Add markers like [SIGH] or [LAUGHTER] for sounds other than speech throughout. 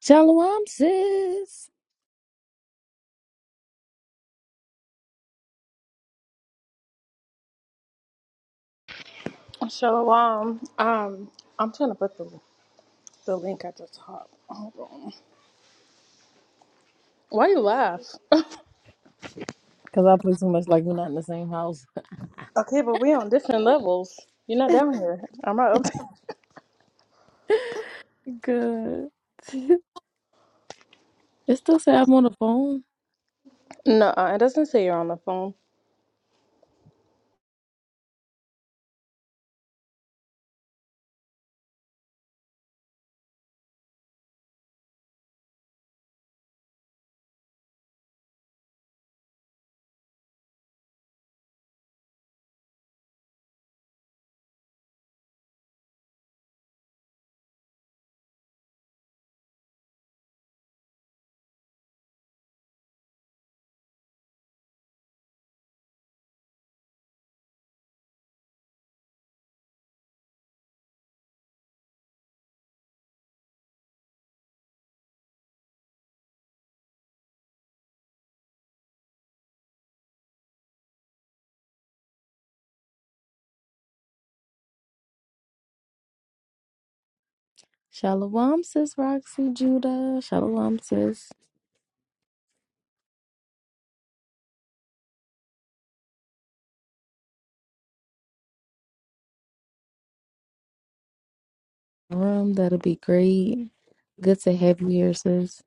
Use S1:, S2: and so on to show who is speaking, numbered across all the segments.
S1: Shalom, sis.
S2: Shalom. Um, I'm trying to put the the link at the top. Hold on. Why you laugh?
S1: Because I play so much like we're not in the same house.
S2: Okay, but we on different levels. You're not down here. I'm not up.
S1: Good. [LAUGHS] it still say I'm on the phone.
S2: No, [LAUGHS] it doesn't say you're on the phone.
S1: Shalom, sis Roxy Judah. Shalom, sis. Room, that'll be great. Good to have you here, sis.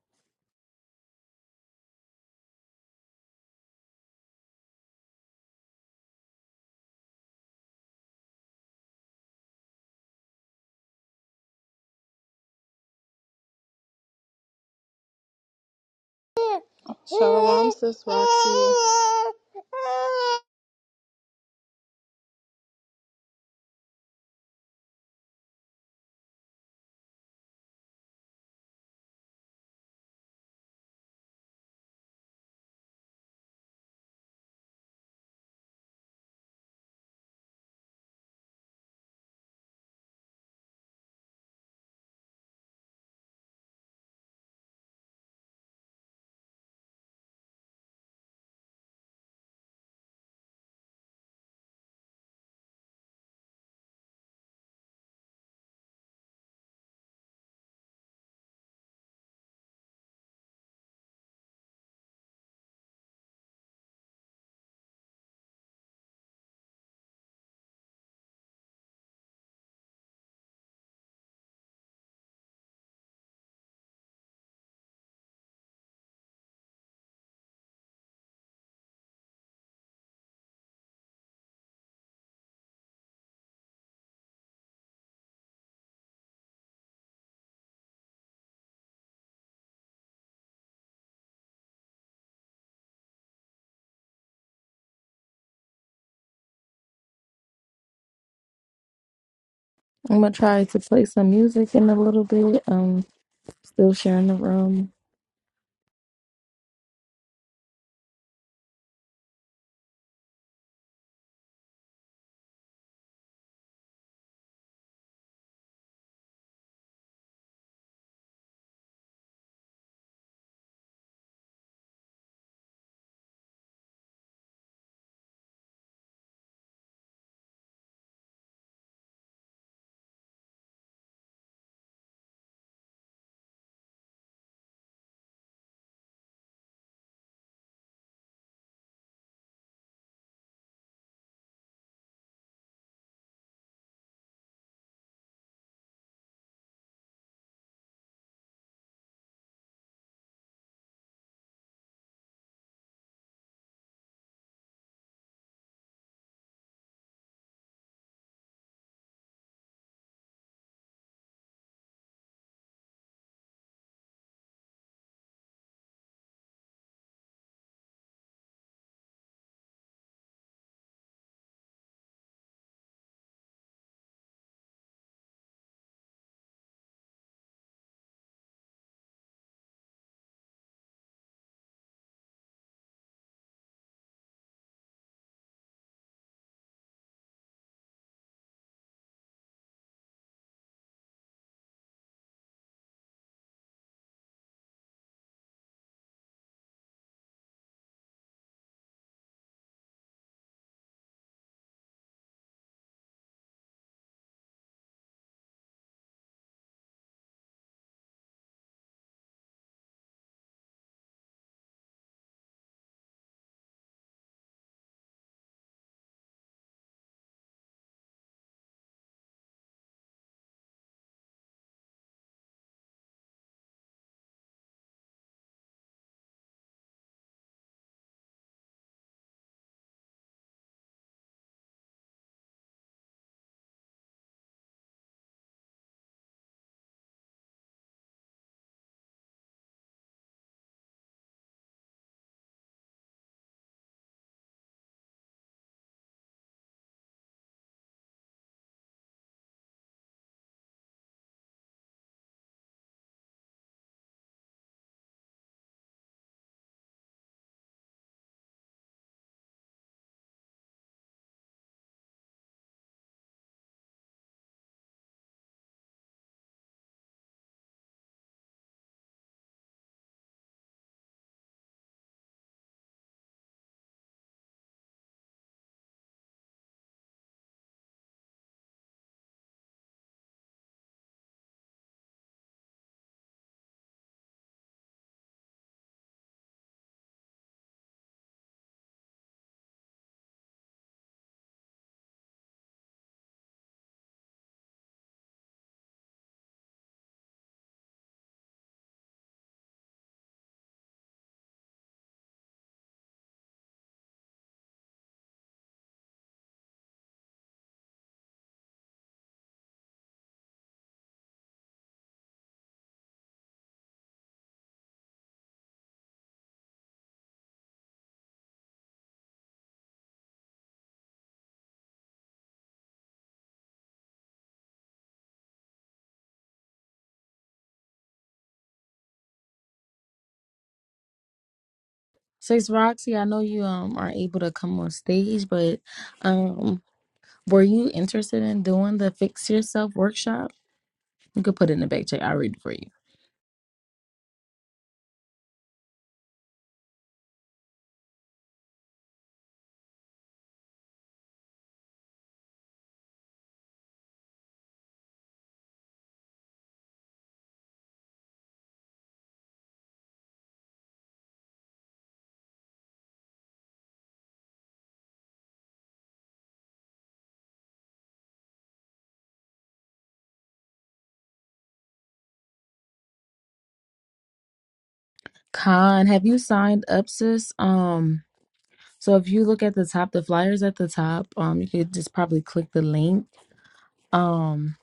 S2: Shalom, sis Roxy.
S1: I'm going to try to play some music in a little bit. Um, Still sharing the room. Sis Roxy, I know you um are able to come on stage, but um, were you interested in doing the Fix Yourself workshop? You could put it in the back check. I'll read it for you. Con, have you signed up, sis? Um, so if you look at the top, the flyers at the top, um, you could just probably click the link. Um,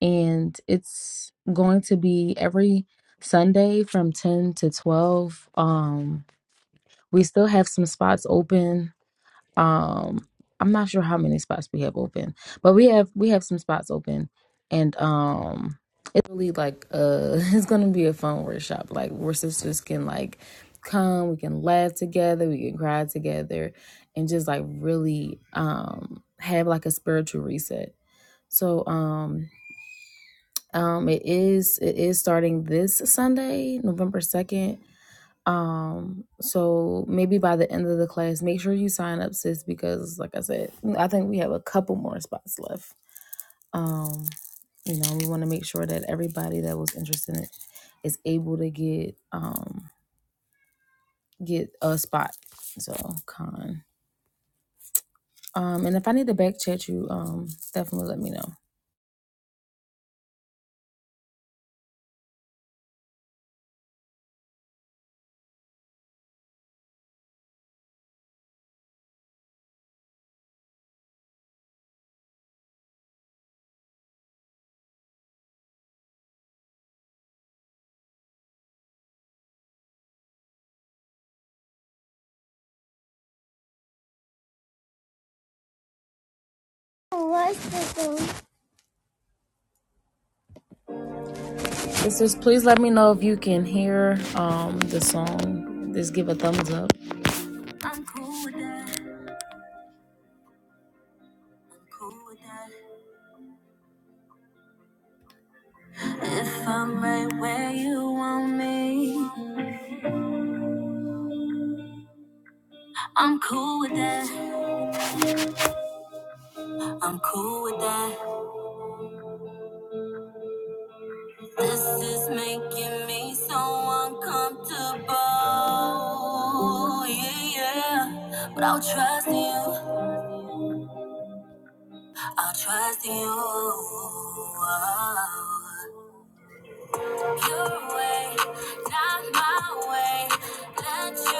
S1: and it's going to be every Sunday from 10 to 12. Um, we still have some spots open um i'm not sure how many spots we have open but we have we have some spots open and um it's really like uh [LAUGHS] it's gonna be a fun workshop like where sisters can like come we can laugh together we can cry together and just like really um have like a spiritual reset so um um it is it is starting this sunday november 2nd um, so maybe by the end of the class, make sure you sign up, sis, because like I said, I think we have a couple more spots left. Um, you know, we want to make sure that everybody that was interested in it is able to get um get a spot. So con. Um, and if I need to back chat you, um, definitely let me know. Sisters, please let me know if you can hear um the song. Just give a thumbs up. If I'm right where you want me, I'm cool with that. I'm cool with that. This is making me so uncomfortable. Yeah, yeah. But I'll trust you. I'll trust you. Oh. Your way, not my way. Let you.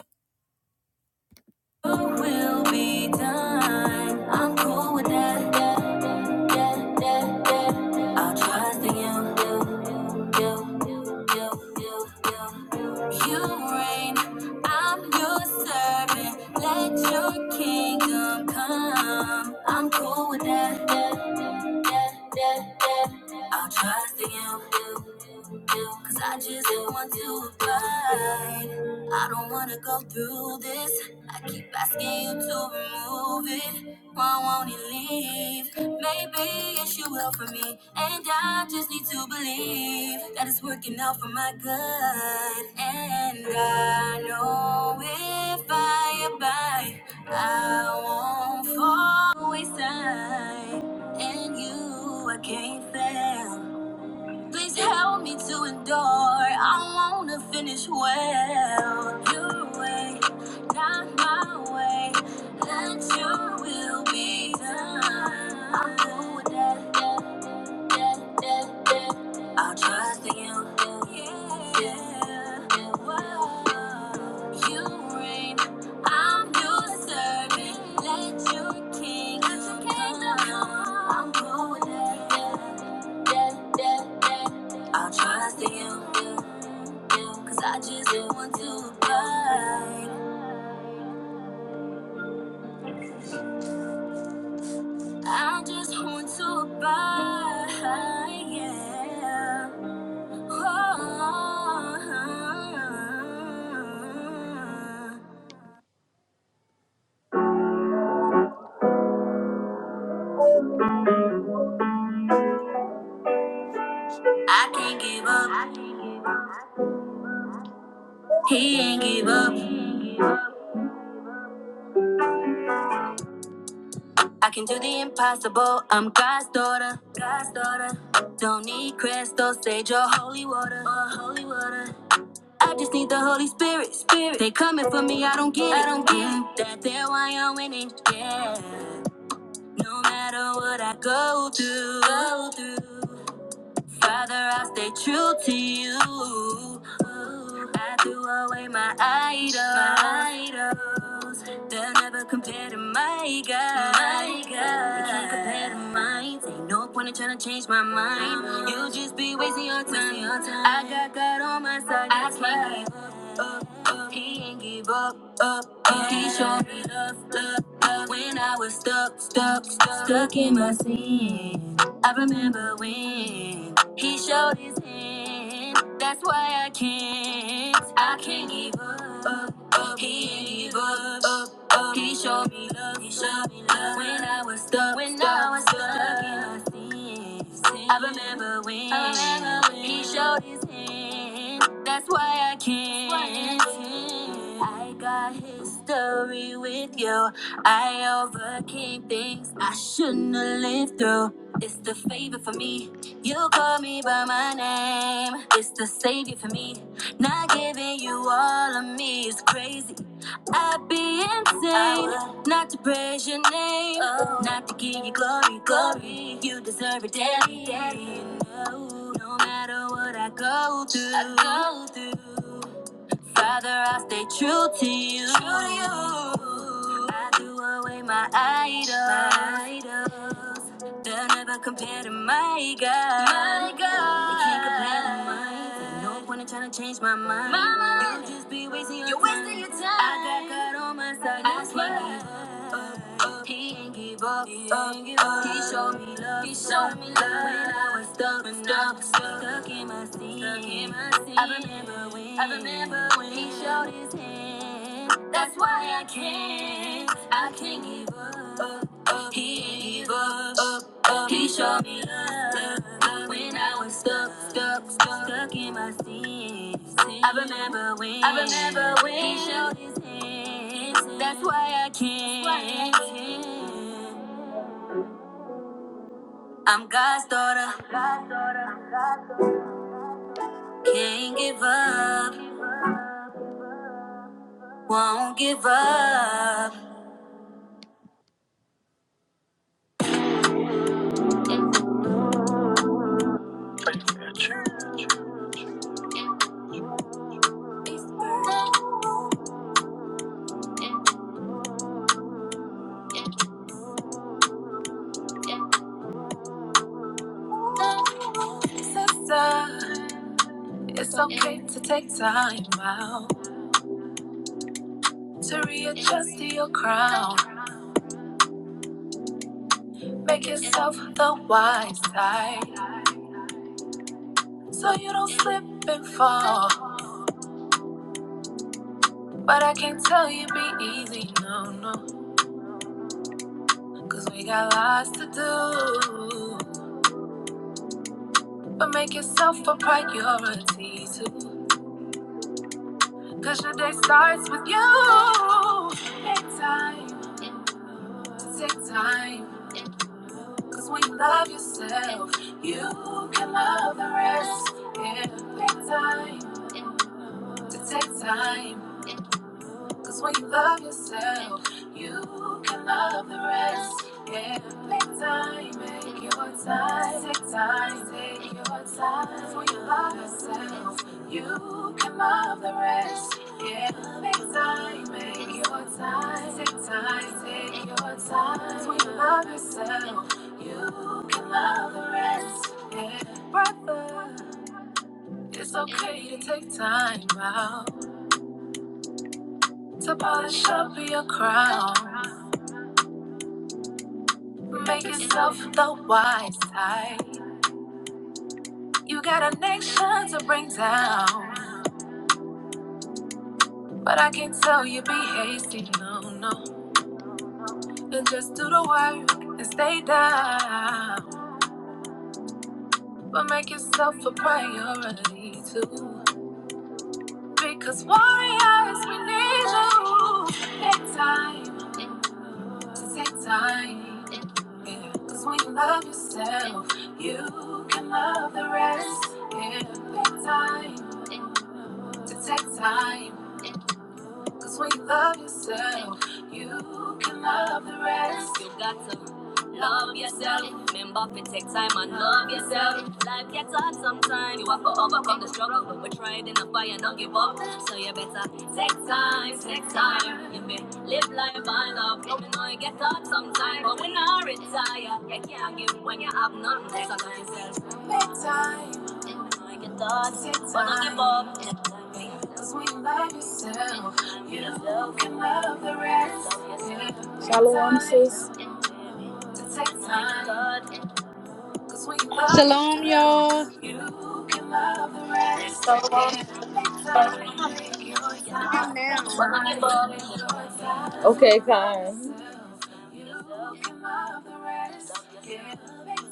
S1: will be done. I'm cool with that. yeah, yeah, yeah, yeah. I'll trust in you. You, reign, I'm your servant. Let your kingdom come. I'm cool with that. yeah, yeah, yeah, yeah. I'll trust in you. You, you, 'cause I just want to abide. I don't wanna go through this. I keep asking you to remove it. Why won't it leave? Maybe it's you will for me. And I just need to believe that it's working out for my good. And I know if I abide, I won't fall wayside. And you, I can't fail. Please help me to endure. I wanna finish well. Your way, not my way. Let your will be done. I with that, that, that, that, that. I'll trust in you. Yeah. Yeah. yeah. Whoa. You I'm your servant, let your king come. I'm going there, there, there, there. I'll trust in you, yeah, yeah. cause I just want to abide. I just want to abide, yeah. Oh, I can't give up. He ain't give up. I can do the impossible. I'm God's daughter. God's daughter. Don't need crystals, sage, or holy water. Or holy water. I just need the Holy Spirit. Spirit. They coming for me. I don't get. I don't get that. They're why I'm winning. Yeah. No matter what I go through. Go through. Father, I stay true to you. I threw away my idols. They'll never compare to my God. My They can't compare to mine. Ain't no point in trying to change my mind. You'll just be wasting your time. I got God on my side. I that's can't give up up, up. He ain't give up, up, up. He showed me love, love, love. When I was stuck, stuck, stuck, stuck in my sin. I remember when he showed his hand. That's why I can't, I can't give up, up, up. He ain't give up, up, up. He showed me love, he showed me love. When I was stuck, when I was stuck, stuck in my sin. I remember when, I remember when he showed his hand win. That's why I can't. I got history with you. I overcame things I shouldn't have lived through. It's the favor for me. You call me by my name. It's the savior for me. Not giving you all of me is crazy. I'd be insane not to praise your name, Oh. not to give you glory, glory. You deserve it daily. daily. No, no matter what I go through, I go through. Father, I stay true to you. I threw away my idols. They'll never compare to my God. They can't compare to mine. No point in trying to change my mind. You'll just be wasting your, time. wasting your time. I got God on my side. I swear up. He ain't give up. He ain't give up. He showed me love. He showed me love. When I was stuck, when I was stuck, in my sin. I remember when. I remember when. He showed his hand. That's why I can't. I can't give up up, he was up, up. He showed me love, love when I was stuck, stuck, stuck, stuck in my sin. I remember when, I remember when he showed his hand. That's why I can't. I'm God's daughter, can't give up, won't give up. Sister, it's okay to take time out. to readjust to your crown. Make yourself the wise side so you don't slip and fall. But I can't tell you be easy, no, no, cause we got lots to do. But make yourself a priority too, cause your day starts with you. Take time, take time. Cause when you love yourself, you can love the rest. Yeah, take time, to take time. Cause when you love yourself, you can love the rest. Yeah, make time, make your time, take time, take your time. 'Cause when you love yourself, you can love the rest. Yeah, make time, make your time, take time, take your time. 'Cause when you love yourself, you can love the rest. Yeah, brother, it's okay to take time out. To polish up your crown, make yourself the wise type. You got a nation to bring down, but I can tell you be hasty, no, no. And just do the work and stay down, but make yourself a priority too. Because warriors, we need you big time. Take time. Yeah. Cause when you love yourself, you can love the rest. Yeah. Take time to take time. Cause when you love yourself, you can love the rest. You got to love yourself. Remember to take time and love yourself. Life gets hard sometimes. You have to overcome the struggle, but we're trying in the fire, don't give up. So you better take time, take time. You may live life by love. We know you get hard sometimes, but we not retire. You can't give when you have nothing. So love yourself. Take time. Like a wanna give up. Yeah. Shalom, sis.
S3: Shalom, y'all.
S1: Yeah. You can love the rest. Give it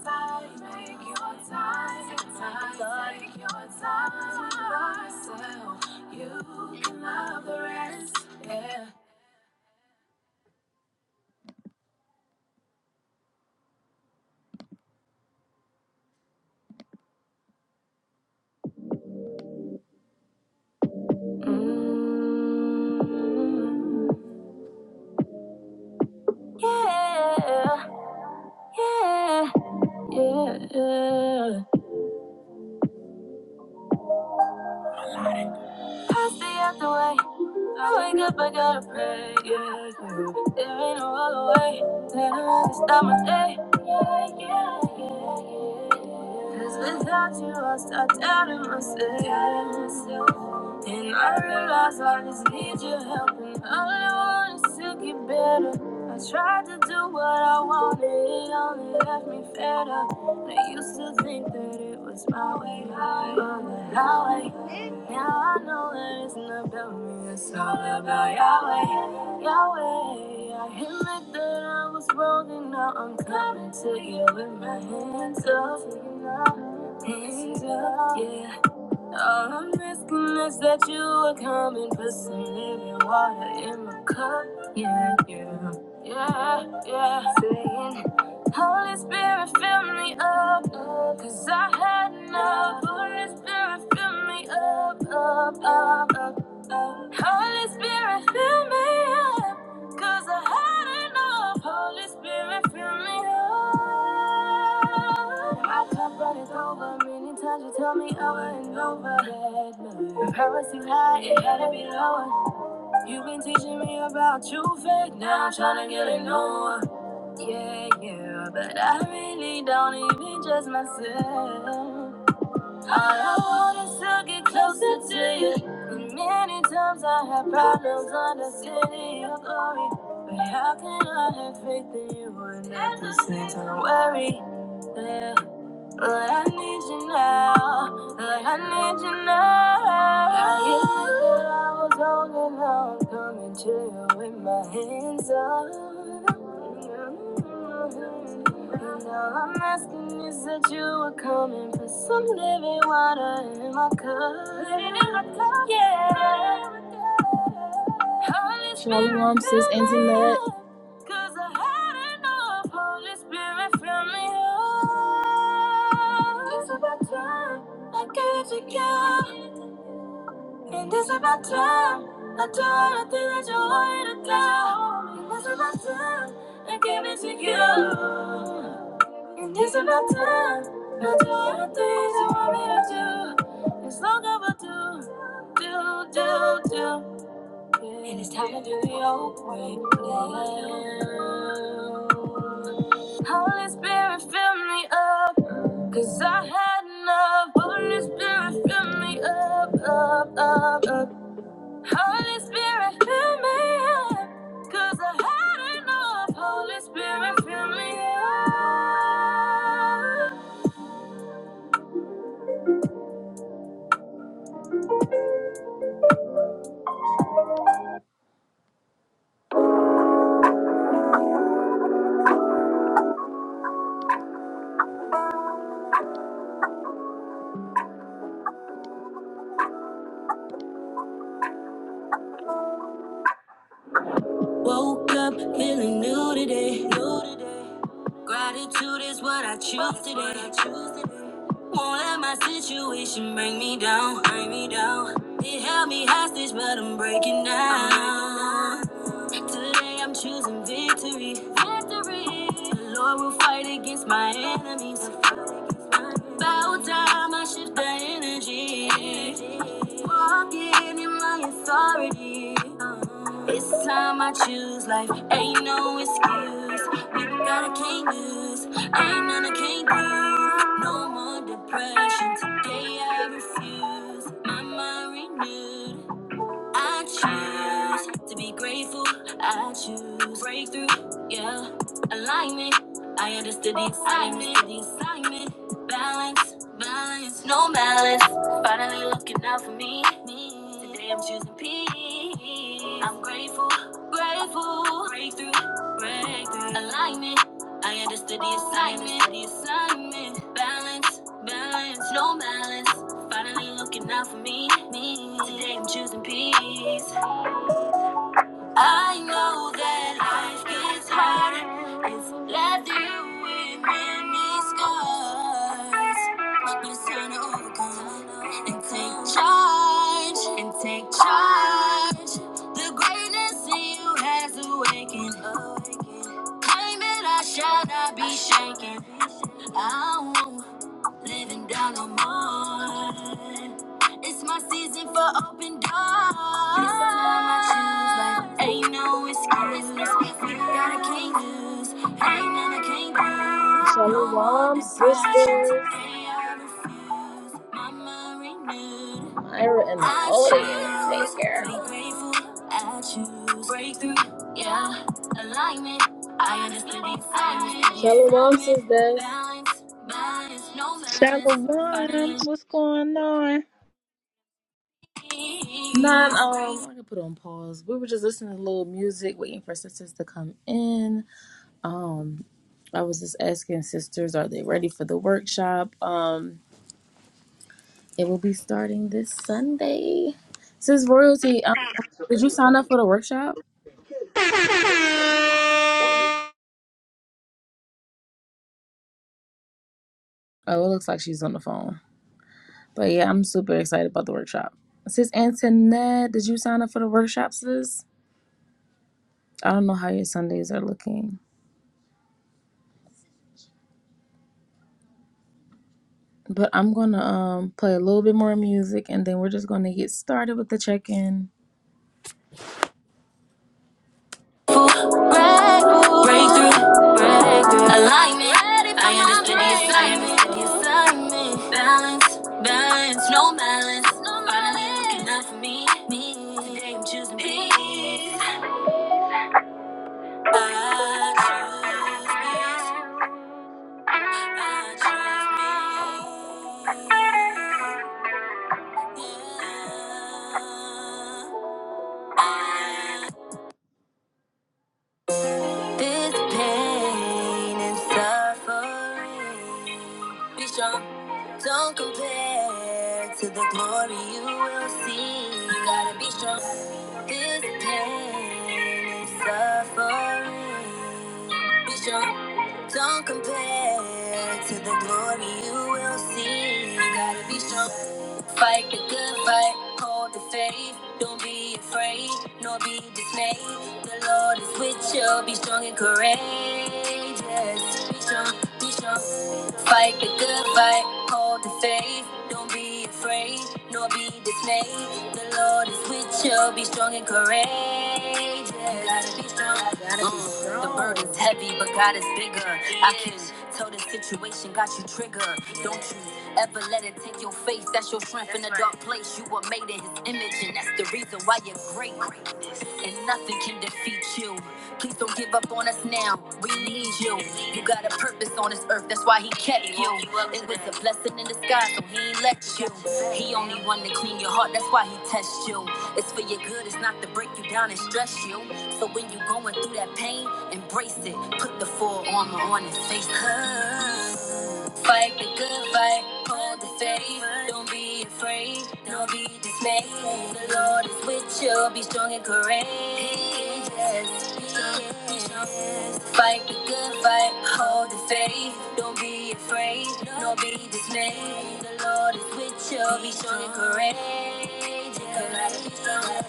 S1: time, take your time, take your time. for Yourself. You can love the rest. Yeah. Mm. Yeah, yeah, yeah. I stay out the way. I wake up, I gotta pray. Yeah, yeah. There ain't no other way. Then I to stop my day. Yeah, yeah, yeah, yeah. Cause without you, I start doubting myself. Doubting myself. And I realize I just need your help. And all I want is to get better. I tried to do what I wanted, it only left me fed up. I used to think that it it was my way on the highway. Now I know that it's not about me, it's all about Yahweh. Yahweh, I admit that I was wrong and now I'm coming to you with my hands up. Hands up, yeah. All I'm asking is that you will come and put some living water in my cup. Yeah, yeah, yeah, yeah. Saying, Holy Spirit, fill me up, up, cause I had enough. Holy Spirit, fill me up, up, up, up, up. Holy Spirit, fill me up. Cause I had enough. Holy Spirit, fill me up. My cup runneth over. Many times you tell me over and over that my promise too high. it got to be lower. You've been teaching me about you, faith. Now I'm trying to get it lower. Yeah, yeah, but I really don't even trust myself. All I want is to get closer to you. The many times I had problems understanding your glory. But how can I have faith in you when at the same time worry? Yeah. But I need you now. But I need you now. I hid that I was holding on, coming to you with my hands up. And all I'm asking is that you are coming, put some living water in my cup, yeah. Shalom, sis intimate. Cause I had enough. Holy Spirit, fill me up. It's about time I gave to you. And it's about time I done a thing that you wanted to do. And it's about time I gave it to you. And it's about time I done a thing you want me to do. It's long overdue. Do, do, do. And it's time to do your way. Holy Spirit, fill me up, 'cause I had enough. Holy Spirit, fill me up, up, up, up. Holy Spirit, fill me up, 'cause I had enough. Holy Spirit, fill me up. Woke up feeling new today. New today. Gratitude is what I choose today. Won't let my situation bring me down, bring me down. It held me hostage, but I'm breaking down. Today I'm choosing victory. The Lord will fight against my enemies. Bow down, I shift the energy. Walking in my authority. This time I choose life. Ain't no excuse. We got a king use. Ain't none I can't do. No more depression. Today I refuse. My mind renewed. I choose to be grateful. I choose breakthrough. Yeah, alignment. I understood the assignment. The assignment. Balance, balance, no balance. Finally looking out for me. me. Today I'm choosing peace. I'm grateful, grateful. Breakthrough, breakthrough. Alignment. I understood the assignment, the assignment. Balance, balance, no balance. Finally looking out for me, me. Today I'm choosing peace. I know that life gets harder. It's leather with many scars. But it's time to overcome and take charge. And take charge. The greatness in you has awakened. Claim it, I shall not be shaken. I won't living down on mine. It's my season for open doors. This time I choose life. Ain't no excuse. God, I can't lose. Ain't none I can't prove. Shalom, sisters. Myra and Odia, take care. Breakthrough, yeah, alignment. I understood these signs. says that. Balance, balance, no balance.
S4: Shalom,
S1: Finally.
S4: what's going on?
S1: None, um, I put on pause. We were just listening to a little music, waiting for sisters to come in. Um, I was just asking sisters, are they ready for the workshop? Um, it will be starting this Sunday. Sis Royalty, um, did you sign up for the workshop? Oh, it looks like she's on the phone. But yeah, I'm super excited about the workshop. Sis Antoinette, did you sign up for the workshop, sis? I don't know how your Sundays are looking, but I'm gonna um play a little bit more music and then we're just gonna get started with the check in. Breakthrough, breakthrough, alignment. I understand no Yeah. This pain and suffering. Be strong. Don't compare to the glory you will see. You gotta be strong. This pain and suffering. strong, Don't compare to the glory you will see. You Gotta be strong. Fight the good fight. Hold the faith. Don't be afraid, nor be dismayed. The Lord is with you. Be strong and courageous. Be strong, be strong. Fight the good fight. Hold the faith. Don't be afraid, nor be dismayed. The Lord is with you. Be strong and courageous ages. Gotta be strong. Gotta be Mm, strong. The burden's heavy, but God is bigger. I can tell the situation got you triggered. Don't you ever let it take your faith. That's your strength in a dark place. You were made in His image, and that's the reason why you're great and nothing can defeat you. Please don't give up on us now. We need you. You got a purpose on this earth, that's why he kept you. It was a blessing in disguise, so he ain't let you. He only wanted to clean your heart, that's why he tests you. It's for your good, it's not to break you down and stress you. So when you're going through that pain, embrace it. Put the full armor on and face it. Fight the good fight, hold the faith. Don't be afraid, nor be dismayed. The Lord is with you, be strong and courageous. Be strong, be strong. Fight the good fight, hold the faith. Don't be afraid, nor be dismayed. The Lord is with you, be strong and courageous.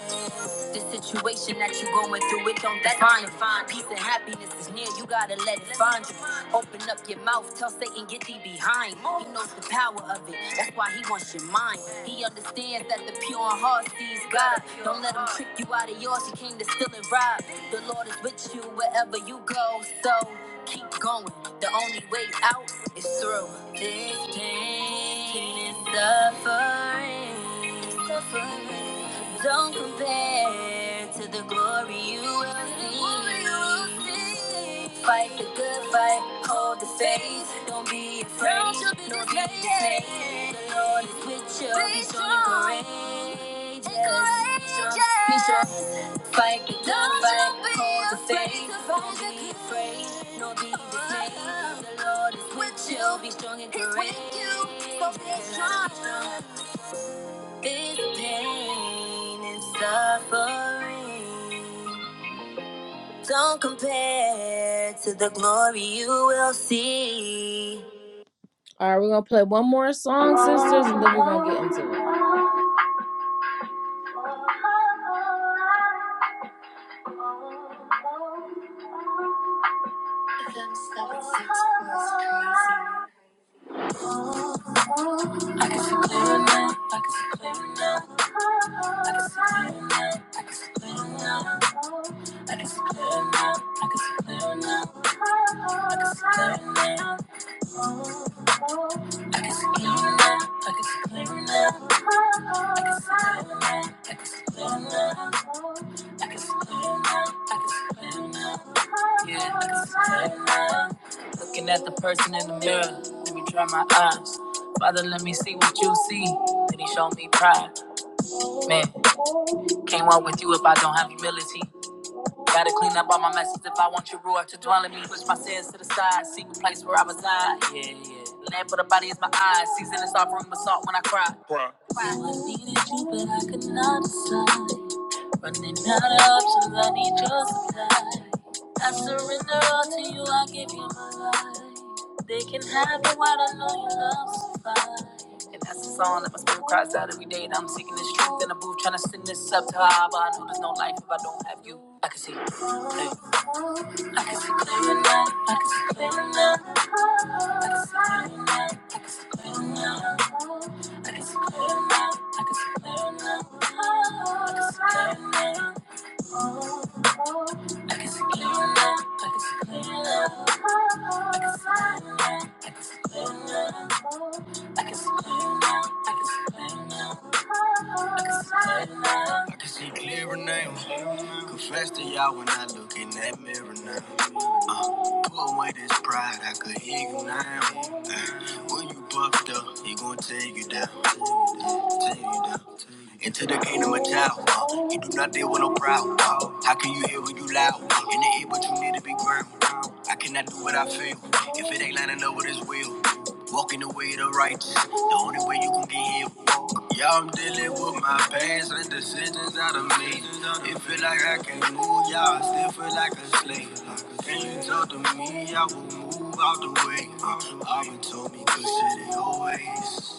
S1: The situation that you going through, it don't define you. Peace and happiness is near, you gotta let it find you. Open up your mouth, tell Satan, get thee behind. He knows the power of it, that's why he wants your mind. He understands that the pure in heart sees God. Don't let him trick you out of yours, he came to steal and rob. The Lord is with you wherever you go, so keep going. The only way out is through. This pain is suffering suffering don't compare to the glory you will see. Fight the good fight, hold the faith. Don't be afraid, don't be dismayed. The Lord is with you. Be strong and courageous. Be strong, Fight the good fight, hold the faith. Don't be afraid, don't be dismayed. The Lord is with you. Be strong and courageous. Be strong. This pain and suffering don't compare to the glory you will see. All right, we're gonna play one more song, sisters, and then we're gonna get into it. Yeah. Uh-huh. Looking at the person in the mirror, let me dry my eyes. Father, let me see what you see. Then he showed me pride. Man, can't walk with you if I don't have humility. Gotta clean up all my messes if I want your roar to dwell in me. Push my sins to the side, seek a place where I reside. Yeah, yeah. Lamp for the body is my eyes. Season is offering with salt when I cry. I needed you, but I could not decide. Running out of options, I need your supply. I surrender all to you, I give you my life. They can have it, what I don't know you love survive. And that's the song that my spirit cries out every day And I'm seeking this truth in a booth, trying to send this up to high, but I know there's no life if I don't see now. I can see clearer now. Confess to y'all when I look in that mirror now. Uh, put away this pride, I could hear you now. Uh, when you bucked up, he gon' take you down. Into the kingdom of child. Uh, you do not deal with no proud. Uh, how can you hear when you loud? In the ear, but you need to be ground. I cannot do what I feel. If it ain't lining up with his will. Walking the way of the righteous. The only way you can get healed. Yeah, I'm dealing with my past and decisions out of me. It feel like I can't move, y'all. Still feel like a slave. And you told to me I will move out the way. Uh, I've been told me good shit always.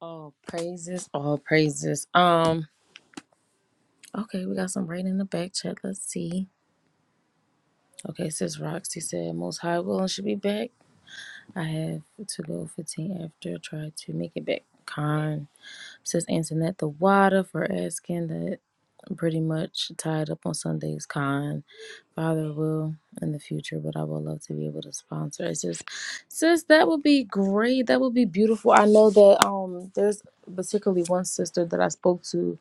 S1: All praises, all praises. Um, okay, we got some right in the back chat. Let's see. Okay, it says Roxy said most high will and should be back. I have to go 15 after try to make it back. Con. Says Antoinette the Water for asking that pretty much tied up on Sunday's con. Father will in the future, but I would love to be able to sponsor. It's just sis, that would be great. That would be beautiful. I know that um there's particularly one sister that I spoke to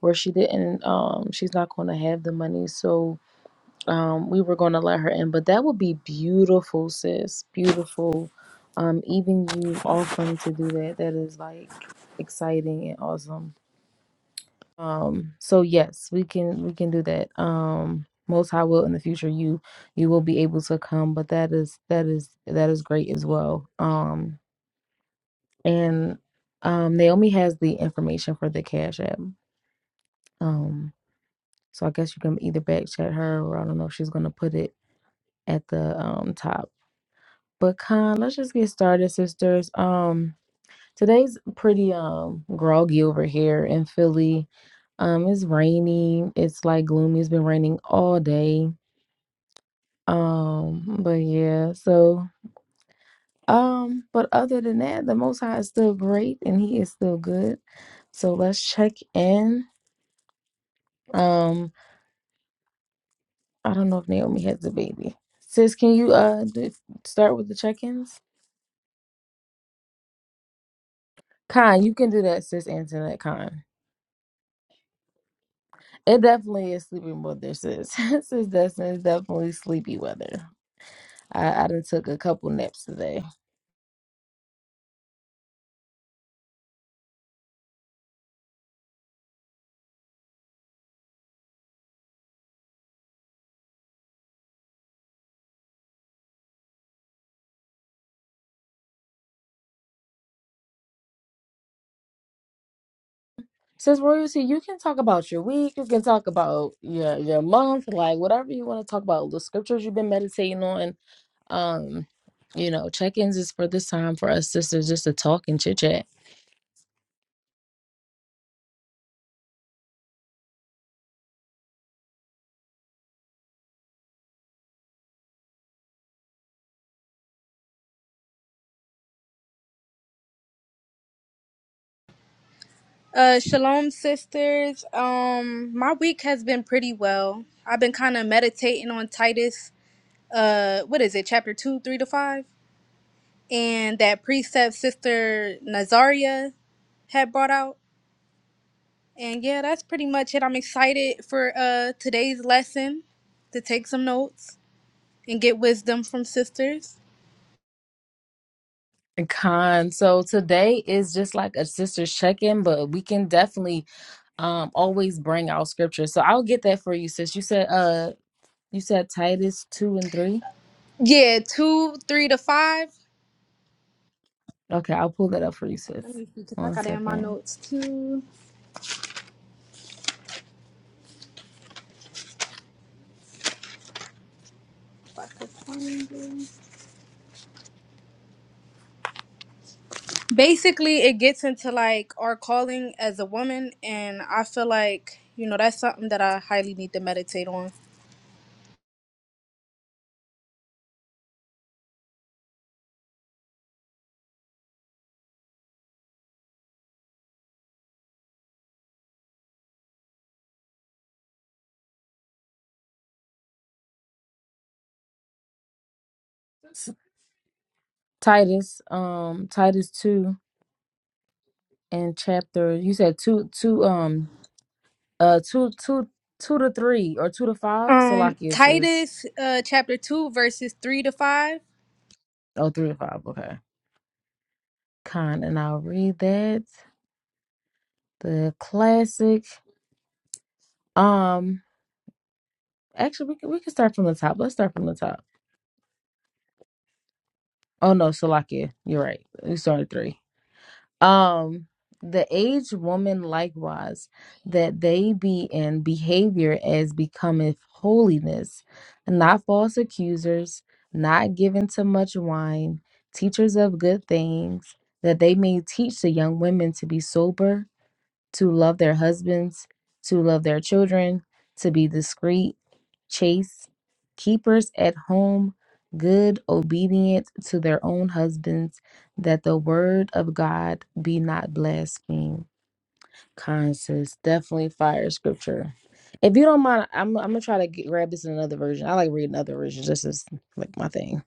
S1: where she didn't um she's not gonna have the money. So um, we were going to let her in, but that would be beautiful, sis. Beautiful. Um, even you offering to do that, that is like exciting and awesome. Um, so yes, we can we can do that. Um, most high will in the future you you will be able to come, but that is that is that is great as well. Um, and um, Naomi has the information for the cash app. Um, so I guess you can either back chat her or I don't know if she's gonna put it at the um top. But Con, let's just get started, sisters. Um, today's pretty um groggy over here in Philly. Um, it's rainy. It's like gloomy. It's been raining all day. Um, but yeah, so um, but other than that, the Most High is still great and He is still good. So let's check in. Um, I don't know if Naomi has a baby. Sis, can you uh do, start with the check-ins? Con, you can do that, sis. Answer that, Con. It definitely is sleepy weather, sis. [LAUGHS] sis Dustin, it's definitely sleepy weather. I, I done took a couple naps today. Since royalty, you can talk about your week, you can talk about your your month, like whatever you want to talk about, the scriptures you've been meditating on. Um, you know, check-ins is for this time for us sisters just to talk and chit chat.
S3: Uh, shalom, sisters. Um, my week has been pretty well. I've been kind of meditating on Titus. Uh, what is it? Chapter two, three to five, and that precept sister Nazaria had brought out. And yeah, that's pretty much it. I'm excited for uh today's lesson to take some notes and get wisdom from sisters.
S1: Con. So today is just like a sister's check-in, but we can definitely um always bring out scripture. So I'll get that for you, sis. You said uh you said Titus two and three.
S3: Yeah, two, three to five.
S1: Okay, I'll pull that up for you, sis.
S3: Let me see, cause I
S1: One
S3: got it in my
S1: second.
S3: notes too. If I could find it. basically it gets into like our calling as a woman and i feel like you know that's something that i highly need to meditate on
S1: S- Titus, um Titus two and chapter you said two two um uh two two two to three or two to five.
S3: um
S1: Salakia sis.
S3: titus uh chapter 2 verses 3 to 5
S1: Oh three to five, okay. Con and I'll read that. The classic. Um Actually, we can we can start from the top. Let's start from the top. Oh no, Salakia, you're right. We started three. Um, the aged woman likewise, that they be in behavior as becometh holiness, not false accusers, not given to much wine, teachers of good things, that they may teach the young women to be sober, to love their husbands, to love their children, to be discreet, chaste, keepers at home, good, obedient to their own husbands, that the word of God be not blasphemed. Conscious, definitely fire scripture. If you don't mind, I'm, I'm gonna try to get, grab this in another version. I like reading other versions. This is like my thing.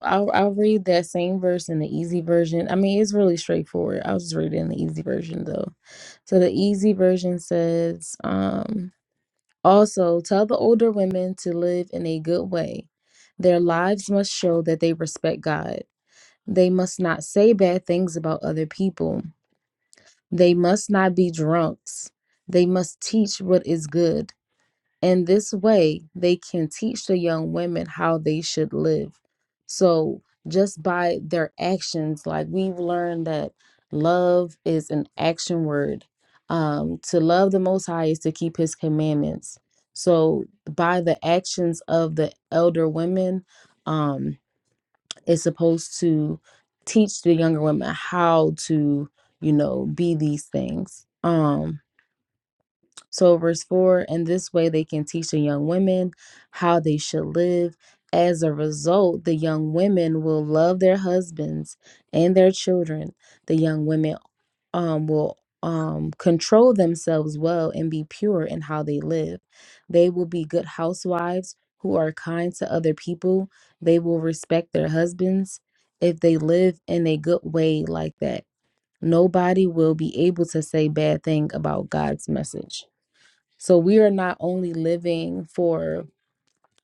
S1: I'll I'll read that same verse in the easy version. I mean, it's really straightforward. I'll just read it in the easy version though. So the easy version says, um, also tell the older women to live in a good way. Their lives must show that they respect God. They must not say bad things about other people. They must not be drunks. They must teach what is good. In this way, they can teach the young women how they should live. So, just by their actions, like we've learned that love is an action word. Um, to love the Most High is to keep His commandments. So, by the actions of the elder women, um, it's supposed to teach the younger women how to, you know, be these things. Um, so, verse 4 in this way, they can teach the young women how they should live. As a result, the young women will love their husbands and their children. The young women um, will um, control themselves well and be pure in how they live. They will be good housewives who are kind to other people. They will respect their husbands if they live in a good way like that. Nobody will be able to say bad thing about God's message. So we are not only living for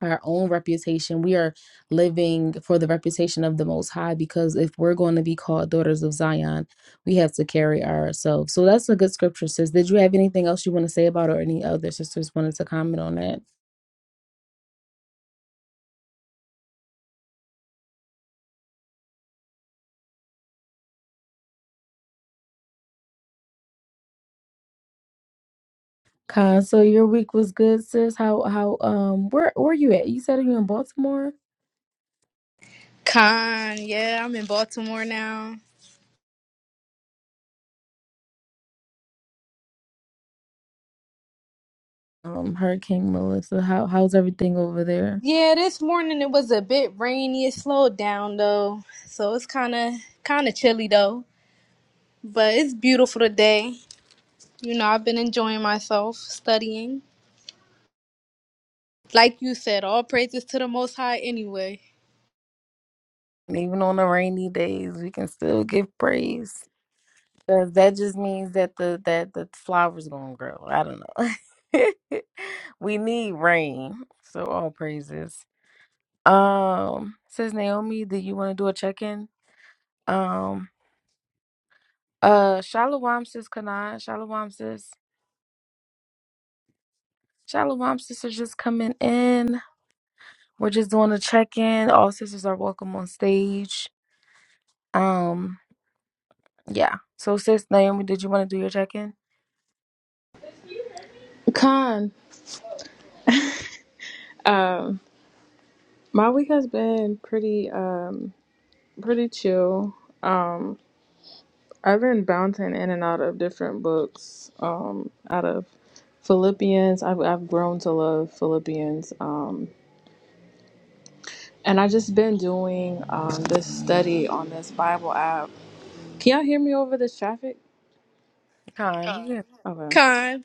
S1: our own reputation, we are living for the reputation of the Most High because if we're going to be called daughters of Zion, we have to carry ourselves. So that's a good scripture, sis. Did you have anything else you want to say about it or any other sisters wanted to comment on that? Con, so your week was good, sis. How how um where where you at? You said you are in Baltimore?
S3: con yeah i'm in baltimore now
S1: Um, Hurricane Melissa. How how's everything over there?
S3: yeah this morning it was a bit rainy it slowed down though so it's kind of kind of chilly though but it's beautiful today you know i've been enjoying myself studying like you said all praises to the most high anyway
S1: And even on the rainy days, we can still give praise. 'Cause that just means that the that the flowers gonna grow. I don't know. [LAUGHS] we need rain. So all praises. Um says Naomi, do you wanna do a check-in? Um uh Shalom sis Kanai, Shalom sis. Shalom sis are just coming in. We're just doing a check-in. All sisters are welcome on stage. Um yeah. So sis Naomi, did you wanna do your check-in?
S2: Con. Um, my week has been pretty um pretty chill. Um, I've been bouncing in and out of different books. Um, out of Philippians, I've I've grown to love Philippians. Um, And I just been doing um, this study on this Bible app. Can y'all hear me over this traffic?
S1: Kind, we can
S2: Okay.
S3: con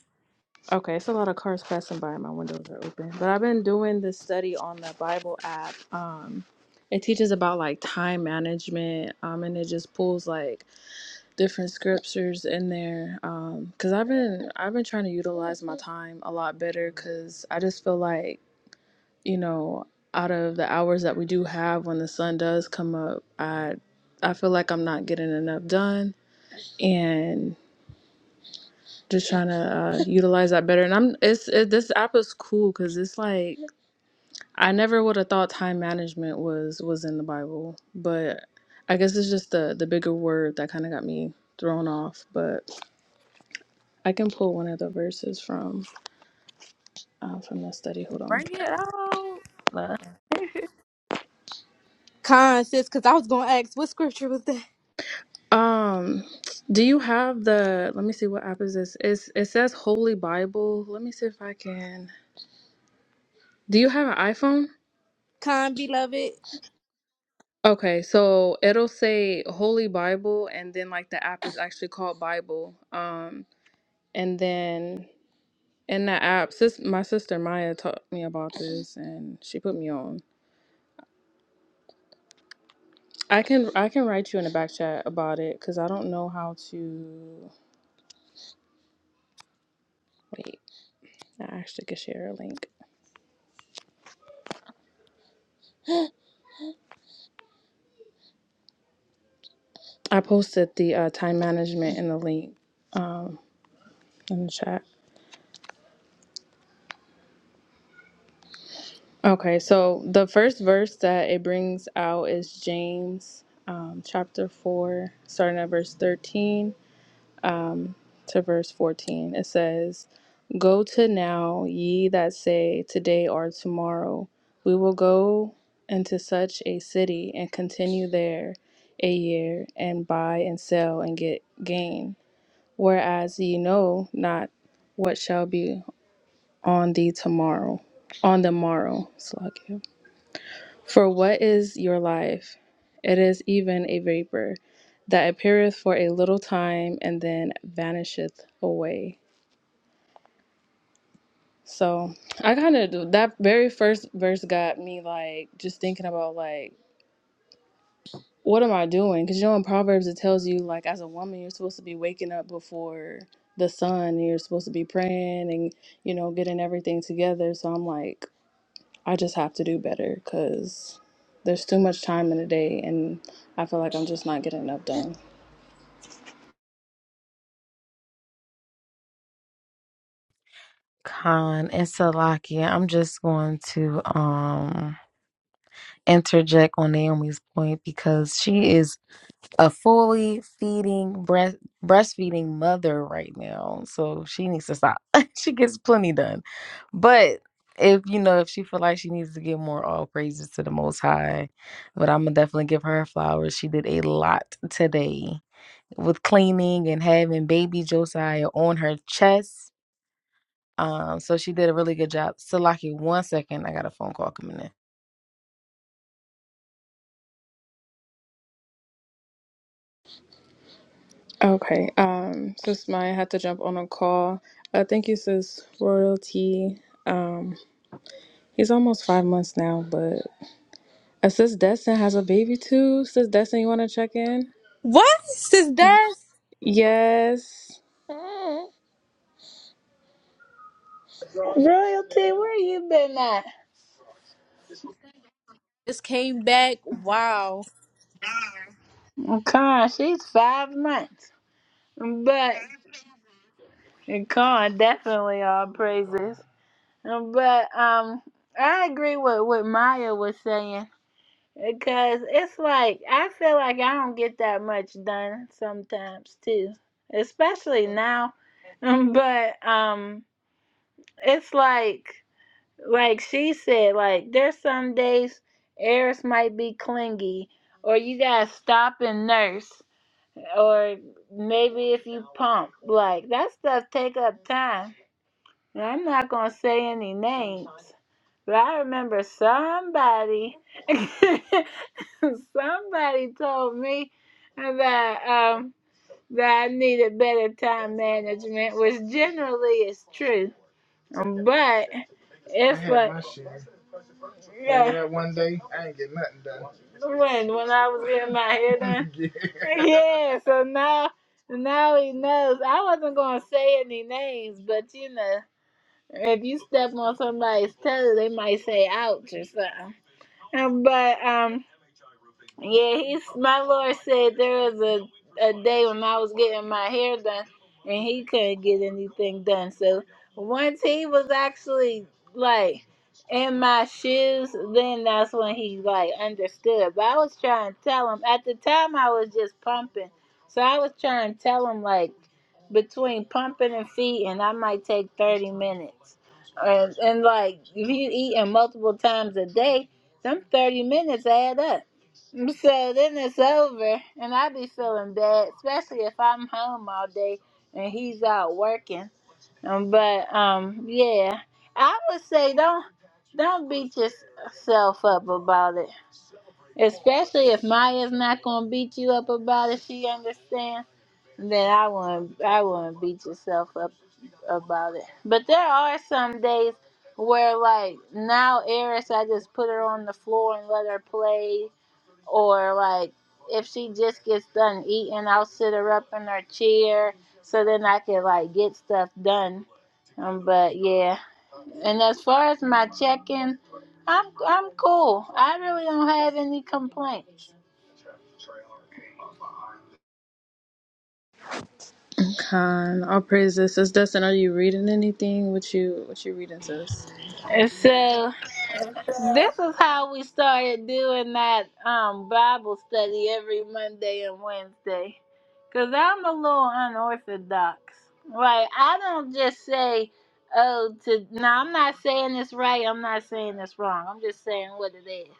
S2: Okay, it's a lot of cars passing by. My windows are open. But I've been doing this study on the Bible app. Um, it teaches about like time management, um, and it just pulls like different scriptures in there. Um, cause I've been I've been trying to utilize my time a lot better. Cause I just feel like you know, out of the hours that we do have when the sun does come up, I I feel like I'm not getting enough done and just trying to uh, utilize that better. And I'm it's it, this app is cool because it's like I never would have thought time management was was in the Bible, but I guess it's just the the bigger word that kind of got me thrown off. But I can pull one of the verses from uh, from that study. Hold on.
S1: bring it out. [LAUGHS]
S3: Con, sis, because I was going to ask, what scripture was that?
S2: Um, do you have the? Let me see what app is this. It's, it says Holy Bible. Let me see if I can. Do you have an iPhone?
S3: [LAUGHS] Con, beloved.
S2: Okay, so it'll say Holy Bible, and then like the app is actually called Bible. Um, and then in the app, sis, my sister Maya taught me about this, and she put me on. I can I can write you in the back chat about it because I don't know how to. Wait, I actually could share a link. I posted the uh, time management in the link um, in the chat. Okay, so the first verse that it brings out is James um, chapter 4, starting at verse 13 um, to verse 14. It says, Go to now, ye that say, Today or tomorrow, we will go into such a city and continue there a year and buy and sell and get gain. whereas ye know not what shall be on the tomorrow, on the morrow. Slaki. For what is your life? It is even a vapor that appeareth for a little time and then vanisheth away. So I kind of that very first verse got me like just thinking about like what am I doing? Because you know in Proverbs it tells you like as a woman you're supposed to be waking up before the sun. and You're supposed to be praying and you know getting everything together. So I'm like, I just have to do better because there's too much time in the day, and I feel like I'm just not getting enough done.
S1: Khan and Salakia, I'm just going to um interject on Naomi's point because she is a fully feeding breast breastfeeding mother right now. So she needs to stop. [LAUGHS] she gets plenty done. But if you know, if she feel like she needs to give more all praises to the most high, but I'm gonna definitely give her her flowers. She did a lot today with cleaning and having baby Josiah on her chest um, so she did a really good job. Salaki, one second, I got a phone call coming in.
S2: Okay, um, sis Maya had to jump on a call. Uh, thank you, sis Royalty. Um, he's almost five months now, but uh, sis Destin has a baby too. Sis Destin, you want to check in?
S3: What? Sis, that's
S2: Yes.
S4: Royalty, where you been at?
S3: just came back. Wow.
S4: Con, she's five months. But Con, definitely all praises. But um I agree with what Maya was saying. Because it's like I feel like I don't get that much done sometimes too. Especially now. [LAUGHS] But um it's like like she said, like there's some days Eris might be clingy, or you gotta stop and nurse, or maybe if you pump, like that stuff take up time. And I'm not gonna say any names, but I remember somebody, [LAUGHS] somebody told me that um that I needed better time management, which generally is true, but it's like. Yeah. Like that one day, I ain't get nothing done. When when I was getting my hair done. [LAUGHS] yeah. Yeah, So now now he knows. I wasn't gonna say any names, but you know, if you step on somebody's toe, they might say ouch or something. But um. Yeah, he's my lord said there was a, a day when I was getting my hair done and he couldn't get anything done. So once he was actually like in my shoes, then that's when he like understood. But I was trying to tell him at the time I was just pumping. So I was trying to tell him like between pumping and feeding I might take thirty minutes. And and like if you eating multiple times a day, them thirty minutes add up. So then it's over, and I be feeling bad, especially if I'm home all day and he's out working. Um, but um, yeah, I would say don't don't beat yourself up about it, especially if Maya's not gonna beat you up about it. She understands. Then I wouldn't I wouldn't beat yourself up about it. But there are some days where like now Eris, I just put her on the floor and let her play or like if she just gets done eating, I'll sit her up in her chair so then I can like get stuff done. Um, but yeah, and as far as my checking, I'm I'm cool. I really don't have any complaints.
S2: Con, all praises. Sis Dustin, are you reading anything? What you what you reading, sis?
S4: And so This is how we started doing that um Bible study every Monday and Wednesday. Cause I'm a little unorthodox. Like I don't just say, oh, to now I'm not saying this right, I'm not saying this wrong. I'm just saying what it is.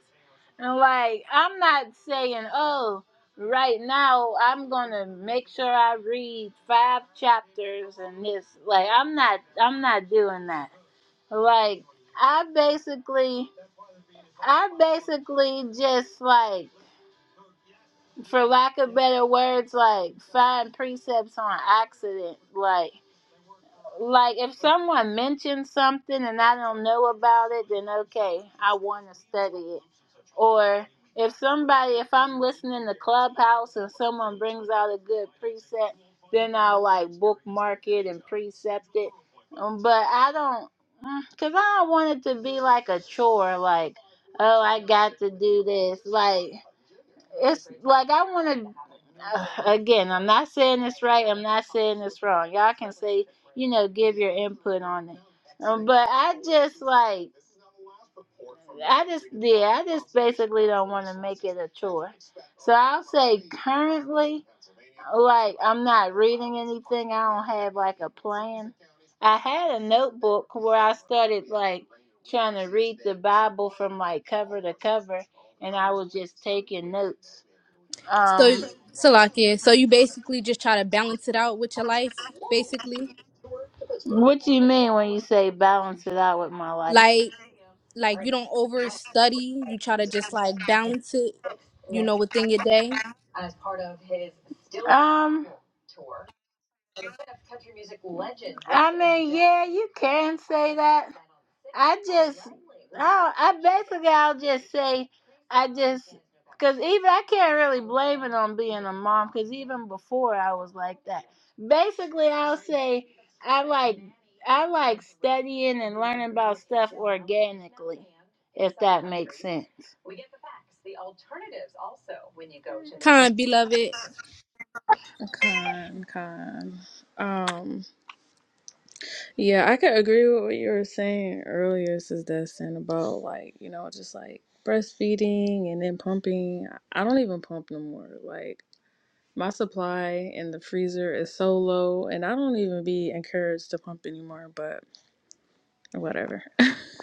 S4: And like I'm not saying, oh, right now I'm gonna make sure I read five chapters and this like I'm not I'm not doing that. Like I basically I basically just like, for lack of better words, like find precepts on accident. Like, like if someone mentions something and I don't know about it, then okay, I want to study it or if somebody if i'm listening to clubhouse and someone brings out a good precept then i'll like bookmark it and precept it Um, but i don't because i don't want it to be like a chore like oh i got to do this like it's like i want to Uh, again i'm not saying this right i'm not saying this wrong y'all can say you know give your input on it Um, but i just like I just yeah, I just basically don't want to make it a chore. So I'll say currently, like I'm not reading anything. I don't have like a plan. I had a notebook where I started like trying to read the Bible from like cover to cover, and I was just taking notes.
S3: So,
S4: Um,
S3: Salakia, so you basically just try to balance it out with your life, basically?
S4: what do you mean when you say balance it out with my life?
S3: Like, like you don't overstudy. You try to just like balance it, you know, within your day.
S4: As part of his still- um. I mean, yeah, you can say that. I just, I, I basically, I'll just say, I just, because even I can't really blame it on being a mom, because even before I was like that. Basically, I'll say I like, I like studying and learning about stuff organically, if that makes sense.
S3: Con, beloved.
S2: Con, con. Um, yeah, I could agree with what you were saying earlier, sis Dustin, about like, you know, just like breastfeeding and then pumping. I don't even pump no more. Like my supply in the freezer is so low and I don't even be encouraged to pump anymore, but whatever.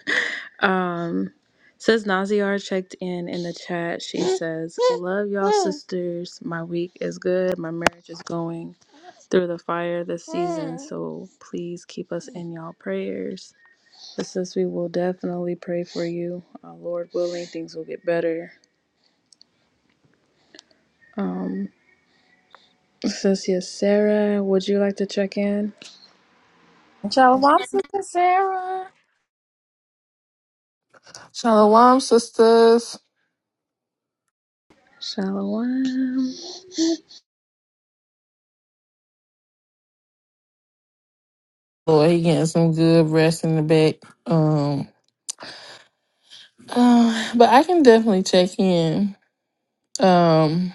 S2: [LAUGHS] um, says Naziar checked in in the chat. She says, "Love y'all, sisters. My week is good. My marriage is going through the fire this season. So please keep us in y'all prayers. But sis, we will definitely pray for you. Uh, Lord willing, things will get better." Um, sis, yes, Sarah, would you like to check in?
S1: Shalom, sister Sarah.
S5: Shalom, sisters.
S2: Shalom.
S5: Boy, he getting some good rest in the back. Um, [SIGHS] uh, but I can definitely check in. Um,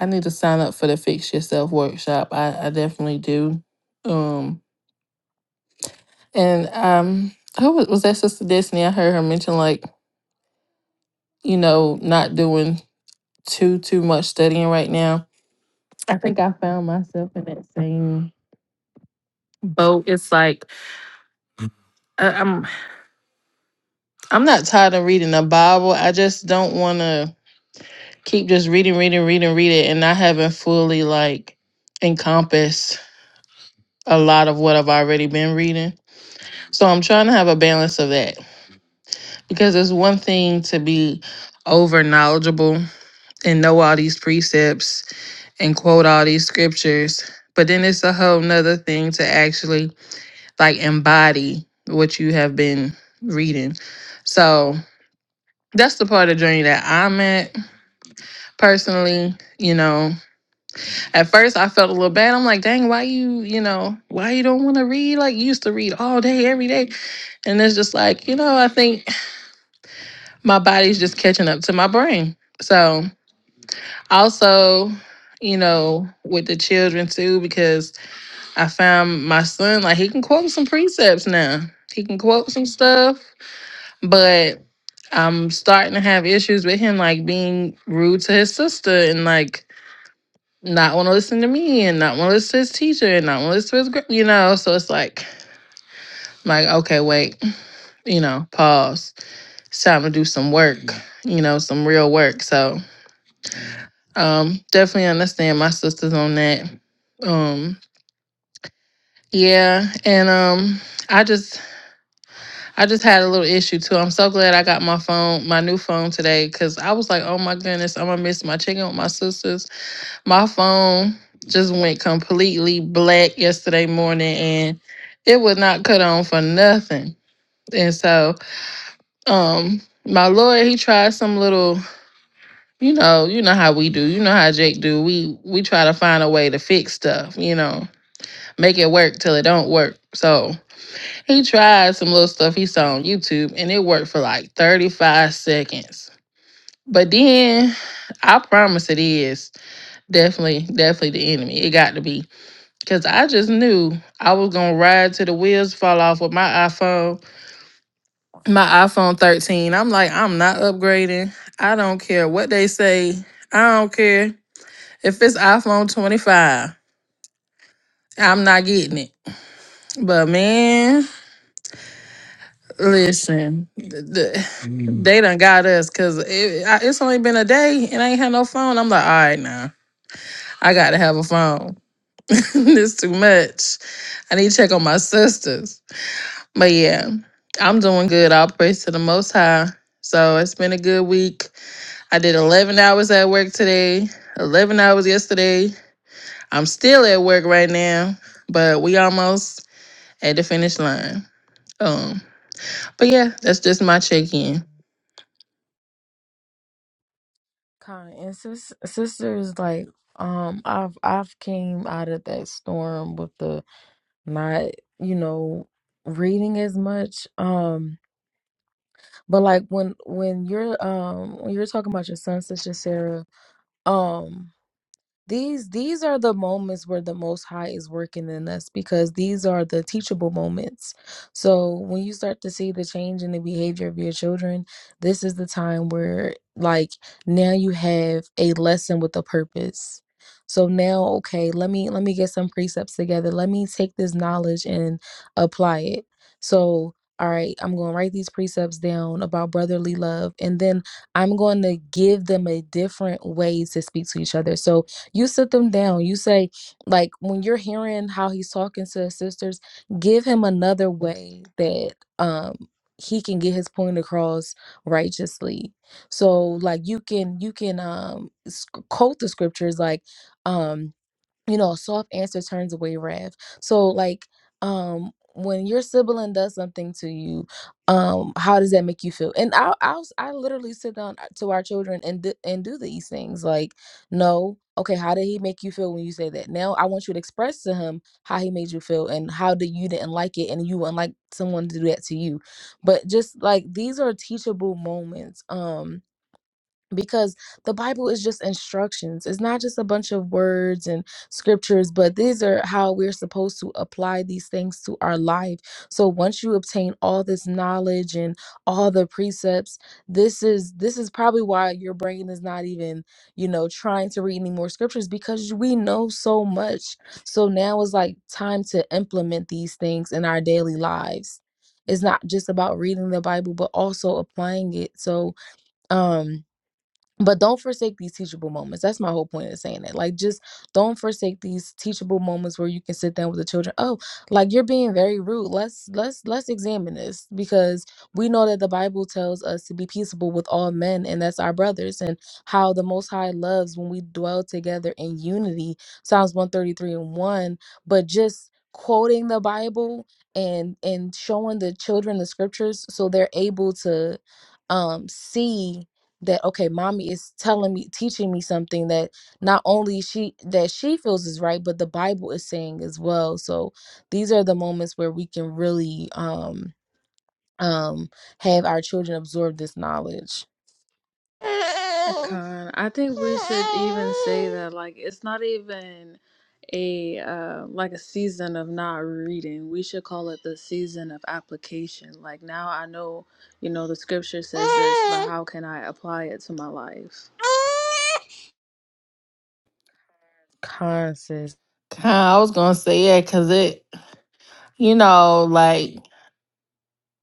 S5: I need to sign up for the Fix Yourself workshop. I, I definitely do. Um, and um, who was, was that Sister Destiny? I heard her mention like you know not doing too too much studying right now. I think I found myself in that same boat. It's like I, I'm I'm not tired of reading the Bible. I just don't want to. keep just reading, reading, reading, reading, and I haven't fully like encompassed a lot of what I've already been reading. So I'm trying to have a balance of that because it's one thing to be over knowledgeable and know all these precepts and quote all these scriptures, but then it's a whole nother thing to actually like embody what you have been reading. So that's the part of the journey that I'm at personally, you know, At first, I felt a little bad. I'm like, dang, why you, you know, why you don't want to read? Like you used to read all day, every day. And it's just like, you know, I think my body's just catching up to my brain. So also, you know, with the children too, because I found my son, like he can quote some precepts now. He can quote some stuff, but I'm starting to have issues with him like being rude to his sister and like not want to listen to me and not want to listen to his teacher and not want to listen to his, gr- you know. So it's like, I'm like, okay, wait, you know, pause. It's time to do some work, Mhm. you know, some real work. So um, definitely understand my sisters on that. Um, yeah, and um, I just, I just had a little issue too. I'm so glad I got my phone, my new phone today, because I was like, oh my goodness, I'm gonna miss my chicken with my sisters My phone just went completely black yesterday morning and it would not cut on for nothing. And so, um, my lawyer, he tried some little, you know, you know how we do, you know how Jake do. We we try to find a way to fix stuff, you know, make it work till it don't work. So he tried some little stuff he saw on YouTube and it worked for like 35 seconds. But then I promise it is definitely, definitely the enemy. It got to be. Cause I just knew I was gonna ride to the wheels fall off with my iPhone, my iPhone 13. I'm like, I'm not upgrading. I don't care what they say. I don't care if it's iPhone 25. I'm not getting it. But man, listen, th- th- Mm. they done got us. Cause it, I, it's only been a day and I ain't had no phone. I'm like, all right now, I got to have a phone. [LAUGHS] it's too much. I need to check on my sisters. But yeah, I'm doing good. All praise to the Most High. So it's been a good week. I did 11 hours at work today, 11 hours yesterday. I'm still at work right now, but we almost at the finish line. Um, but yeah, that's just my check-in.
S1: Kind and sis, sister like, um, I've I've came out of that storm with the not, you know, reading as much. Um, but like when when you're um when you're talking about your son, sister Sarah, um. these these are the moments where the most high is working in us because these are the teachable moments so when you start to see the change in the behavior of your children this is the time where like now you have a lesson with a purpose so now okay let me let me get some precepts together let me take this knowledge and apply it so all right i'm going to write these precepts down about brotherly love and then i'm going to give them a different way to speak to each other so you sit them down. You say, like, when you're hearing how he's talking to his sisters, give him another way that um he can get his point across righteously. So like you can you can um sc- quote the scriptures like um you know, a soft answer turns away wrath. So like um when your sibling does something to you, um, how does that make you feel? And I I I literally sit down uh, to our children and do, and do these things like, no, okay, how did he make you feel when you say that? Now I want you to express to him how he made you feel and how did you didn't like it and you wouldn't like someone to do that to you. But just like these are teachable moments. Um, because the Bible is just instructions. It's not just a bunch of words and scriptures, but these are how we're supposed to apply these things to our life. So once you obtain all this knowledge and all the precepts, this is this is probably why your brain is not even, you know, trying to read any more scriptures because we know so much. So now is like time to implement these things in our daily lives. It's not just about reading the Bible, but also applying it. So um but don't forsake these teachable moments that's my whole point of saying it like just don't forsake these teachable moments where you can sit down with the children oh like you're being very rude let's let's let's examine this because we know that the bible tells us to be peaceable with all men and that's our brothers and how the most high loves when we dwell together in unity psalms 133 and 1 but just quoting the bible and and showing the children the scriptures so they're able to um see that okay mommy is telling me teaching me something that not only she that she feels is right but the bible is saying as well so these are the moments where we can really um um have our children absorb this knowledge
S2: Con, I think we should even say [LAUGHS] that like it's not even a uh, like a season of not reading. We should call it the season of application. Like now I know, you know, the scripture says this, but how can I apply it to my life?
S1: Con, sis.
S5: Kinda, I was gonna say yeah, cause it, you know, like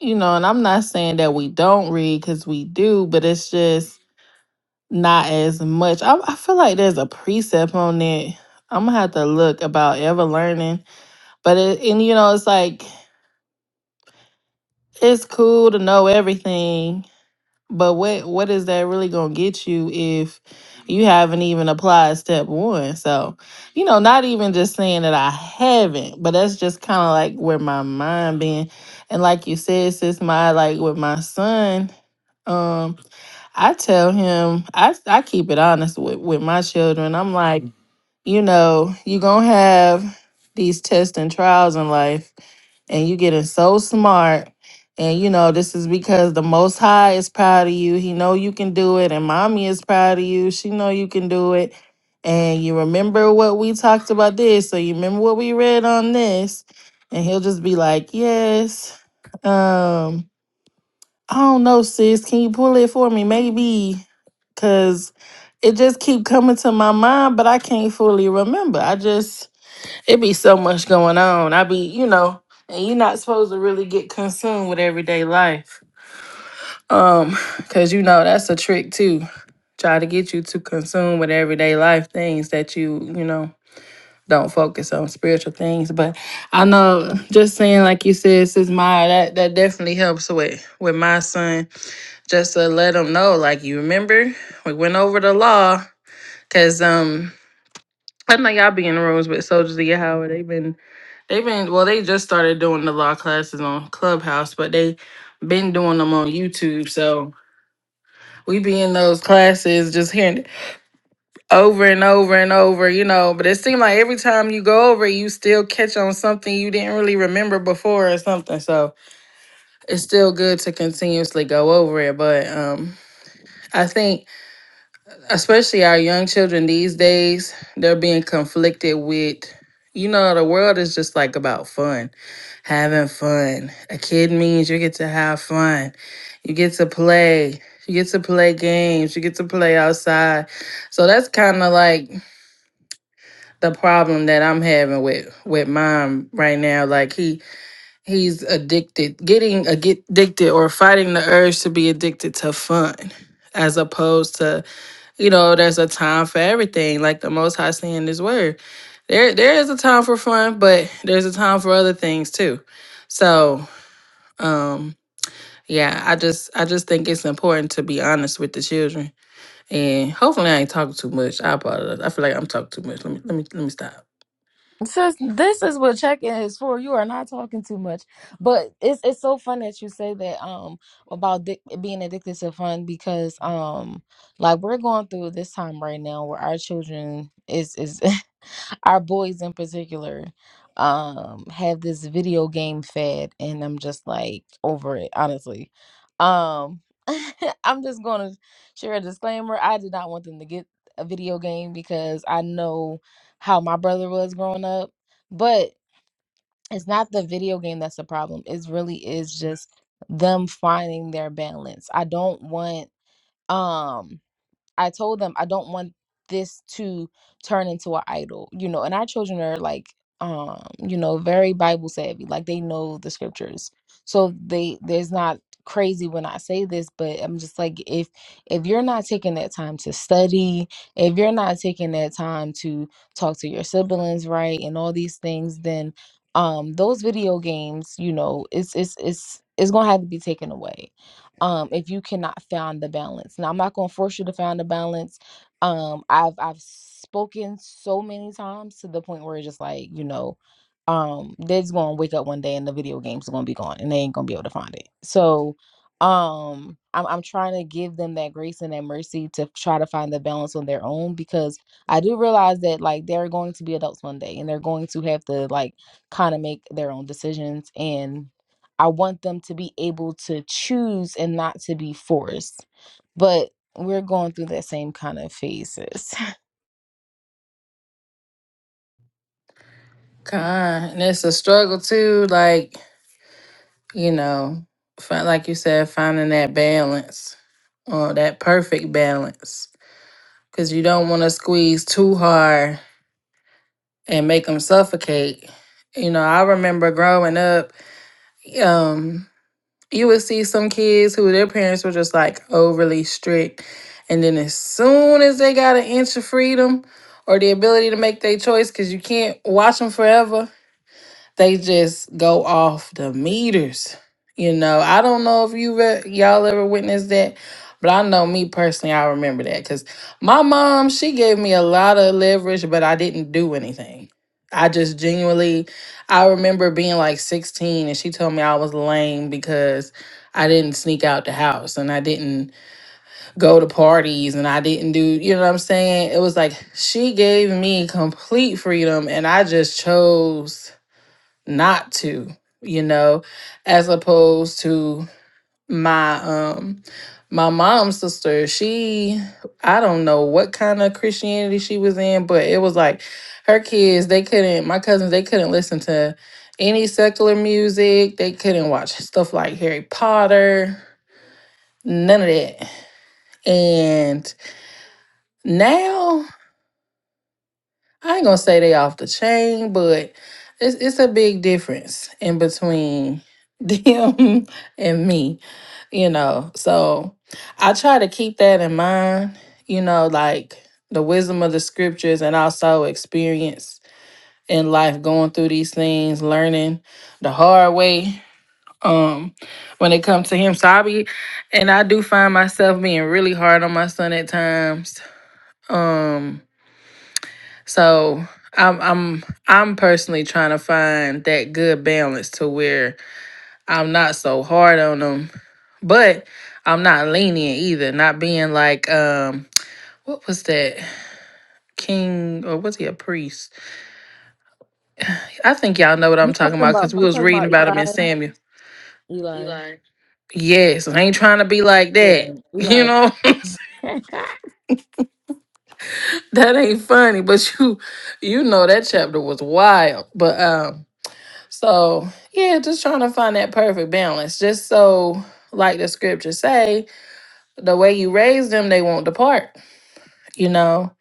S5: you know, and I'm not saying that we don't read, cause we do, but it's just Not as much. I, I feel like there's a precept on it. I'm gonna have to look about ever learning. But it, and you know, it's like it's cool to know everything, but what what is that really gonna get you if you haven't even applied step one? So, you know, not even just saying that I haven't, but that's just kind of like where my mind been. And like you said, sis, my like with my son, um, I tell him I I keep it honest with with my children. I'm like you know, you gonna have these tests and trials in life, and you getting so smart. And you know, this is because the most high is proud of you. He know you can do it, and mommy is proud of you. She know you can do it. And you remember what we talked about this, so you remember what we read on this, and he'll just be like, Yes. Um, I don't know, sis. Can you pull it for me? Maybe. Cause it just keep coming to my mind, but I can't fully remember. I just it be so much going on. I be, you know, and you're not supposed to really get consumed with everyday life. Um, cause you know that's a trick too. Try to get you to consume with everyday life things that you, you know, don't focus on spiritual things. But I know just saying like you said, sis Maya, that that definitely helps with with my son just to let them know, like, you remember we went over the law, cause um, I know y'all be in the rooms with Soldiers of Howard. They've been, they've been, well, they just started doing the law classes on Clubhouse, but they been doing them on YouTube. So we be in those classes, just hearing it over and over and over, you know. But it seemed like every time you go over, it, you still catch on something you didn't really remember before or something. So it's still good to continuously go over it, but um. I think especially our young children these days, they're being conflicted with, you know, the world is just like about fun, having fun. A kid means you get to have fun, you get to play, you get to play games, you get to play outside. So that's kind of like the problem that I'm having with with mom right now. Like he he's addicted, getting addic- addicted or fighting the urge to be addicted to fun, as opposed to you know, there's a time for everything, like the Most High saying in His Word. There, there is a time for fun, but there's a time for other things too. So, um, yeah, I just, I just think it's important to be honest with the children, and hopefully, I ain't talking too much. I apologize. I feel like I'm talking too much. Let me, let me, let me stop.
S1: Sis, this is what check-in is for. You are not talking too much, but it's it's so fun that you say that um about dic being addicted to fun because um like we're going through this time right now where our children is is [LAUGHS] our boys in particular um have this video game fad and I'm just like over it honestly. Um [LAUGHS] I'm just going to share a disclaimer. I did not want them to get a video game because I know how my brother was growing up. But it's not the video game that's the problem. It really is just them finding their balance. I don't want um I told them I don't want this to turn into an idol, you know. And our children are like, um, you know, very Bible savvy, like they know the scriptures, so they there's not crazy when I say this, but I'm just like, if if you're not taking that time to study, if you're not taking that time to talk to your siblings, right, and all these things, then um, those video games, you know, it's it's it's it's gonna have to be taken away um if you cannot find the balance now i'm not going to force you to find the balance um i've i've spoken so many times to the point where it's just like you know um they're just going to wake up one day and the video games are going to be gone and they ain't going to be able to find it so um I'm, I'm trying to give them that grace and that mercy to try to find the balance on their own because i do realize that like they're going to be adults one day and they're going to have to like kind of make their own decisions and I want them to be able to choose and not to be forced. But we're going through that same kind of phases. [LAUGHS]
S5: God, and it's a struggle too. Like you know, fi- like you said, finding that balance or that perfect balance, because you don't want to squeeze too hard and make them suffocate. You know, I remember growing up, um, you would see some kids who their parents were just like overly strict, and then as soon as they got an inch of freedom or the ability to make their choice, because you can't watch them forever they just go off the meters. You know, I don't know if you have y'all ever witnessed that, but I know me personally, I remember that because my mom she gave me a lot of leverage, but I didn't do anything. I just genuinely, I remember being like 16 and she told me I was lame because I didn't sneak out the house and I didn't go to parties and I didn't do, you know what I'm saying? It was like she gave me complete freedom and I just chose not to you know as opposed to my um my mom's sister she i don't know what kind of christianity she was in but it was like her kids they couldn't my cousins they couldn't listen to any secular music they couldn't watch stuff like harry potter none of that and now I ain't gonna say they off the chain, but it's it's a big difference in between [LAUGHS] them and me, you know. So I try to keep that in mind, you know, like the wisdom of the scriptures and also experience in life going through these things, learning the hard way um when it comes to him so I be and I do find myself being really hard on my son at times um so I'm I'm I'm personally trying to find that good balance to where I'm not so hard on them, but I'm not lenient either. Not being like um what was that king or was he a priest? I think y'all know what
S1: You
S5: I'm talking
S1: talking
S5: about
S1: about
S5: because we
S1: you
S5: was
S1: talking
S5: reading
S1: about
S5: about him in
S1: Eli?
S5: Samuel.
S1: Eli.
S5: Yes, I ain't trying to be like
S1: Yeah,
S5: that. [LAUGHS] You
S1: Eli's
S5: know
S1: [LAUGHS]
S5: [LAUGHS] that ain't funny, but you you know that chapter was wild. But um So yeah, just trying to find that perfect balance. Just so like the scriptures say, the way you raise them, they won't depart. You know?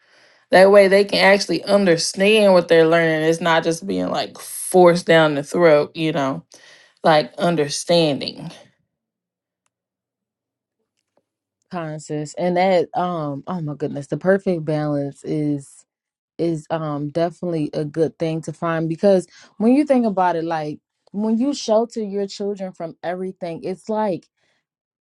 S5: That way they can actually understand what they're learning. It's not just being like forced down the throat, you know like understanding.
S1: Conscious. And that um oh my goodness, the perfect balance is is um definitely a good thing to find because when you think about it like when you shelter your children from everything, it's like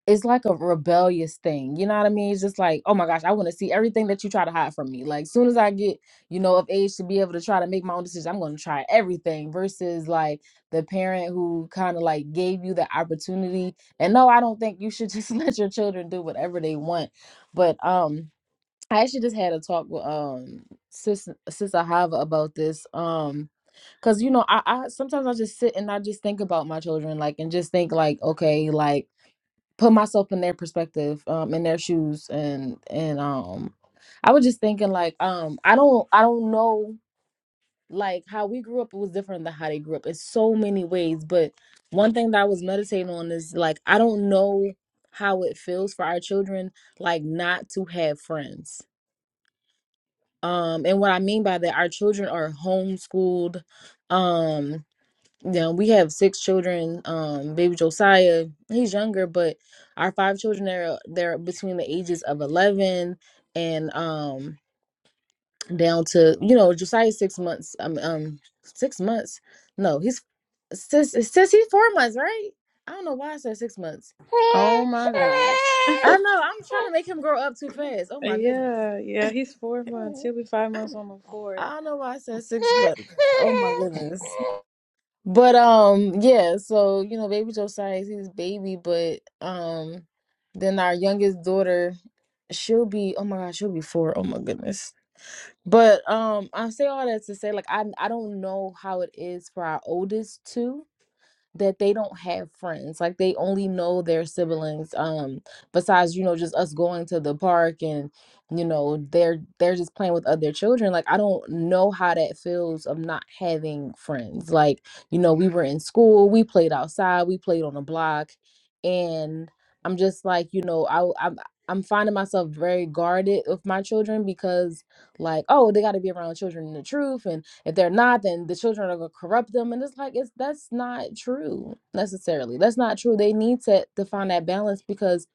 S1: it's like a rebellious thing. You know what I mean? It's just like, oh my gosh, I want to see everything that you try to hide from me. Like, soon as I get, you know, of age to be able to try to make my own decisions, I'm going to try everything versus like the parent who kind of like gave you the opportunity. And no, I don't think you should just [LAUGHS] let your children do whatever they want. But, um, I actually just had a talk with, um, Sis, Sister Hava about this. Um, Cause you know, I, I sometimes I just sit and I just think about my children, like, and just think like, okay, like put myself in their perspective um in their shoes and and um i was just thinking like um i don't i don't know like how we grew up it was different than how they grew up in so many ways but one thing that i was meditating on is like i don't know how it feels for our children like not to have friends um and what i mean by that our children are homeschooled um. Now we have six children. Um, baby Josiah, he's younger, but our five children are they're between the ages of eleven and um down to you know Josiah's six months. Um, um, six months. No, he's since since he's four months, right? I don't know why I said six months.
S2: Oh my
S1: I
S2: god.
S1: know I'm trying to make him grow up too fast. Oh
S2: [LAUGHS]
S1: my goodness.
S2: yeah, yeah,
S1: [LAUGHS]
S2: he's four months. He'll be five months on the fourth.
S1: I don't know why I said six, months. oh my goodness. But um yeah, so you know, baby Josiah is his baby, but um then our youngest daughter, she'll be oh my god, she'll be four. Oh my goodness. But um I say all that to say like I I don't know how it is for our oldest two that they don't have friends like they only know their siblings um besides you know just us going to the park and you know they're they're just playing with other children like i don't know how that feels of not having friends like you know we were in school we played outside we played on the block and i'm just like you know i i'm I'm finding myself very guarded with my children because, like, oh, they got to be around children in the truth, and. If they're not, then the children are gonna corrupt them. And it's like it's that's not true necessarily. That's not true. They need to, to find that balance because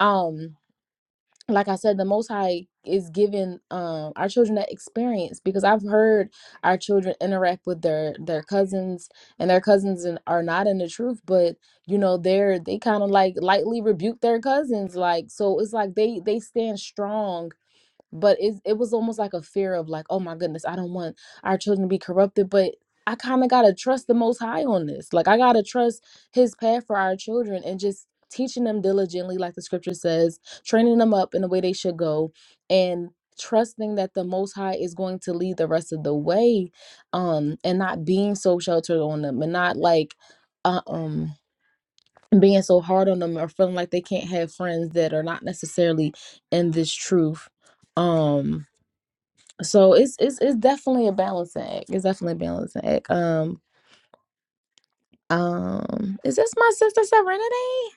S1: um like I said, the most high is giving um our children that experience because I've heard our children interact with their their cousins and their cousins and are not in the truth, but you know, they're they kind of like lightly rebuke their cousins. Like so it's like they they stand strong but it, it was almost like a fear of like oh my goodness i don't want our children to be corrupted but i kind of gotta trust the most high on this like i gotta trust his path for our children and just teaching them diligently like the scripture says training them up in the way they should go and trusting that the most high is going to lead the rest of the way um and not being so sheltered on them and not like uh, um being so hard on them or feeling like they can't have friends that are not necessarily in this truth um so it's it's it's definitely a balancing act. It's definitely a balancing act. Um um is this my sister Serenity?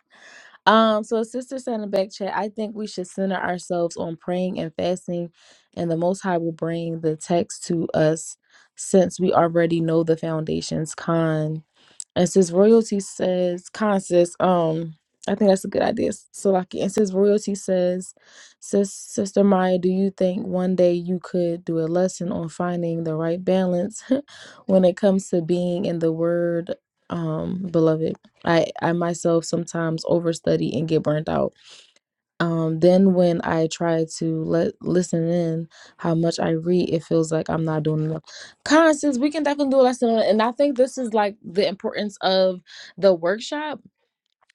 S1: Um, so as sister said in the back chat, I think we should center ourselves on praying and fasting, and the Most High will bring the text to us since we already know the foundations. Con and since royalty says, Con says, um, I think that's a good idea, Salaki. And since royalty says, sis, sister Maya, do you think one day you could do a lesson on finding the right balance [LAUGHS] when it comes to being in the Word, um, beloved? I, I myself sometimes overstudy and get burnt out. Um, then when I try to let listen in how much I read, it feels like I'm not doing enough. Constance, we can definitely do a lesson on it. And I think this is like the importance of the workshop.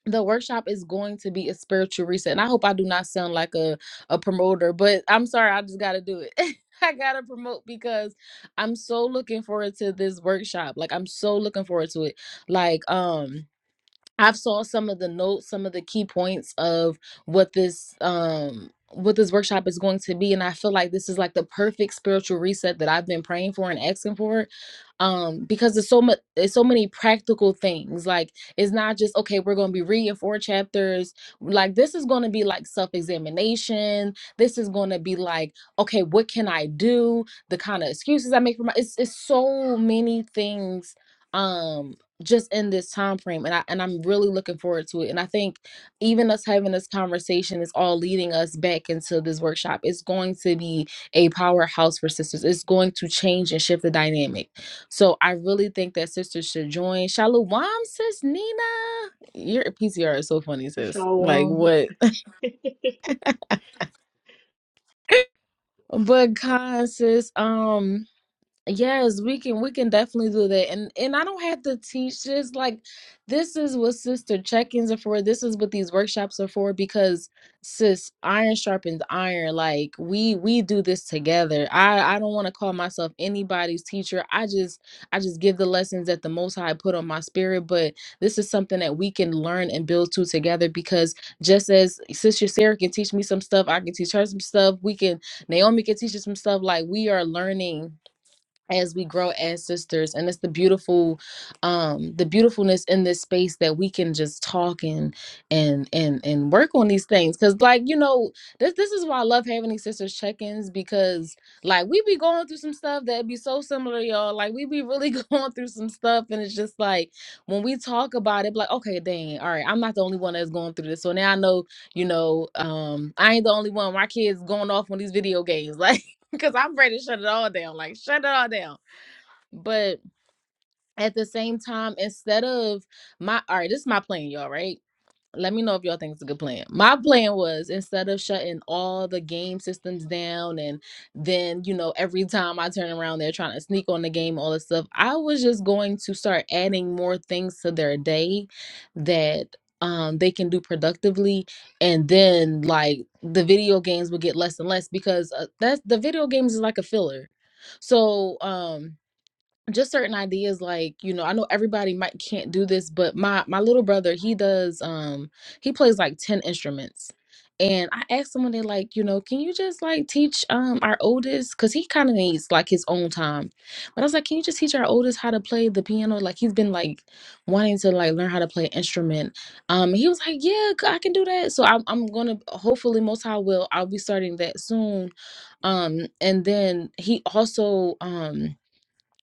S1: The workshop is going to be a spiritual reset. And I hope I do not sound like a, a promoter, but I'm sorry, I just gotta do it. [LAUGHS] I gotta promote because I'm so looking forward to this workshop. Like I'm so looking forward to it. Like um I've saw some of the notes, some of the key points of what this um what this workshop is going to be and I feel like this is like the perfect spiritual reset that I've been praying for and asking for um because there's so much there's so many practical things like it's not just okay we're going to be reading four chapters like this is going to be like self-examination this is going to be like okay what can I do the kind of excuses I make for my it's, it's so many things Um just in this time frame and I and I'm really looking forward to it. And I think even us having this conversation is all leading us back into this workshop. It's going to be a powerhouse for sisters. It's going to change and shift the dynamic. So I really think that sisters should join. Shalom, sis Nina. Your PCR is so funny, sis. Like
S6: So, um,
S1: what? [LAUGHS] But God, sis, um Yes, we can we can definitely do that. And and I don't have to teach this like this is what sister check-ins are for. This is what these workshops are for because sis, iron sharpens iron. Like we we do this together. I I don't want to call myself anybody's teacher. I just I just give the lessons that the most high put on my spirit, but this is something that we can learn and build to together because just as sister Sarah can teach me some stuff, I can teach her some stuff. We can Naomi can teach us some stuff like we are learning as we grow as sisters and it's the beautiful um the beautifulness in this space that we can just talk and and and and work on these things because like you know this this is why i love having these sisters check-ins because like we be going through some stuff that be so similar y'all like we be really [LAUGHS] going through some stuff and it's just like when we talk about it be like okay dang all right i'm not the only one that's going through this so now i know you know um i ain't the only one my kids going off on these video games [LAUGHS] like. [LAUGHS] because I'm ready to shut it all down. Like, shut it all down. But at the same time, instead of my all right, this is my plan, y'all, right? Let me know if y'all think it's a good plan. My plan was instead of shutting all the game systems down and then, you know, every time I turn around, they're trying to sneak on the game, all this stuff. I was just going to start adding more things to their day that um they can do productively and then like the video games would get less and less because uh, that's the video games is like a filler so um just certain ideas like you know i know everybody might can't do this but my my little brother he does um he plays like 10 instruments and i asked him one day like you know can you just like teach um our oldest because he kind of needs like his own time but i was like can you just teach our oldest how to play the piano like he's been like wanting to like learn how to play an instrument um he was like yeah c- i can do that so i'm, I'm gonna hopefully most high will i'll be starting that soon um and then he also um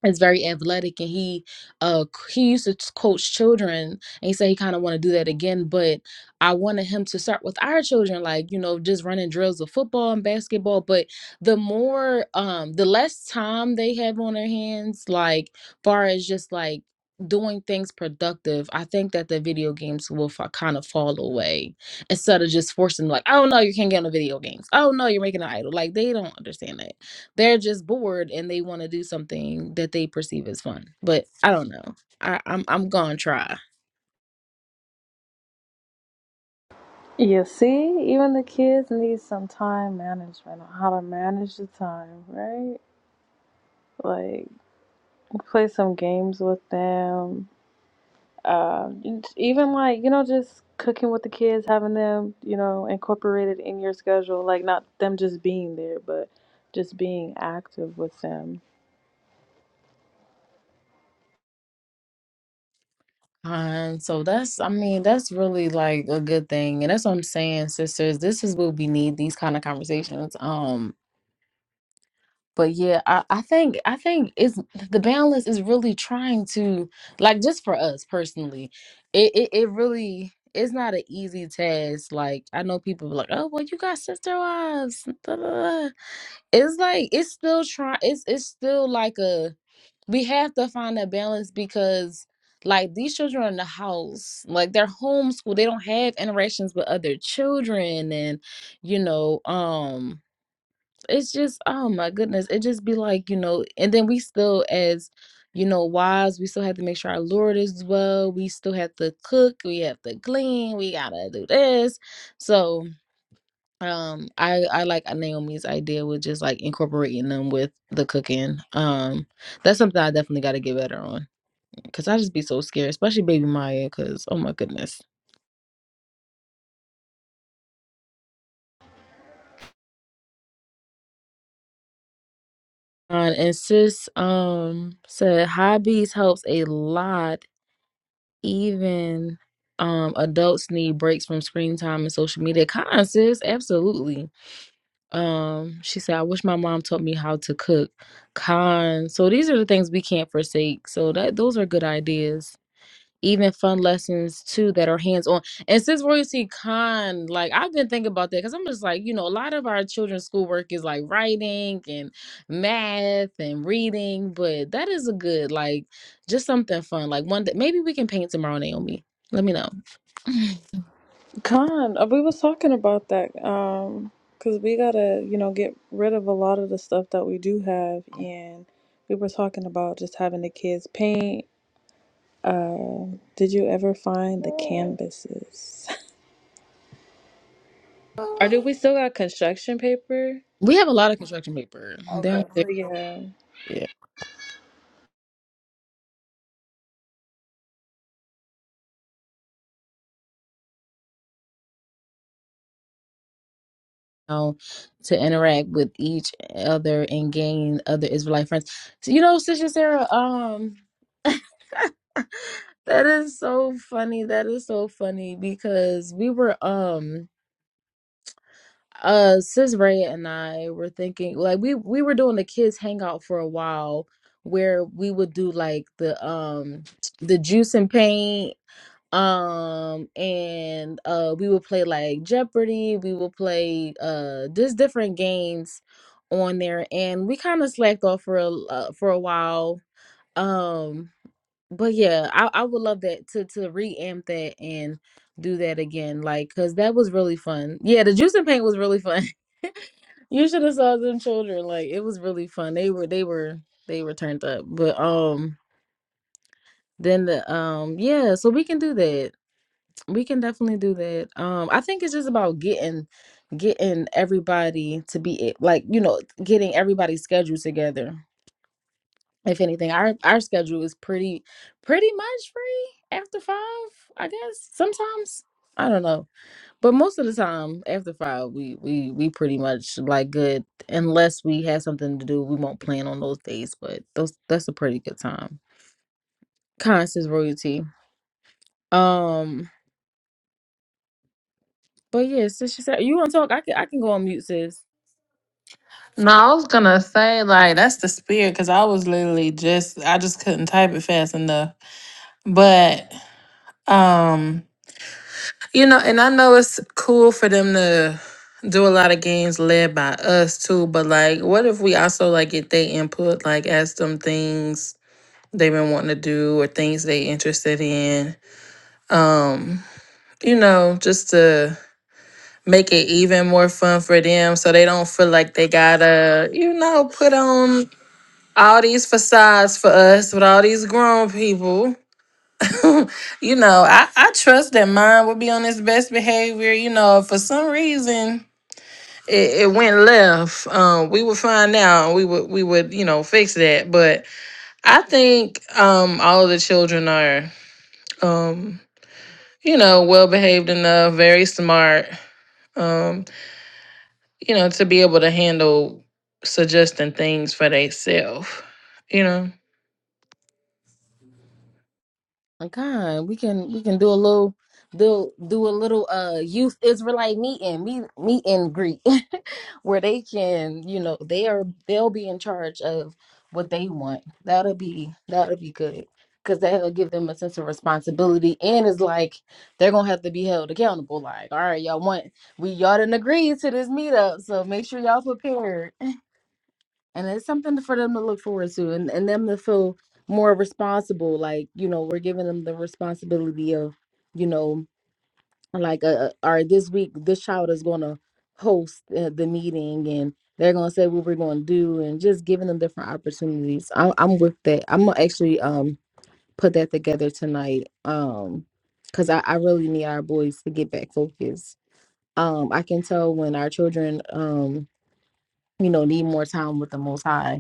S1: is very athletic and he uh he used to coach children and he said he kind of want to do that again but i wanted him to start with our children like you know just running drills of football and basketball but the more um the less time they have on their hands like far as just like doing things productive i think that the video games will fa- kind of fall away instead of just forcing like oh no you can't get on the video games oh no you're making an idol like they don't understand that they're just bored and they want to do something that they perceive as fun. But I don't know. I, I'm I'm gonna try.
S2: You see, even the kids need some time management, on how to manage the time, right? Like, play some games with them. Uh, even like, you know, just cooking with the kids, having them, you know, incorporated in your schedule. Like, not them just being there, but just being active with them.
S1: And so that's I mean, that's really like a good thing. And that's what I'm saying, sisters. This is what we need, these kind of conversations. Um but yeah, I, I think I think it's the balance is really trying to like just for us personally, it, it, it really it's not an easy task. Like I know people be like, oh well, you got sister wives. da, da, da." it's like it's still trying it's it's still like a we have to find a balance because like these children are in the house like they're homeschooled they don't have interactions with other children and you know um it's just oh my goodness it just be like you know and then we still as you know wives we still have to make sure our lord is well we still have to cook we have to clean we gotta do this so um, I I like Naomi's idea with just like incorporating them with the cooking. Um, that's something I definitely got to get better on because I just be so scared, especially baby Maya. Because oh my goodness. Uh, and sis um said hobbies helps a lot. Even um adults need breaks from screen time and social media. Con sis, absolutely. Um, she said I wish my mom taught me how to cook. Con. So these are the things we can't forsake. So that those are good ideas even fun lessons too that are hands on. And since Royalty Con, like I've been thinking about that because I'm just like, you know, a lot of our children's schoolwork is like writing and math and reading, but that is a good, like, just something fun. Like one day, maybe we can paint tomorrow, Naomi. Let me know. [LAUGHS]
S2: Con, uh, we was talking about that, um, because we gotta, you know, get rid of a lot of the stuff that we do have, and we were talking about just having the kids paint Uh, did you ever find the canvases? [LAUGHS] Or do we still got construction paper?
S1: We have a lot of construction paper. Then
S2: So
S1: we-
S2: yeah.
S1: yeah, you know, to interact with each other and gain other Israelite friends. So, you know, Sister Sarah, um [LAUGHS] That is so funny. That is so funny because we were um uh sis Ray and I were thinking like we we were doing the kids hangout for a while where we would do like the um the juice and paint um and uh we would play like Jeopardy, we would play uh just different games on there and we kind of slacked off for a uh, for a while. Um but yeah, I, I would love that to to reamp that and do that again, like, cause that was really fun. Yeah, the juice and paint was really fun. [LAUGHS] you should have saw them children, like, it was really fun. They were they were they were turned up, but um, then the um, yeah, so we can do that. We can definitely do that. Um, I think it's just about getting getting everybody to be a- like you know getting everybody's schedule together if anything, our our schedule is pretty pretty much free after five, I guess. Sometimes I don't know, but most of the time after five, we we we pretty much like good unless we have something to do. We won't plan on those days, but those that's a pretty good time. Constance royalty. Um, but yeah, sis, she said you want to talk. I can I can go on mute, sis.
S5: No, I was gonna say like that's the spirit because I was literally just I just couldn't type it fast enough. But um You know, and I know it's cool for them to do a lot of games led by us too, but like what if we also like get their input, like ask them things they've been wanting to do or things they interested in. Um, you know, just to make it even more fun for them so they don't feel like they gotta, you know, put on all these facades for us with all these grown people. [LAUGHS] you know, I, I trust that mine would be on its best behavior. You know, if for some reason it, it went left, um, we would find out. and We would we would you know fix that. But I think um, all of the children are um, you know well behaved enough, very smart. Um, you know, to be able to handle suggesting things for themselves. You know.
S1: Like, God, we can we can do a little do do a little uh youth Israelite meeting, meet meet and greet [LAUGHS] where they can, you know, they are they'll be in charge of what they want. That'll be that'll be good. Cause that'll give them a sense of responsibility and it's like they're gonna have to be held accountable. Like, all right, y'all want we y'all didn't agree to this meetup, so make sure y'all prepared and it's something for them to look forward to and, and them to feel more responsible like you know we're giving them the responsibility of you know like uh, uh, all right this week this child is going to host uh, the meeting and they're going to say what we're going to do and just giving them different opportunities I, i'm with that i'm gonna actually um put that together tonight um because I, I really need our boys to get back focused um i can tell when our children um you know need more time with the most high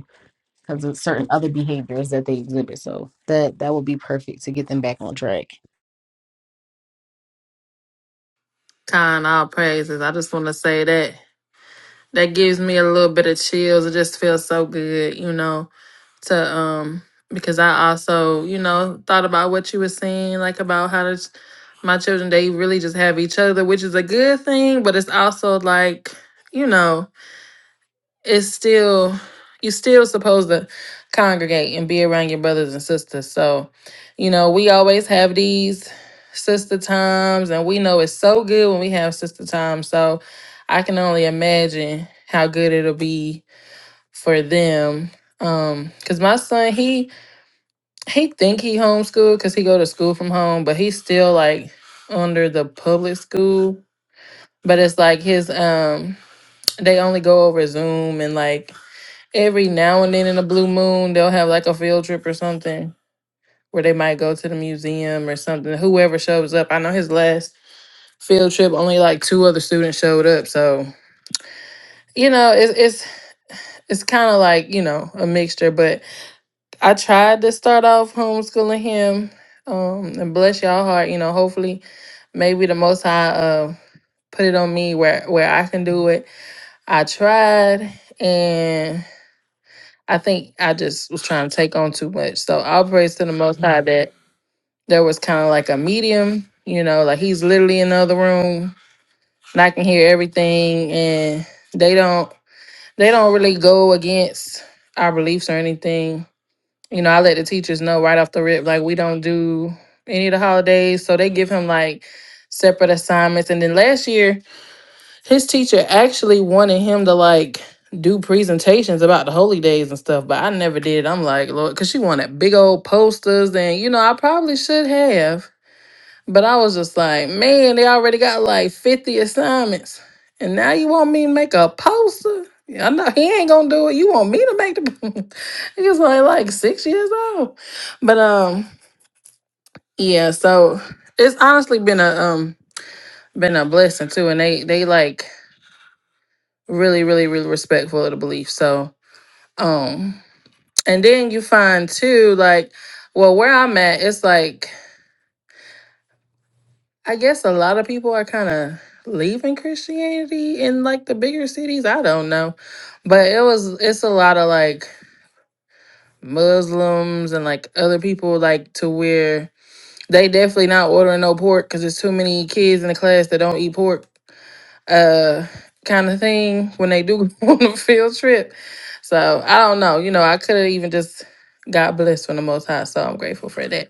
S1: because of certain other behaviors that they exhibit. So that that would be perfect to get them back on track.
S5: Kind all praises. I just want to say that. that gives me a little bit of chills. It just feels so good, you know, to um because I also, you know, thought about what you were saying, like about how to, my children they really just have each other, which is a good thing, but it's also like, you know, it's still you're still supposed to congregate and be around your brothers and sisters. So, you know, we always have these sister times and we know it's so good when we have sister time. So I can only imagine how good it'll be for them. Um, cause my son, he he think he homeschooled cause he go to school from home, but he's still like under the public school. But it's like his um they only go over Zoom and like every now and then in a blue moon they'll have like a field trip or something where they might go to the museum or something whoever shows up i know his last field trip only like two other students showed up so you know it's it's it's kind of like you know a mixture but i tried to start off homeschooling him um and bless y'all heart you know hopefully maybe the most high uh put it on me where where i can do it i tried and. I think I just was trying to take on too much. So I'll praise to the Most High that there was kind of like a medium, you know, like he's literally in the other room and I can hear everything. And they don't they don't really go against our beliefs or anything. You know, I let the teachers know right off the rip, like we don't do any of the holidays. So they give him like separate assignments. And then last year his teacher actually wanted him to like do presentations about the holy days and stuff, but I never did. I'm like, Lord, because she wanted big old posters, and you know, I probably should have, but I was just like, man, they already got like 50 assignments, and now you want me to make a poster? Yeah, I know he ain't gonna do it. You want me to make the? [LAUGHS] he was only like six years old, but um, yeah. So it's honestly been a um been a blessing too, and they they like really really really respectful of the belief so um and then you find too like well where i'm at it's like i guess a lot of people are kind of leaving christianity in like the bigger cities i don't know but it was it's a lot of like muslims and like other people like to where they definitely not ordering no pork because there's too many kids in the class that don't eat pork uh kind of thing when they do [LAUGHS] go on a field trip. So I don't know. You know, I could have even just got blessed from the most high. So I'm grateful for that.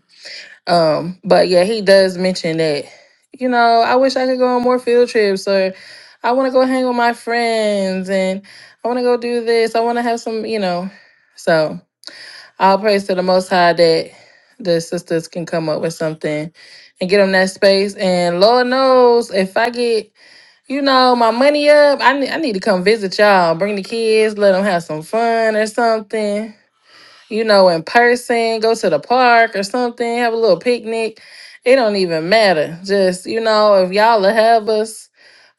S5: Um, but yeah, he does mention that, you know, I wish I could go on more field trips or I want to go hang with my friends and I want to go do this. I want to have some, you know. So I'll praise to the most high that the sisters can come up with something and get them that space. And Lord knows if I get you know, my money up. I need, I need to come visit y'all. Bring the kids, let them have some fun or something. You know, in person, go to the park or something, have a little picnic. It don't even matter. Just, you know, if y'all will have us,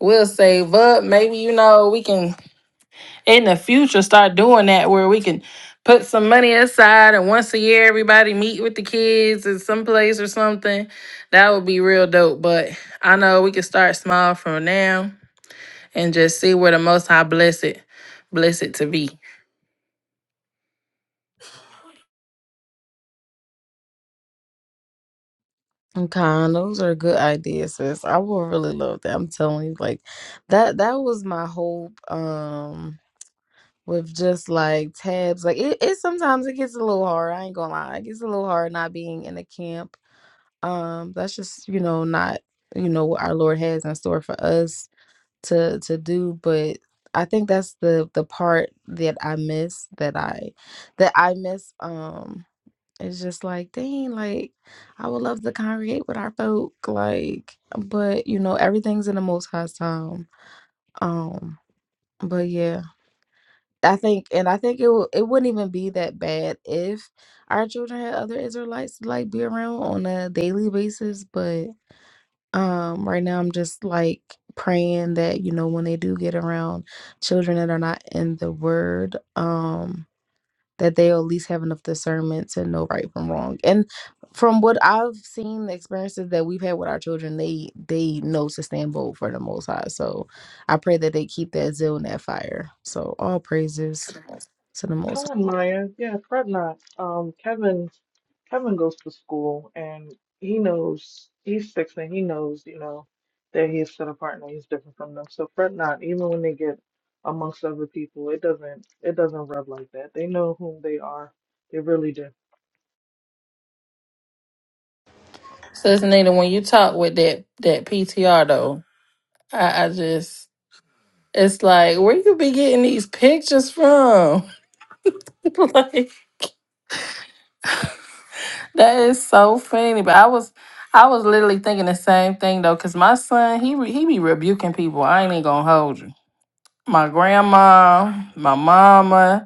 S5: we'll save up. Maybe, you know, we can in the future start doing that where we can put some money aside and once a year everybody meet with the kids in some place or something. That would be real dope. But I know we can start small from now and just see where the most high bless it, bless it to be.
S1: Okay, those are good ideas, sis. I will really love that. I'm telling you, like that that was my hope. Um with just like tabs. Like it, it sometimes it gets a little hard. I ain't gonna lie. It gets a little hard not being in the camp. Um, that's just, you know, not you know what our Lord has in store for us. to to do but i think that's the the part that i miss that i that i miss um it's just like dang like i would love to congregate with our folk like but you know everything's in the most high time um but yeah i think and i think it w- it wouldn't even be that bad if our children had other israelites to like be around on a daily basis but. Um, right now I'm just like praying that, you know, when they do get around children that are not in the word, um, that they'll at least have enough discernment to know right from wrong. And from what I've seen, the experiences that we've had with our children, they they know to stand bold for the most high. So I pray that they keep that zeal and that fire. So all praises to the most
S6: Helen Meyer, yeah, fret not. Um, Kevin, Kevin goes to school and he knows he's six and he knows, you know, that he is set apart and he's different from them. So fret not, even when they get amongst other people, it doesn't it doesn't rub like that. They know whom they are. They really do.
S5: So it's Nita, when you talk with that that PTR though, I, I just it's like where you be getting these pictures from? [LAUGHS] like that is so funny. But I was I was literally thinking the same thing though, cause my son he re- he be rebuking people. I ain't even gonna hold you. My grandma, my mama,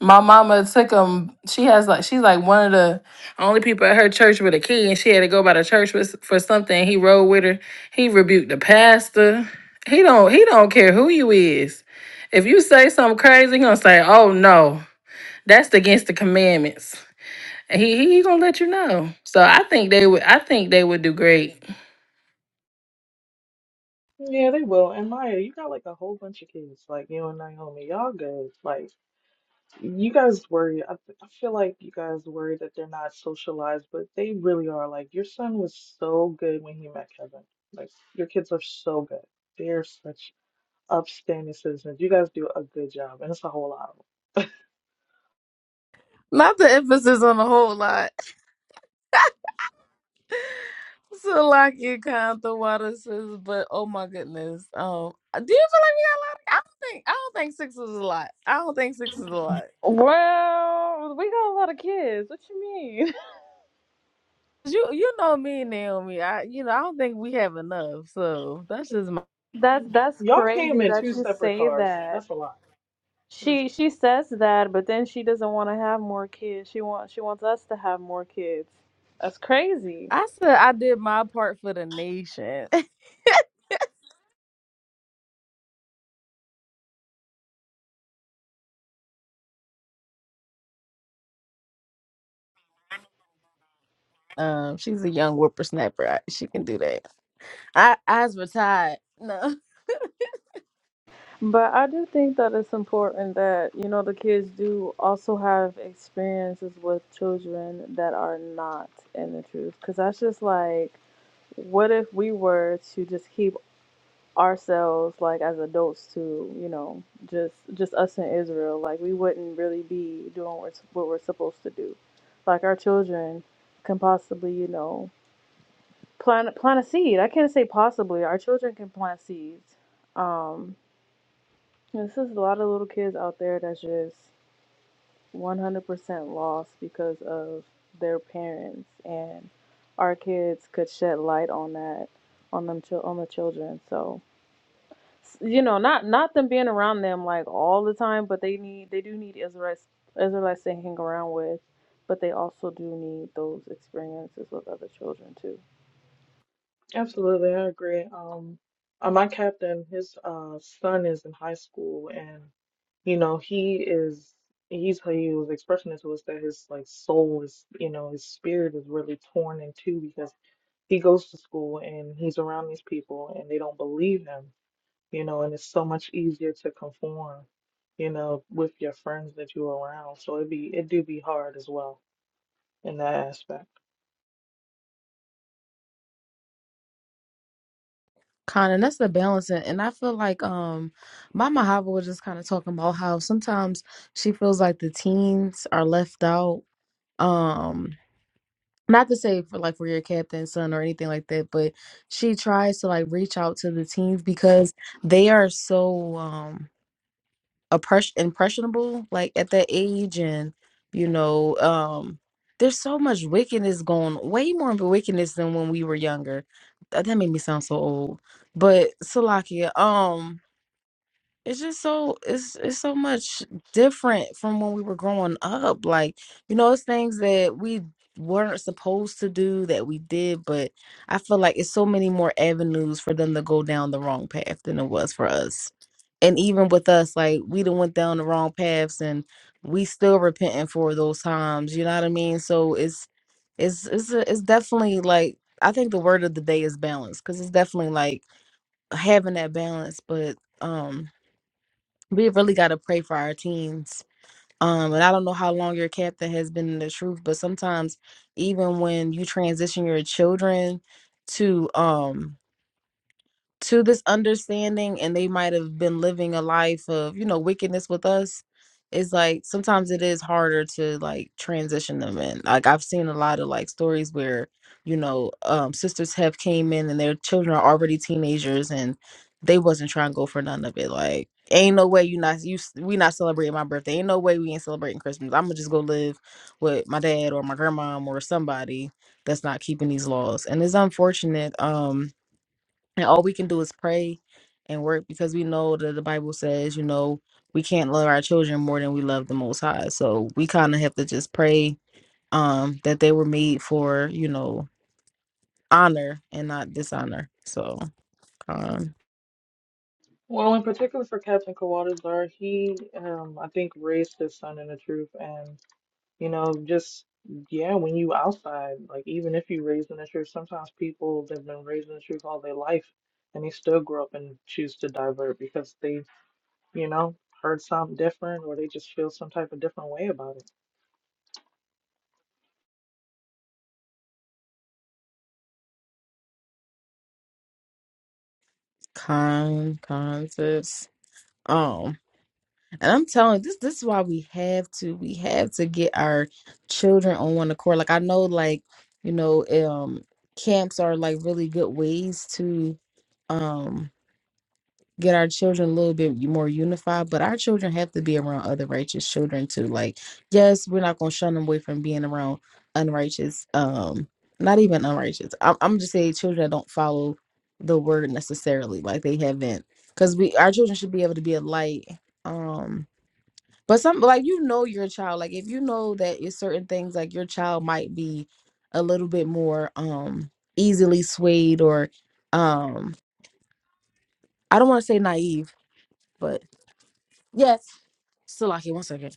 S5: My mama took him. She has like she's like one of the only people at her church with a key, and she had to go by the church for, for something. He rode with her. He rebuked the pastor. He don't he don't care who you is. If you say something crazy, he gonna say, "Oh no, that's against the commandments." And he he he gonna let you know. So I think they would I think they would do great.
S6: Yeah, they will. And Maya, you got like a whole bunch of kids, like you and Naomi. Y'all good. Like You guys worry. I, f- I feel like you guys worry that they're not socialized, but they really are. Like, your son was so good when he met Kevin. Like, your kids are so good. They're such upstanding citizens. You guys do a good job, and it's a whole lot of 'em.
S1: high. Not the emphasis on the whole lot. [LAUGHS] So like it kind of the water says, but oh my goodness. Um, uh, do you feel like we got a lot? I don't think I don't think six is a lot. I don't think six is a lot.
S2: Well, we got a lot of kids. What you mean?
S1: You you know me and Naomi. I you know I don't think we have enough. So that's just my.
S2: [LAUGHS] That's that's
S6: Y'all came
S2: crazy
S6: in
S2: that
S6: two
S2: you
S6: separate
S2: say
S6: cars.
S2: that.
S6: That's a lot.
S2: She she says that, but then she doesn't want to have more kids. She wants she wants us to have more kids. That's crazy.
S1: I said I did my part for the nation. [LAUGHS] Um, she's a young whippersnapper. I, she can do that. I eyes were tied. No.
S2: But I do think that it's important that, you know, the kids do also have experiences with children that are not in the truth. Because that's just like, what if we were to just keep ourselves, like, as adults to, you know, just just us in Israel? Like, we wouldn't really be doing what, we're, what we're supposed to do. Like, our children can possibly, you know, plant, plant a seed. I can't say possibly. Our children can plant seeds. Um, this is a lot of little kids out there that's just 100% lost because of their parents, and our kids could shed light on that, on them, chil- on the children. So, s- you know, not not them being around them like all the time, but they need they do need Israelites Israelites to hang around with, but they also do need those experiences with other children too.
S6: Absolutely, I agree. Um, uh, my captain, his uh son is in high school, and you know he is he's how he was expressing it to us that his like soul is you know his spirit is really torn in two because he goes to school and he's around these people and they don't believe him, you know, and it's so much easier to conform, you know, with your friends that you're around. So it be it do be hard as well in that aspect.
S1: Kind of that's the balance, and and I feel like um, my Mahava was just kind of talking about how sometimes she feels like the teens are left out. Um, not to say for like for your captain son or anything like that, but she tries to like reach out to the teens because they are so um appres- impressionable like at that age and you know um there's so much wickedness going way more of a wickedness than when we were younger Th- that made me sound so old but Salakia um it's just so it's it's so much different from when we were growing up. Like, you know, it's things that we weren't supposed to do that we did, but I feel like it's so many more avenues for them to go down the wrong path than it was for us. And even with us, like we done went down the wrong paths and we still repenting for those times. You know what I mean? So it's it's it's a, it's definitely like I think the word of the day is balance because it's definitely like having that balance, but um we really got to pray for our teens. Um, and I don't know how long your captain has been in the truth, but sometimes even when you transition your children to um to this understanding and they might have been living a life of you know wickedness with us it's like sometimes it is harder to like transition them in like i've seen a lot of like stories where you know um sisters have came in and their children are already teenagers and they wasn't trying to go for none of it like ain't no way you not you s- we not celebrating my birthday ain't no way we ain't celebrating christmas i'm gonna just go live with my dad or my grandmom or somebody that's not keeping these laws and it's unfortunate um and all we can do is pray and work because we know that the Bible says, you know, we can't love our children more than we love the most high. So we kind of have to just pray um that they were made for, you know, honor and not dishonor. So con
S6: Well, in particular for Captain Kawatar, he um I think raised his son in the truth and you know, just yeah, when you outside, like even if you raised in the truth, sometimes people they've been raised in the truth all their life and they still grow up and choose to divert because they, you know, heard something different or they just feel some type of different way about it.
S1: con concepts. Um and I'm telling you, this this is why we have to we have to get our children on one accord. Like I know like, you know, um camps are like really good ways to um. get our children a little bit more unified, but our children have to be around other righteous children too. Like, yes, we're not gonna shun them away from being around unrighteous, um, not even unrighteous. I'm, I'm just saying children that don't follow the word necessarily, like they haven't, because we our children should be able to be a light. Um, but some like you know your child, like if you know that it's certain things, like your child might be a little bit more um easily swayed or um I don't want to say naive, but Yes. Salaki, one second.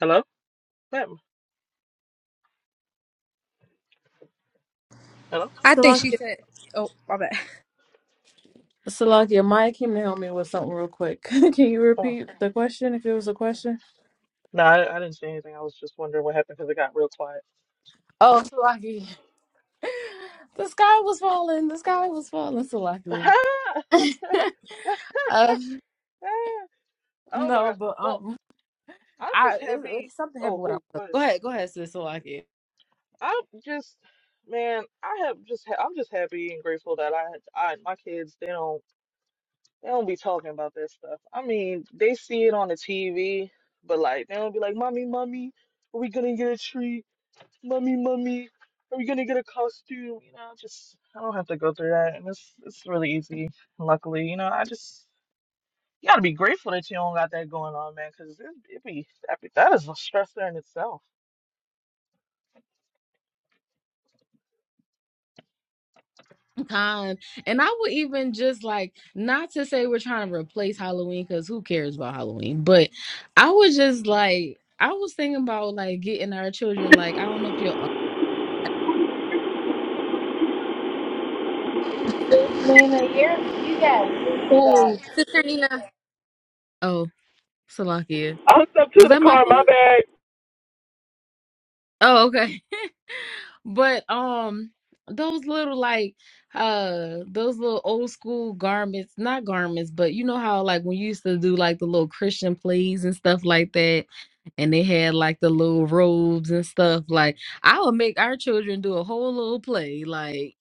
S6: Hello? Yeah, Hello?
S3: I think she
S1: Salakia.
S3: said, oh, my bad.
S1: Salaki, Maya came to help me with something real quick. [LAUGHS] Can you
S6: Oh,
S1: repeat the question if it was a question?
S6: no, I, I didn't say anything. I was just wondering what happened because it got real quiet.
S1: Oh, Salaki. [LAUGHS] The sky was falling. The sky was falling, Salaki. [LAUGHS] uh,
S6: Ah, oh my
S1: no,
S6: gosh.
S1: but
S6: Well,
S1: um,
S6: I'm
S1: I
S6: just
S1: it, it,
S6: happy.
S1: something
S6: Oh,
S1: happened with our.
S6: oh, go ahead,
S1: Go
S6: sis.
S1: ahead, go ahead, sis Salaki.
S6: i just, man, I have just, ha- I'm just happy and grateful that I, I, my kids, they don't, they don't be talking about that stuff. I mean, they see it on the TV, but like, they don't be like, mommy, mommy, are we gonna get a treat? Mommy, mommy, are we gonna get a costume? You know, just, I don't have to go through that, and it's, it's really easy. Luckily, you know, I just, you gotta be grateful that you don't got that going on, man, 'cause it, it be, that, be, that is a stressor in itself.
S1: time. And I would even just like not to say we're trying to replace Halloween because who cares about Halloween? But I was just like I was thinking about like getting our children like I don't know if your
S4: Just mean a year you got feedback.
S3: Oh, Sister Nina.
S1: oh Salakia
S6: i hooked up to
S1: was
S6: the
S1: that my
S6: car. My
S1: phone?
S6: bad.
S1: Oh okay. But um those little like uh those little old school garments, not garments, but you know how like when you used to do like the little Christian plays and stuff like that, and they had like the little robes and stuff, like I would make our children do a whole little play, like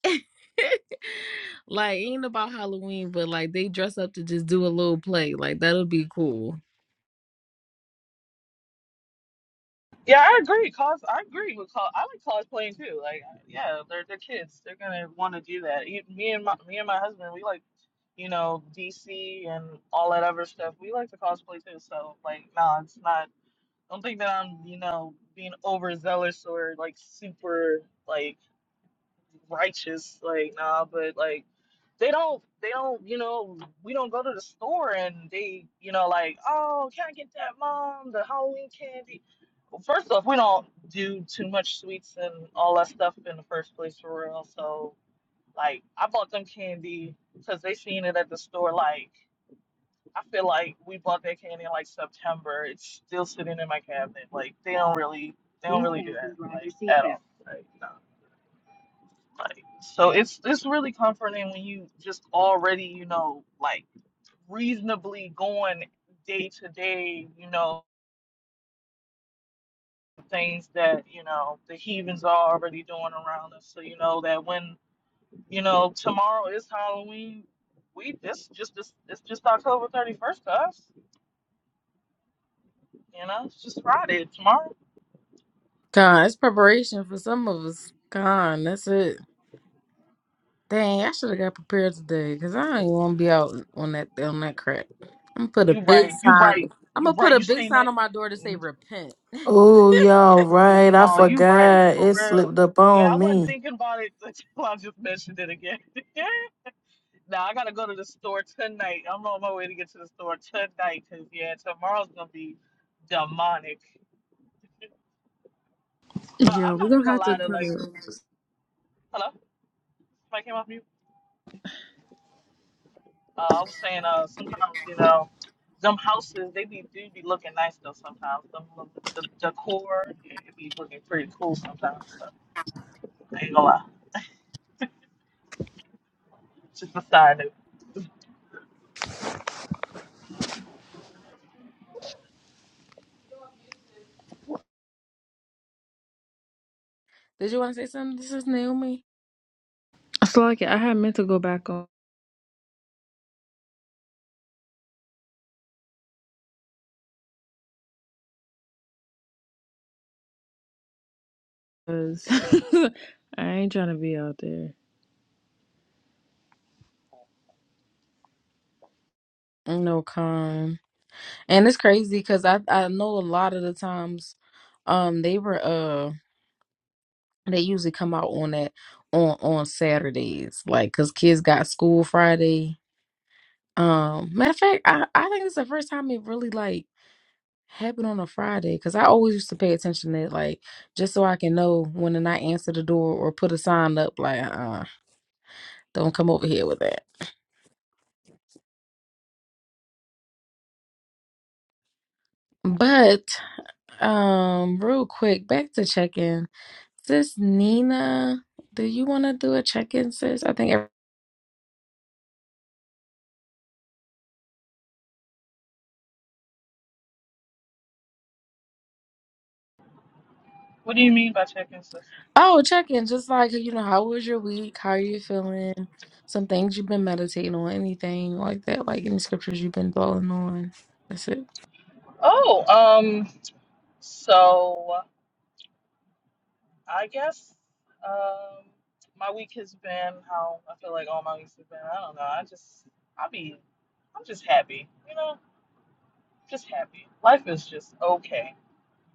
S1: [LAUGHS] like ain't about Halloween, but like they dress up to just do a little play. Like that'll be cool.
S6: Yeah, I agree. Cos I agree with cos. I like cosplaying too. Like, yeah, they're they're kids. They're gonna want to do that. E- Me and my me and my husband, we like you know DC and all that other stuff. We like to cosplay too. So like, nah, it's not. Don't think that I'm you know being overzealous or like super like righteous. Like, nah, but like they don't they don't you know we don't go to the store and they you know like oh can I get that mom the Halloween candy First off, we don't do too much sweets and all that stuff in the first place for real. So, like, I bought them candy because they seen it at the store. Like, I feel like we bought that candy in like September. It's still sitting in my cabinet. Like, they don't really, they don't really do that like at all. Like, no. Like, so it's it's really comforting when you just already, you know, like reasonably going day to day, you know, things that you know the heathens are already doing around us. So you know that when you know tomorrow is Halloween, we this just this it's just October thirty first to us. You know, it's just Friday tomorrow.
S1: God, it's preparation for some of us. God, that's it. Dang, I should have got prepared today because I ain't want to be out on that on that crap. I'm gonna put a
S6: You
S1: big [LAUGHS]
S6: right, you
S1: sign.
S6: right,
S1: I'm
S6: you
S1: gonna put
S6: right.
S1: a
S6: You
S1: big
S6: seen
S1: sign
S6: it?
S1: on my door to say repent. [LAUGHS]
S5: Oh y'all right, I
S6: No, you right
S5: forgot
S6: for
S5: it
S6: real.
S5: slipped up
S6: Yeah, I
S5: on
S6: wasn't
S5: me.
S6: thinking about it [LAUGHS] until I just mentioned it again. [LAUGHS] Now I gotta go to the store tonight. I'm on my way to get to the store tonight because yeah, tomorrow's gonna be demonic. No,
S2: Yeah,
S6: I'm
S2: we're
S6: not even
S2: gonna
S6: gonna
S2: have to
S6: lie to
S2: put
S6: like.
S2: it.
S6: Hello, somebody came off mute. Uh, I was saying, uh, sometimes you know, them houses they be do be looking nice though. Sometimes them look- the the decor it be looking pretty cool sometimes. So I ain't gonna lie. It's just a side note.
S1: Did you want to say something? This is Naomi.
S2: So like I had meant to go back on because [LAUGHS] I ain't trying to be out there.
S1: No con. And it's crazy because I I know a lot of the times, um, they were uh. They usually come out on that on on Saturdays, like cause kids got school Friday. Um, matter of fact, I I think it's the first time it really like happened on a Friday, cause I always used to pay attention to it, like just so I can know when to not answer the door or put a sign up like uh don't come over here with that. But um, real quick, back to check in, sis Nina. Do you want to do a check in, sis? I think.
S6: What do you mean by checking sis?
S1: Oh, check in. Just like, you know, how was your week? How are you feeling? Some things you've been meditating on, anything like that, like any scriptures you've been dwelling on. That's it.
S6: Oh, um, so I guess um my week has been how I feel like all my weeks have been. I don't know. I just I be I'm just happy. You know, just happy. Life is just okay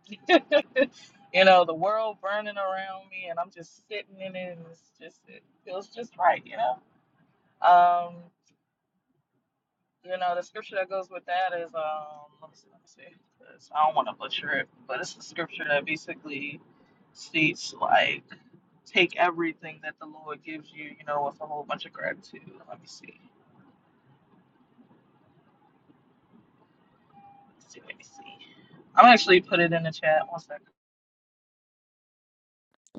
S6: [LAUGHS] you know, the world burning around me, and I'm just sitting in it, and it's just it feels just right, you know. Um, you know, the scripture that goes with that is um, let me see, let me see, 'cause I don't want to butcher it, but it's the scripture that basically states like take everything that the Lord gives you, you know, with a whole bunch of gratitude. Let me see, let me see, let me see. I'm actually put it in the chat. One second.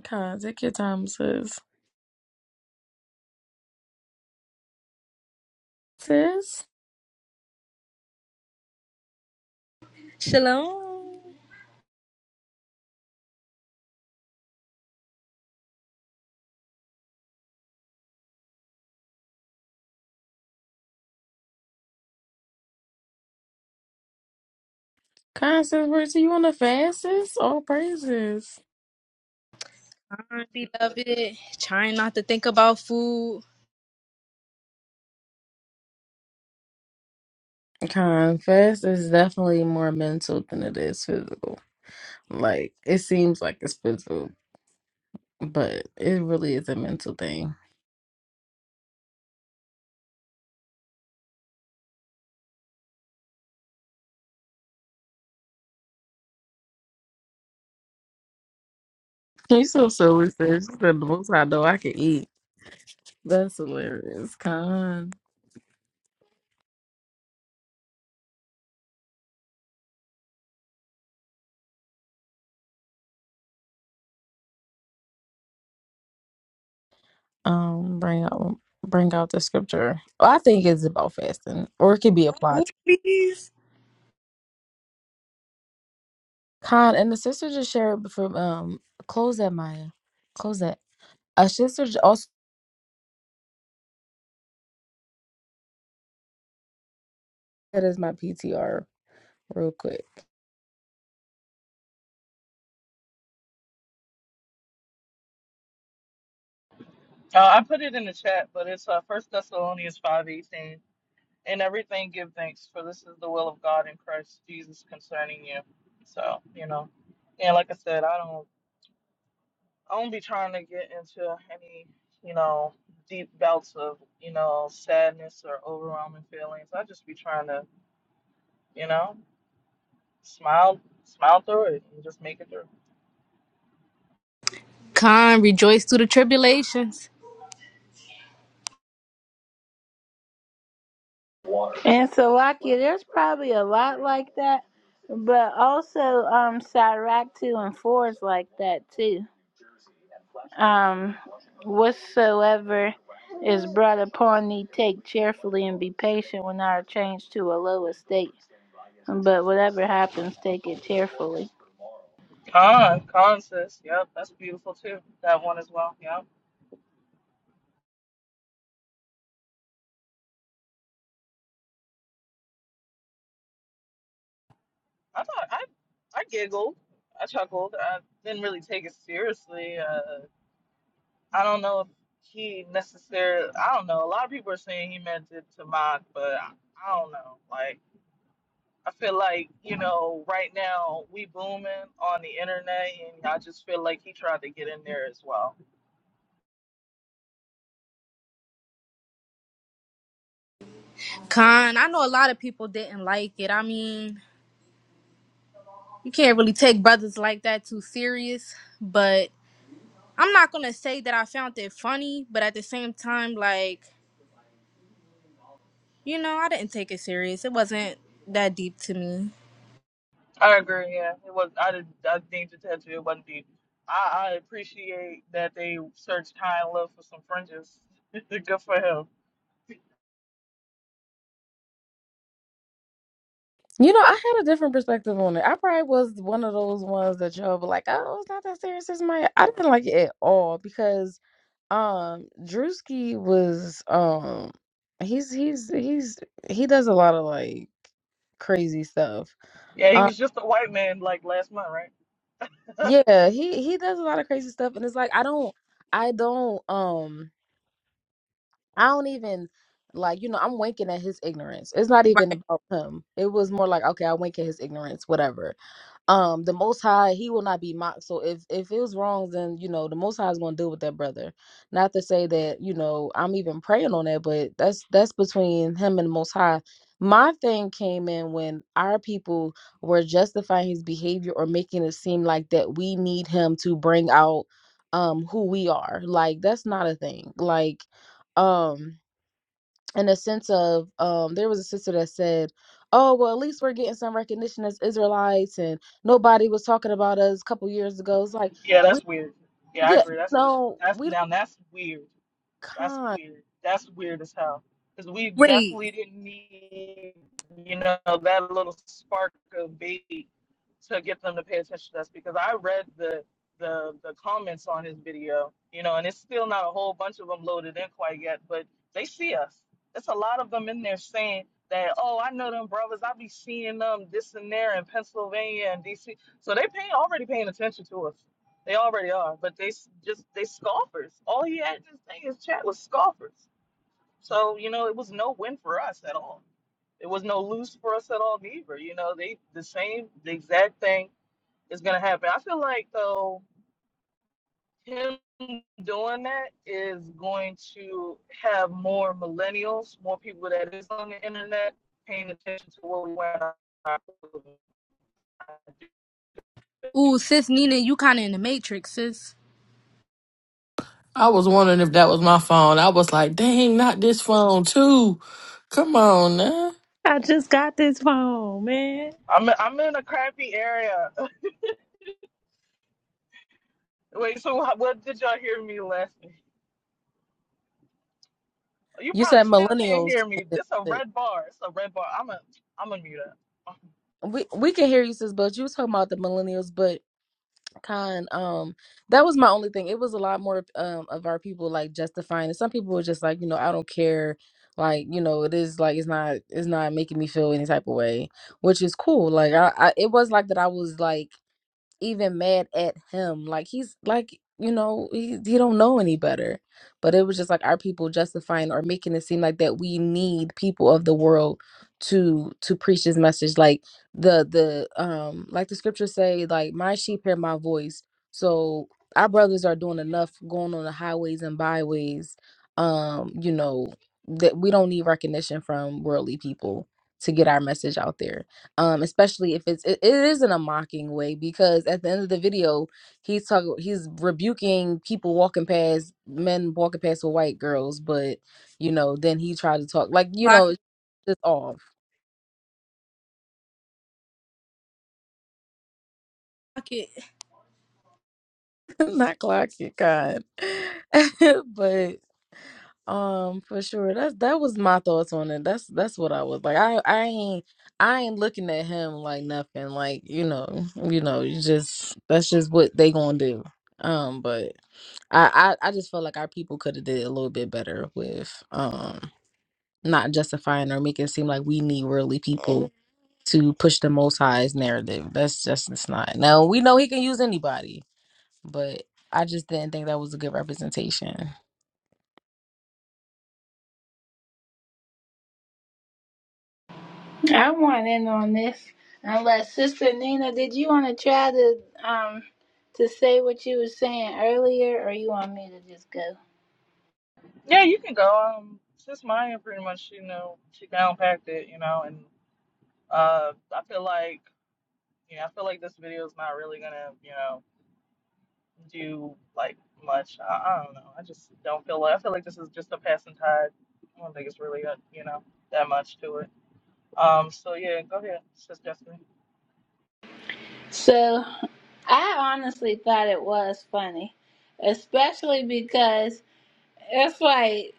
S1: Con, take your time, sis. Sis?
S3: Shalom.
S1: Con, sis, where do you want to fast, sis? All praises.
S3: Con, beloved. Trying not to think about food.
S1: Con, fast is definitely more mental than it is physical. Like, it seems like it's physical, but it really is a mental thing. You so silly, sis. The most I know I can eat. That's hilarious, Con. Um, bring out bring out the scripture. Well, I think it's about fasting, or it could be applied.
S3: Ooh,
S1: To
S3: please.
S1: Con and the sister just shared before. Um, close that, Maya. Close that. A sister j- also that is my PTR. Real quick.
S6: Uh, I put it in the chat, but it's uh, First Thessalonians 5:18. In everything, give thanks, for this is the will of God in Christ Jesus concerning you. So, you know, and like I said, I don't, I don't be trying to get into any, you know, deep belts of, you know, sadness or overwhelming feelings. I just be trying to, you know, smile, smile through it and just make it through.
S3: Khan, rejoice through the tribulations.
S4: And Slovakia, there's probably a lot like that, but also um Sirach two and four is like that too. Um, whatsoever is brought upon thee, take cheerfully and be patient when thou art changed to a low estate. But whatever happens, take it cheerfully.
S6: Con, con sis, yep, that's beautiful too. That one as well, yep. I thought I, I giggled, I chuckled. I didn't really take it seriously. Uh, I don't know if he necessarily. I don't know. A lot of people are saying he meant it to mock, but I, I don't know. Like I feel like you know, right now we booming on the internet, and I just feel like he tried to get in there as well.
S3: Khan, I know a lot of people didn't like it. I mean, you can't really take brothers like that too serious, but I'm not going to say that I found it funny, but at the same time, like, you know, I didn't take it serious. It wasn't that deep to me.
S6: I agree. Yeah, it was. I did. I think the tattoo it wasn't deep. I, I appreciate that they searched high and low for some fringes. [LAUGHS] Good for him.
S1: You know, I had a different perspective on it. I probably was one of those ones that y'all were like, "Oh, it's not that serious." It's my. I didn't like it at all because, um, Drewski was um, he's he's he's he does a lot of like crazy stuff.
S6: Yeah, he
S1: Um,
S6: was just a white man like last month, right?
S1: yeah, he he does a lot of crazy stuff, and it's like I don't, I don't, um, I don't even like you know I'm winking at his ignorance. It's not even
S3: Right.
S1: about him. It was more like okay, I wink at his ignorance, whatever. um the most high he will not be mocked so if if it was wrong then you know the most high is going to deal with that brother not to say that you know i'm even praying on that but that's that's between him and the most high my thing came in when our people were justifying his behavior or making it seem like that we need him to bring out um who we are like that's not a thing like um in a sense of um there was a sister that said oh well at least we're getting some recognition as israelites and nobody was talking about us a couple years ago it's like
S6: Yeah,
S1: we
S6: that's weird. Yeah, I
S1: yeah
S6: agree. That's weird.
S1: no
S6: That's
S1: we don't
S6: now that's weird. That's
S1: con
S6: weird. That's weird as hell. Because we
S3: Wait.
S6: definitely didn't need, you know, that little spark of bait to get them to pay attention to us. Because I read the the the comments on his video, you know, and it's still not a whole bunch of them loaded in quite yet, but they see us. It's a lot of them in there saying that, oh, I know them brothers. I be seeing them this and there in Pennsylvania and DC. So they pay already paying attention to us. They already are, but they s- just they scoffers. All he had to say is chat was scoffers. So you know it was no win for us at all. It was no lose for us at all either. You know they the same the exact thing is gonna happen. I feel like though him doing that is going to have more millennials, more people that is on the internet paying attention to what we want.
S3: Ooh, sis Nina, you kind of in the matrix, sis.
S5: I was wondering if that was my phone. I was like, dang, not this phone too. Come on now.
S2: I just got this phone, man.
S6: I'm I'm in a crappy area. [LAUGHS] Wait, so wh- what did y'all hear me last? You
S1: you
S6: probably
S1: said
S6: still can't
S1: millennials
S6: hear
S1: and
S6: me. This a
S1: then-
S6: red bar. It's a red bar. I'm a I'm gonna mute up.
S1: we we can hear you sis but you was talking about the millennials but Con, um, that was my only thing. It was a lot more um of our people like justifying it. Some people were just like, you know, I don't care. Like, you know, it is like it's not it's not making me feel any type of way, which is cool. Like I, I it was like that I was like even mad at him. Like he's like, you know, he he don't know any better. But it was just like our people justifying or making it seem like that we need people of the world to to preach his message. Like the the um like the scriptures say, like my sheep hear my voice. So our brothers are doing enough going on the highways and byways, um, you know, that we don't need recognition from worldly people to get our message out there um especially if it's it, it is in a mocking way because at the end of the video he's talking he's rebuking people walking past men walking past with white girls but you know then he tried to talk like you
S3: Lock
S1: know
S3: it.
S1: it's just off
S3: Lock it.
S1: [LAUGHS] not clocking god [LAUGHS] but Um, for sure. That's that was my thoughts on it. That's that's what I was like. I I ain't I ain't looking at him like nothing. Like you know, you know, you just that's just what they gonna do. Um, but I I, I just felt like our people could have did a little bit better with um not justifying or making it seem like we need worldly people to push the Most High's narrative. That's just it's not. Now we know he can use anybody, but I just didn't think that was a good representation.
S4: I want in on this. Unless Sister Nina, did you want to try to um to say what you were saying earlier, or you want me to just go?
S6: Yeah, you can go. Um, since Maya pretty much, you know, she downpacked it, you know, and uh, I feel like, you know, I feel like this video is not really gonna, you know, do like much. I, I don't know. I just don't feel like. I feel like this is just a passing tide. I don't think it's really, uh, you know, that much to it. Um, so yeah, go ahead, Sis Destiny.
S4: So. I honestly thought it was funny, especially because it's like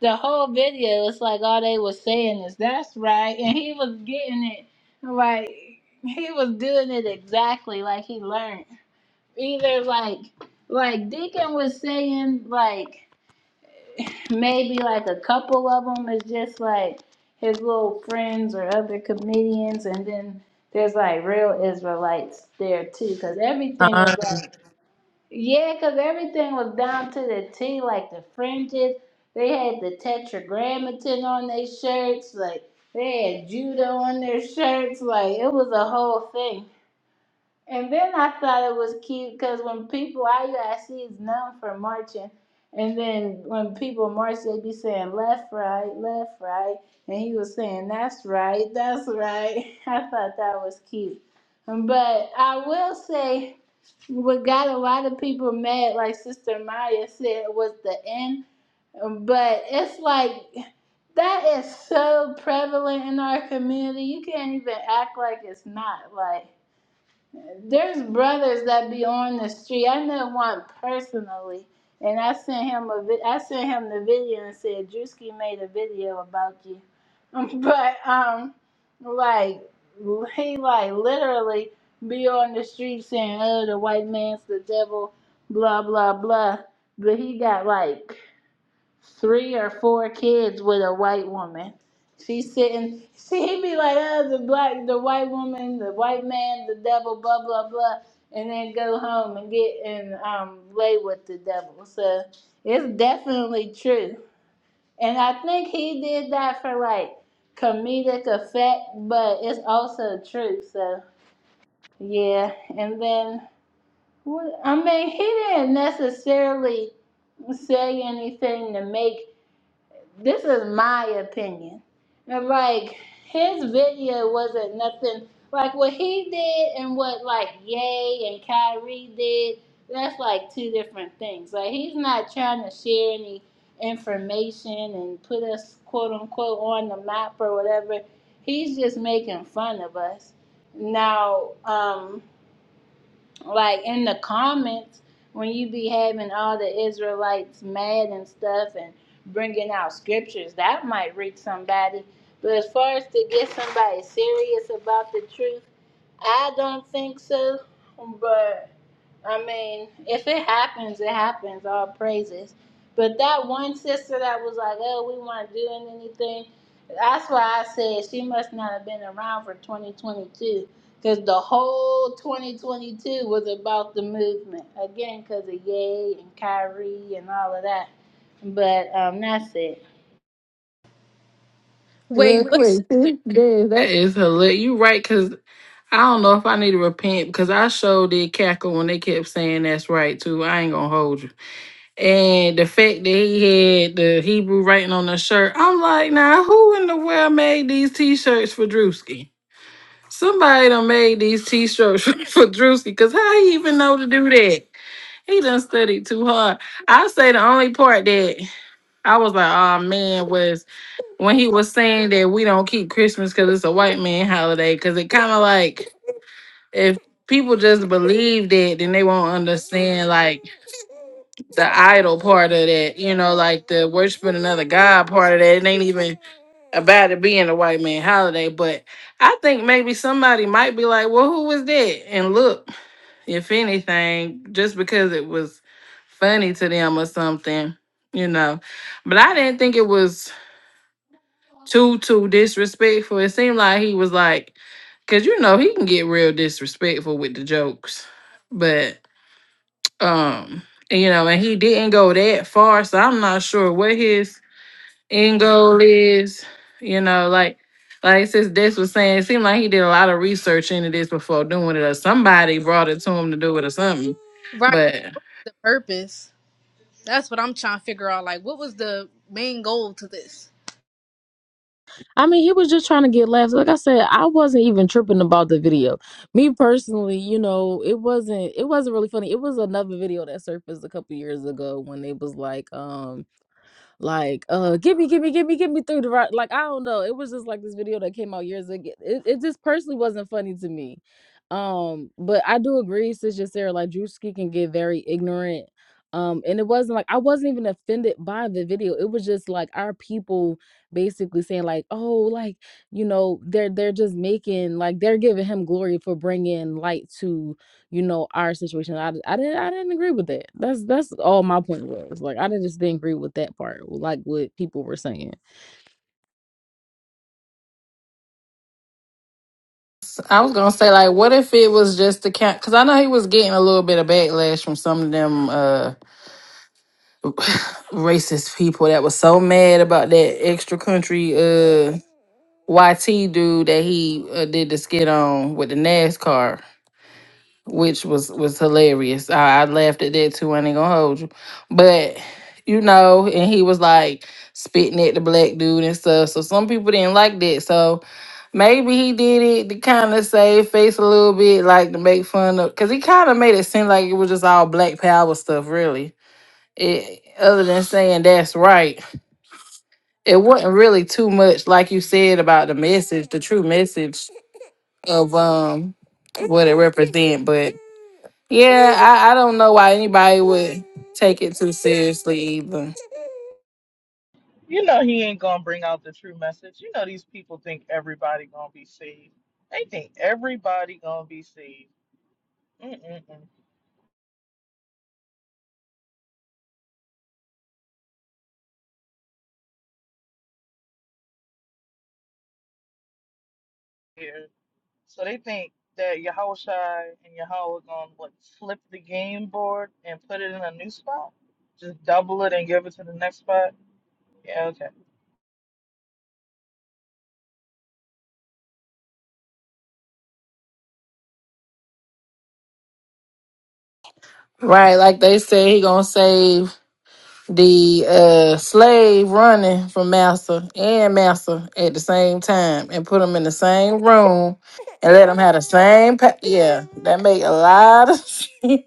S4: the whole video. It's like all they were saying is "That's right," and he was getting it like he was doing it exactly like he learned. Either like like Deacon was saying, like maybe like a couple of them is just like his little friends or other comedians, and then there's like real Israelites there too, because everything
S1: Uh,
S4: was like. Yeah, 'cause everything was down to the T, like the fringes. They had the tetragrammaton on their shirts, like they had judo on their shirts, like it was a whole thing. And then I thought it was cute because when people, all you I see is none for marching. And then when people march, they be saying left, right, left, right. And he was saying, that's right, that's right. [LAUGHS] I thought that was cute. Um, But I will say, what got a lot of people mad, like Sister Maya said, was the end. Um, But it's like, that is so prevalent in our community. You can't even act like it's not. Like, there's brothers that be on the street. I know one personally, and I sent him a vi- I sent him the video and said Drewski made a video about you, [LAUGHS] but um, like he like literally be on the street saying, "Oh, the white man's the devil," blah blah blah. But he got like three or four kids with a white woman. She's sitting. [LAUGHS] See, he be like, oh, the black, the white woman, the white man, the devil, blah blah blah, and then go home and get and um lay with the devil. So it's definitely true, and I think he did that for like comedic effect, but it's also true. So yeah, and then what? I mean, he didn't necessarily say anything to make this is my opinion. And like his video wasn't nothing like what he did and what like Ye and Kyrie did. That's like two different things. Like he's not trying to share any information and put us quote unquote on the map or whatever. He's just making fun of us. Now, um, like in the comments when you be having all the Israelites mad and stuff and bringing out scriptures that might reach somebody. But as far as to get somebody serious about the truth, I don't think so. But I mean, if it happens, it happens. All praises. But that one sister that was like, "Oh, we weren't doing anything," that's why I said she must not have been around for 2022, because the whole 2022 was about the movement again, because of Ye and Kyrie and all of that. But um, that's it.
S3: Wait,
S5: Real
S3: what's
S5: quick. [LAUGHS] this Yeah, that is hilarious. You right, because I don't know if I need to repent because I sure did cackle when they kept saying that's right too. I ain't gonna hold you. And the fact that he had the Hebrew writing on the shirt, I'm like, now who in the world made these t-shirts for Drewski? Somebody done made these t-shirts [LAUGHS] for Drewski, cause how he even know to do that? He done studied too hard. I say the only part that I was like, oh man, was when he was saying that we don't keep Christmas because it's a white man holiday. Because it kind of like if people just believe that, then they won't understand like the idol part of that. You know, like the worshiping another god part of that. It ain't even about it being a white man holiday. But I think maybe somebody might be like, well, who was that? And look if anything, just because it was funny to them or something, you know. But I didn't think it was too too disrespectful. It seemed like he was like, cause you know he can get real disrespectful with the jokes, but um, you know, and he didn't go that far, so I'm not sure what his end goal is. You know, like. Like since Des was saying, it seemed like he did a lot of research into this before doing it, or somebody brought it to him to do it, or something.
S3: right?
S5: But
S3: The purpose. That's what I'm trying to figure out. Like, what was the main goal to this?
S1: I mean, he was just trying to get laughs. Like I said, I wasn't even tripping about the video. Me personally, you know, it wasn't. It wasn't really funny. It was another video that surfaced a couple years ago when it was like, um. like uh give me give me give me give me through the right like i don't know it was just like this video that came out years ago it, it just personally wasn't funny to me um but i do agree sister sarah like drewski can get very ignorant um and it wasn't like i wasn't even offended by the video it was just like our people basically saying like oh like you know they're they're just making like they're giving him glory for bringing light to you know our situation I I did not I, d- I didn't i didn't agree with that that's that's all my point was like i just didn't agree with that part like what people were saying
S5: I was gonna say like, what if it was just the count? Because I know he was getting a little bit of backlash from some of them uh [LAUGHS] [SIGHS] racist people that was so mad about that extra country uh YT dude that he uh, did the skit on with the NASCAR which was was hilarious. I, I laughed at that too. I ain't gonna hold you, but you know, and he was like spitting at the black dude and stuff. So some people didn't like that. So maybe he did it to kind of save face a little bit, like to make fun of, because he kind of made it seem like it was just all black power stuff, really. It, other than saying that's right, it wasn't really too much, like you said about the message, the true message of um what it represent, but. Yeah, I, I don't know why anybody would take it too seriously either.
S6: You know he ain't gonna bring out the true message. You know these people think everybody gonna be saved. They think everybody gonna be saved. Mm-mm-mm. Yeah. So they think that Yahushai and Yahweh gonna what flip the game board and put it in a new spot? Just double it and give it to the next spot? Yeah, okay.
S5: Right, like they said, he gonna save the uh slave running from master and master at the same time and put them in the same room and let them have the same pa- yeah that make a lot of [LAUGHS] sense.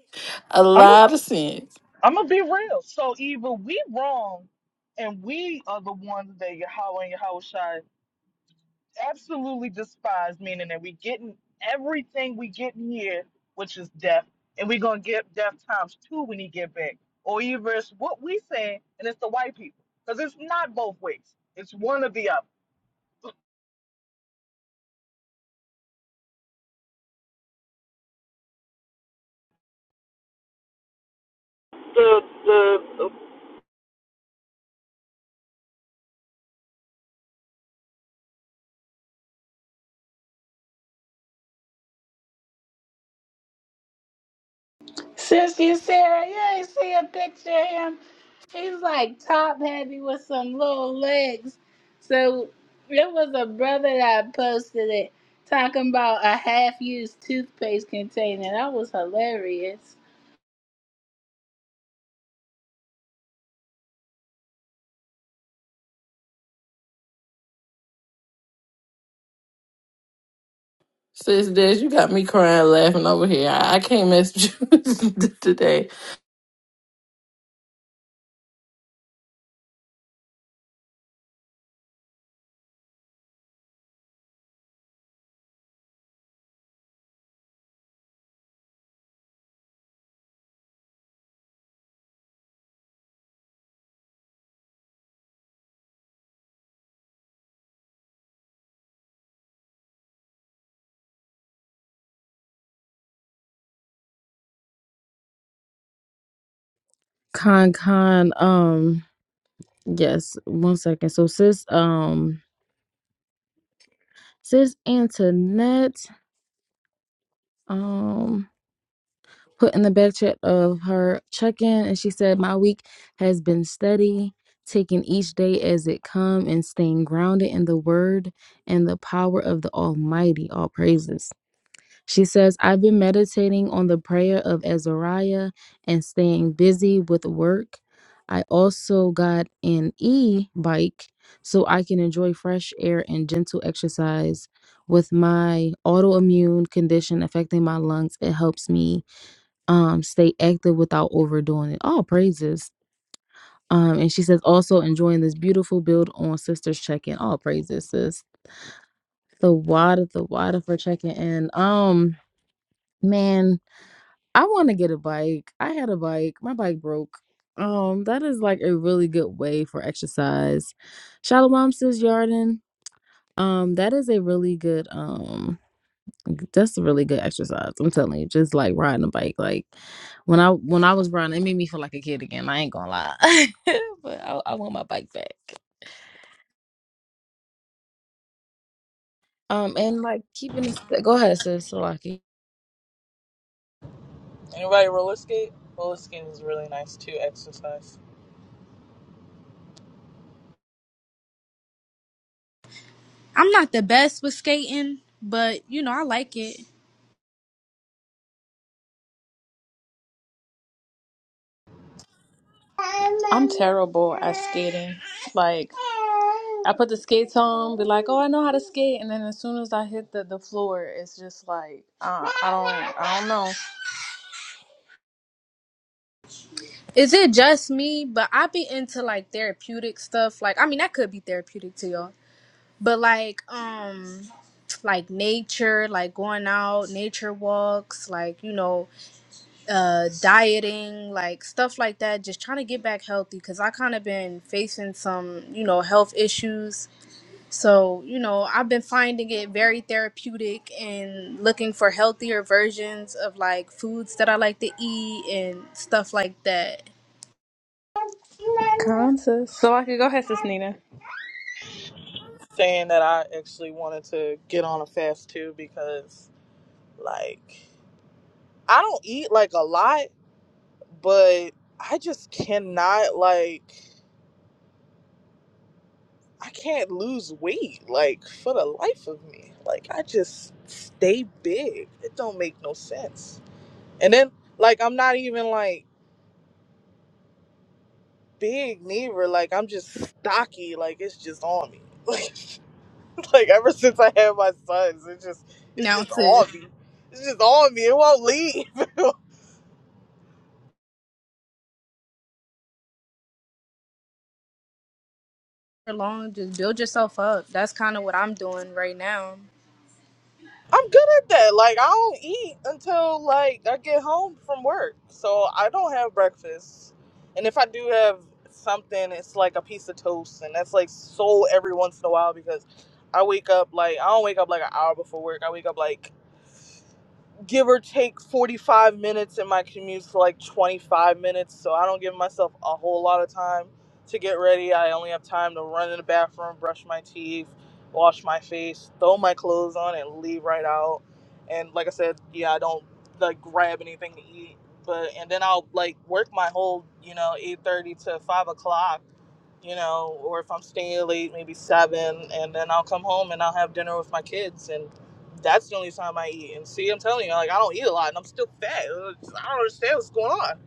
S5: a
S6: I'm a
S5: lot of sense
S6: I'm gonna be real. So either we wrong and we are the ones that Yahweh and Yahushai absolutely despise, meaning that we getting everything we get in here, which is death, and we gonna get death times two when he get back, or even it's what we saying, and it's the white people, because it's not both ways. It's one or the other. The the
S4: Sister Sarah, you ain't see a picture of him. He's like top heavy with some little legs. So there was a brother that posted it talking about a half used toothpaste container. That was hilarious.
S5: sis Des, you got me crying laughing over here i, I can't mess with you [LAUGHS] today
S1: con con um yes one second so sis um sis antoinette um put in the back chat of her check-in and she said my week has been steady taking each day as it come and staying grounded in the word and the power of the almighty all praises She says, I've been meditating on the prayer of Azariah and staying busy with work. I also got an e bike so I can enjoy fresh air and gentle exercise. With my autoimmune condition affecting my lungs, it helps me um, stay active without overdoing it. All praises. Um, and she says, also enjoying this beautiful build on Sisters Check In. All praises, sis. The water, the water for checking in. Um, man, I want to get a bike. I had a bike. My bike broke. Um, that is like a really good way for exercise. Shalom says Yarden. Um, that is a really good um that's a really good exercise. I'm telling you, just like riding a bike. Like when I when I was riding, it made me feel like a kid again. I ain't gonna lie. [LAUGHS] but I, I want my bike back. Um and like keeping this go ahead, sis Salaki.
S6: anybody roller skate? Roller skating is really nice too. Exercise.
S3: I'm not the best with skating, but you know, I like it.
S2: I'm terrible at skating. Like, I put the skates on, be like, "Oh, I know how to skate," and then as soon as I hit the, the floor, it's just like, uh, I don't, I don't know.
S3: Is it just me? But I be into like therapeutic stuff. Like I mean that could be therapeutic to y'all. But like um like nature, like going out, nature walks, like you know, uh dieting, like stuff like that, just trying to get back healthy cuz I kind of been facing some, you know, health issues So, you know, I've been finding it very therapeutic and looking for healthier versions of like foods that I like to eat and stuff like that.
S2: Con, sis. So I could go ahead, sis Nina.
S6: Saying that I actually wanted to get on a fast too because like I don't eat like a lot, but I just cannot like. I can't lose weight, like for the life of me. Like I just stay big. It don't make no sense. And then like I'm not even like big neither. Like I'm just stocky. Like it's just on me. [LAUGHS] Like, like ever since I had my sons, it's just it's
S3: Now, [LAUGHS]
S6: just
S3: sis,
S6: on me. It's just on me. It won't leave. [LAUGHS]
S3: for long, just build yourself up. That's kind of what I'm doing right now.
S6: I'm good at that. Like I don't eat until like I get home from work. So I don't have breakfast. And if I do have something, it's like a piece of toast and that's like so every once in a while because I wake up like I don't wake up like an hour before work. I wake up like give or take 45 minutes and my commute's like 25 minutes so i don't give myself a whole lot of time to get ready i only have time to run in the bathroom brush my teeth wash my face throw my clothes on and leave right out and like i said yeah i don't like grab anything to eat but and then i'll like work my whole you know 8.30 to 5 o'clock you know, or if I'm staying late, maybe seven, and then I'll come home and I'll have dinner with my kids, and that's the only time I eat. And see, I'm telling you, like I don't eat a lot, and I'm still fat. I don't understand what's going on.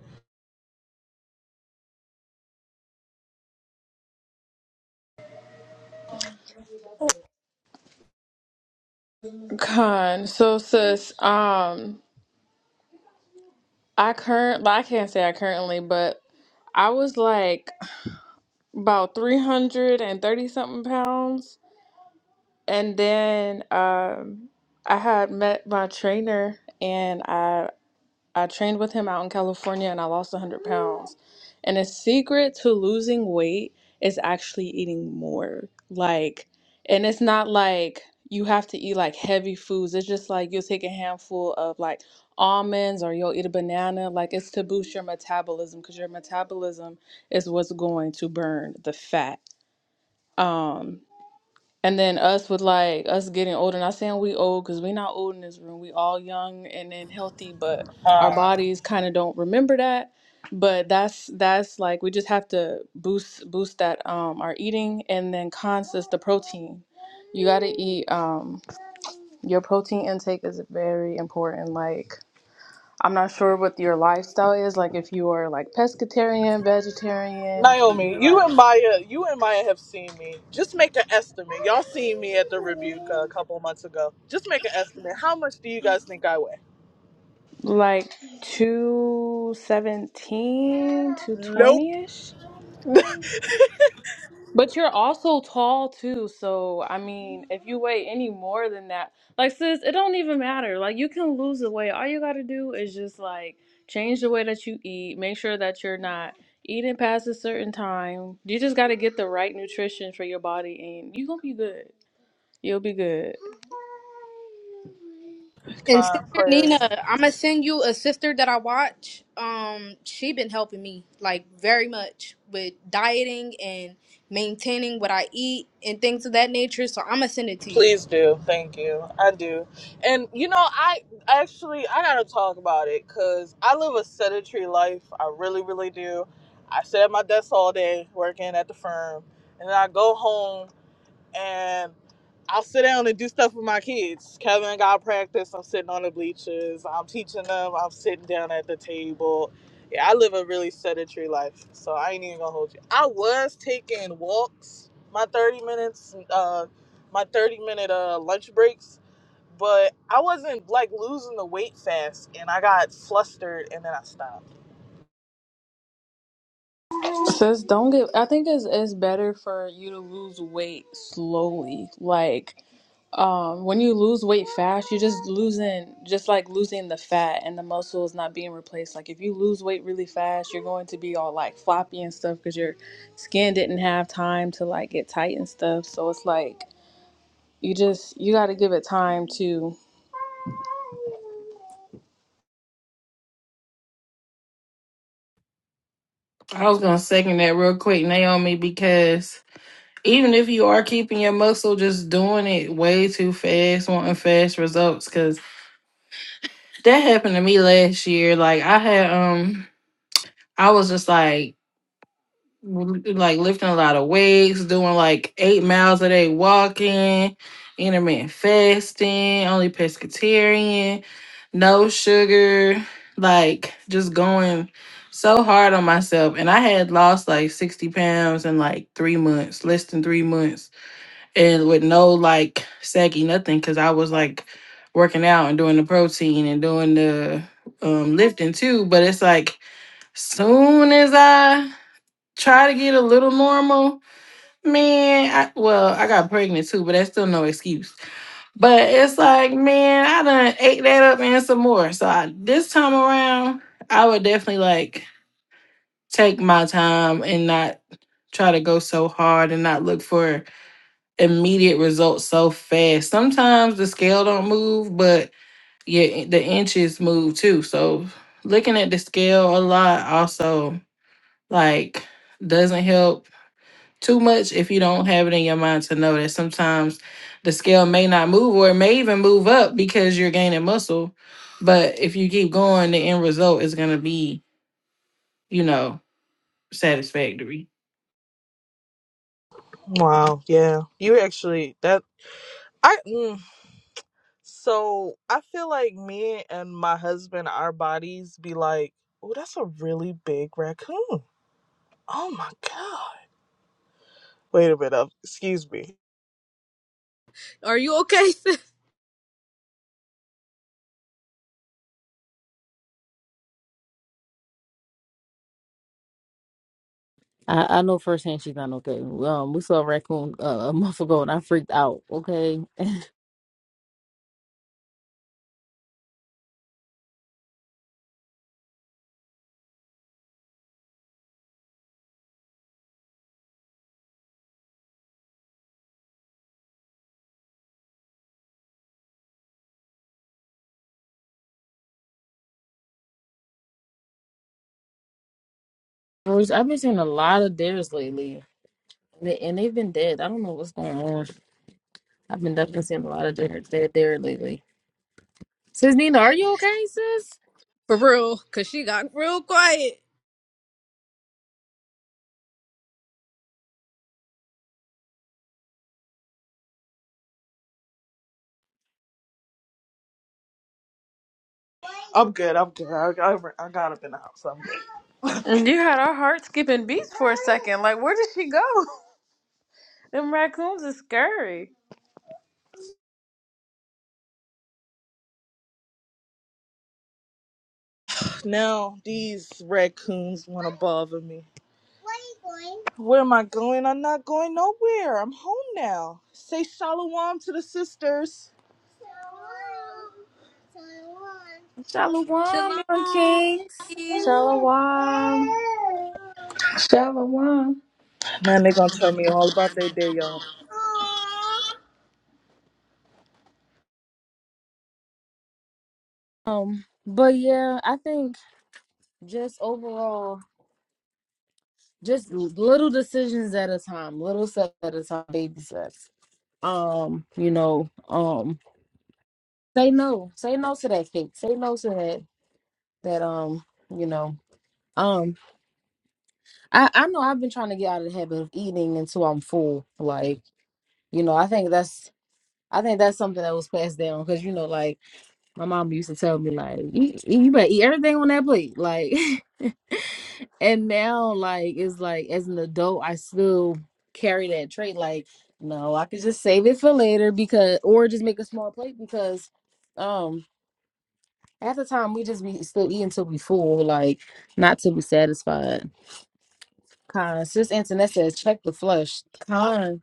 S2: Con. So sis, um, I current, well, I can't say I currently, but I was like about three hundred and thirty something pounds And then um, I had met my trainer, and I I trained with him out in California, and I lost 100 pounds. And the secret to losing weight is actually eating more. Like, and it's not like you have to eat like heavy foods. It's just like you'll take a handful of like almonds or you'll eat a banana. Like it's to boost your metabolism because your metabolism is what's going to burn the fat. Um, and then us with like us getting older, not saying we old because we not old in this room. We all young and then healthy, but our
S6: Uh,
S2: bodies kind of don't remember that. But that's that's like we just have to boost boost that um our eating and then conscious the protein. You gotta eat um your protein intake is very important. Like I'm not sure what your lifestyle is, like if you are like pescatarian, vegetarian, if you
S6: Naomi,
S2: eat
S6: you
S2: like
S6: and Maya, you and Maya have seen me. Just make an estimate. Y'all seen me at the rebuke uh, a couple months ago. Just make an estimate. How much do you guys think I weigh?
S2: Like 217,
S6: Nope.
S2: 220 ish.
S6: [LAUGHS]
S2: But you're also tall too, so I mean, if you weigh any more than that, like sis, it don't even matter. Like you can lose the weight. All you gotta do is just like change the way that you eat. Make sure that you're not eating past a certain time. You just gotta get the right nutrition for your body, and you gonna be good. You'll be good.
S3: And Sister
S6: Kind prayers.
S3: Nina, I'm gonna send you a sister that I watch. Um, she been helping me like very much with dieting and maintaining what I eat and things of that nature. So I'm gonna send it to you.
S6: Please do. Thank you. I do. And you know, I actually I gotta talk about it because I live a sedentary life. I really, really do. I sit at my desk all day working at the firm, and then I go home and I'll sit down and do stuff with my kids. Kevin got practice. I'm sitting on the bleachers. I'm teaching them. I'm sitting down at the table. Yeah, I live a really sedentary life, so I ain't even gonna hold you. I was taking walks, my 30 minutes, uh, my 30 minute uh, lunch breaks, but I wasn't like losing the weight fast, and I got flustered, and then I stopped.
S2: Sis, don't get. I think it's it's better for you to lose weight slowly. Like, um, when you lose weight fast, you're just losing, just like losing the fat and the muscle is not being replaced. Like, if you lose weight really fast, you're going to be all like floppy and stuff because your skin didn't have time to like get tight and stuff. So it's like you just you got to give it time to.
S5: i was gonna second that real quick naomi because even if you are keeping your muscle, just doing it way too fast, wanting fast results. Cause that happened to me last year. Like I had, um, I was just like, l- like lifting a lot of weights, doing like eight miles a day walking, intermittent fasting, only pescatarian, no sugar, like just going so hard on myself. And I had lost like 60 pounds in like three months, less than three months and with no like saggy nothing because I was like working out and doing the protein and doing the um lifting too. But it's like soon as I try to get a little normal, man, I, well, I got pregnant too, but that's still no excuse. But it's like, man, I done ate that up and some more. So I, this time around, I would definitely like take my time and not try to go so hard and not look for immediate results so fast. Sometimes the scale don't move, but yeah, the inches move too. So looking at the scale a lot also like doesn't help too much if you don't have it in your mind to know that sometimes the scale may not move or it may even move up because you're gaining muscle. But if you keep going, the end result is gonna be, you know, satisfactory.
S6: Wow. Yeah, you actually that I. Mm, So I feel like me and my husband, our bodies be like, oh, that's a really big raccoon. Oh my god. Wait a minute. I'm- Excuse me.
S3: Are you okay, [LAUGHS] sis?
S1: I, I know firsthand she's not okay. Um, we saw a raccoon uh, a month ago and I freaked out. Okay. Bruce, I've been seeing a lot of theirs lately, and, they, and they've been dead. I don't know what's going on. I've been definitely seeing a lot of their dead there lately. Sis Nina, are you okay, sis?
S3: For real, cause she got real quiet.
S6: I'm good. I'm good. I, I, I got up in the house. I'm good.
S2: And you had our heart skipping beats for a second. Like, where did she go? [LAUGHS] Them raccoons are scary.
S6: [LAUGHS] now these raccoons want to bother me. Where am I going? I'm not going nowhere. I'm home now. Say shalom to the sisters.
S1: Shalom, Young
S3: Shalom,
S1: Kings.
S3: peace.
S2: Shalom.
S4: Shalom.
S6: Now they're going to tell me all about their day,
S1: Um, but yeah, I think Just overall, just l- little decisions at a time, little steps at a time, baby steps. Um, you know, um, say no, say no to that cake, say no to that that um, you know, um, I I know I've been trying to get out of the habit of eating until I'm full. Like, you know, I think that's I think that's something that was passed down because you know, like. My mom used to tell me like, you, you better eat everything on that plate, like. [LAUGHS] and now, like, it's like as an adult, I still carry that trait. Like, no, I could just save it for later because, or just make a small plate because, um, half the time we just be still eating till we full, like, not till we satisfied. Con, sis Antoinette says, check the flush. Con,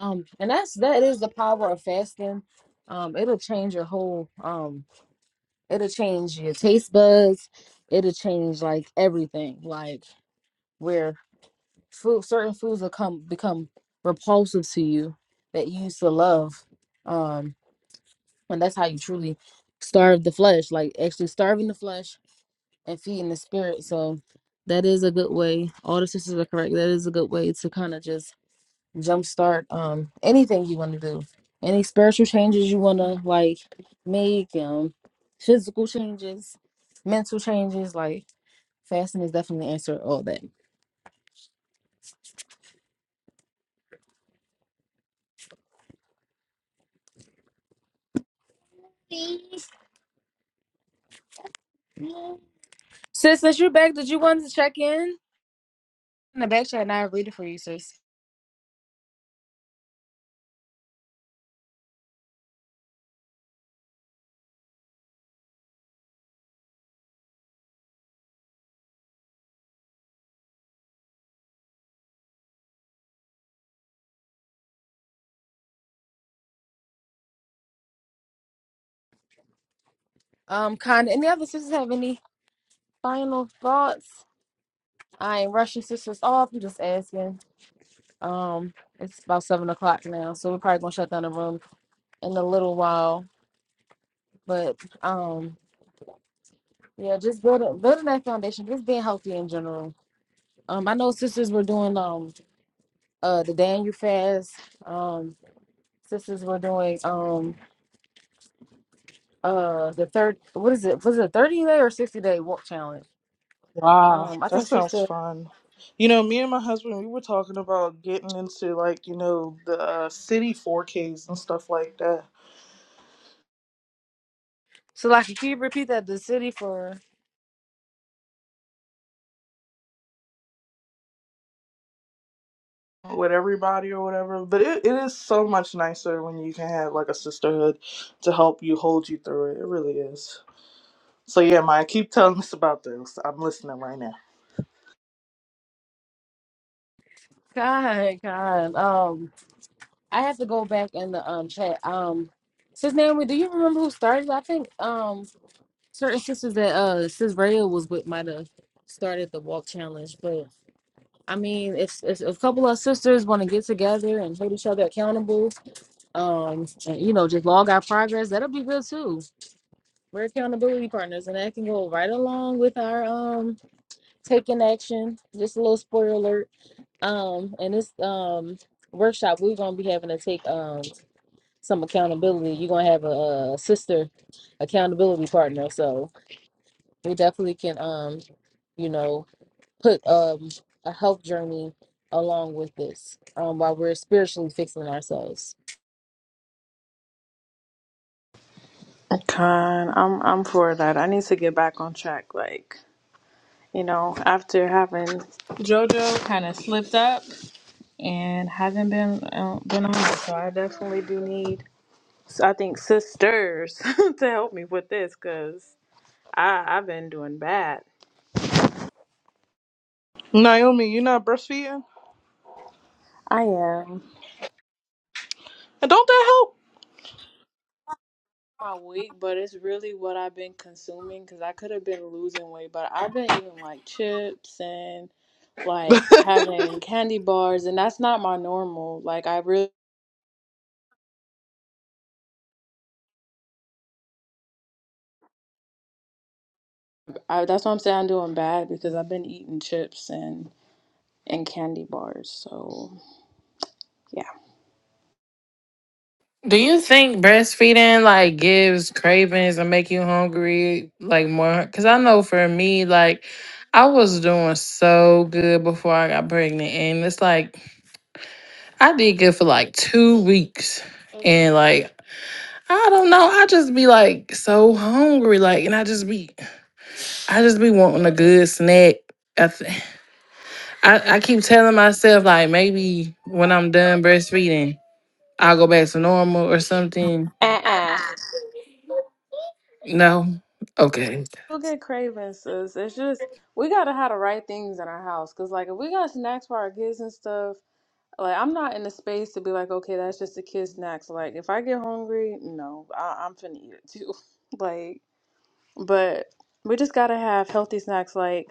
S1: um, and that's that is the power of fasting. Um, it'll change your whole um It'll change your taste buds. It'll change like everything. Like where food, certain foods will come become repulsive to you that you used to love. Um, and that's how you truly starve the flesh. Like actually starving the flesh and feeding the spirit. So that is a good way. All the sisters are correct. That is a good way to kind of just jumpstart um anything you want to do any spiritual changes you want to like make um physical changes mental changes like fasting is definitely the answer to all that sis since you're back did you want to check in in the back chat and i read it for you sis um kind any other sisters have any final thoughts i ain't rushing sisters off i'm just asking um it's about seven o'clock now so we're probably gonna shut down the room in a little while but um Yeah, just building building that foundation, just being healthy in general. Um, I know sisters were doing um uh the Daniel fast. Um, sisters were doing um uh the third what is it? Was it a thirty day or sixty day walk challenge?
S6: Wow,
S1: Um, I
S6: that
S1: think
S6: sounds
S1: sister
S6: fun. You know, me and my husband, we were talking about getting into like, you know, the uh, city 4Ks and stuff like that
S1: so like can you repeat that the city for
S6: with everybody or whatever. But it, it is so much nicer when you can have like a sisterhood to help you hold you through it. It really is. So, yeah, Maya, keep telling us about this. I'm listening right now.
S1: God, God. Um, I have to go back in the um chat. Um, sis Naomi, do you remember who started? I think um certain sisters that uh sis Raya was with might have started the walk challenge, but. I mean, if, if if a couple of sisters want to get together and hold each other accountable, um, and, you know, just log our progress, that'll be good too. We're accountability partners, and that can go right along with our um taking action. Just a little spoiler alert. Um, and this um workshop, we're gonna be having to take um some accountability. You're gonna have a, a sister accountability partner, so we definitely can um, you know, put um, a health journey along with this um, while we're spiritually fixing ourselves.
S2: Con, I'm I'm for that. I need to get back on track. Like, you know, after having JoJo kind of slipped up and haven't been uh, been on it, so I definitely do need. So I think sisters [LAUGHS] to help me with this because I I've been doing bad.
S6: Naomi, you're not breastfeeding?
S2: I am.
S6: And don't that help?
S2: My weight, but it's really what I've been consuming because I could have been losing weight, but I've been eating like chips and like having candy bars, and that's not my normal. Like I really. I, that's why I'm saying I'm doing bad because I've been eating chips and and candy bars. So yeah,
S5: Do you think breastfeeding like gives cravings and make you hungry like more? Because I know for me, like I was doing so good before I got pregnant, and it's like I did good for like two weeks, and like I don't know, I just be like so hungry, like, and I just be, I just be wanting a good snack. I, th- I, I keep telling myself like maybe when I'm done breastfeeding, I'll go back to normal or something.
S2: Uh-uh.
S5: No, okay.
S2: you'll get cravings, sis. It's just we gotta have the right things in our house. Cause like if we got snacks for our kids and stuff, like I'm not in the space to be like, okay, that's just a kids' snacks. Like if I get hungry, no, I, I'm finna eat it too. [LAUGHS] Like But we just gotta have healthy snacks. Like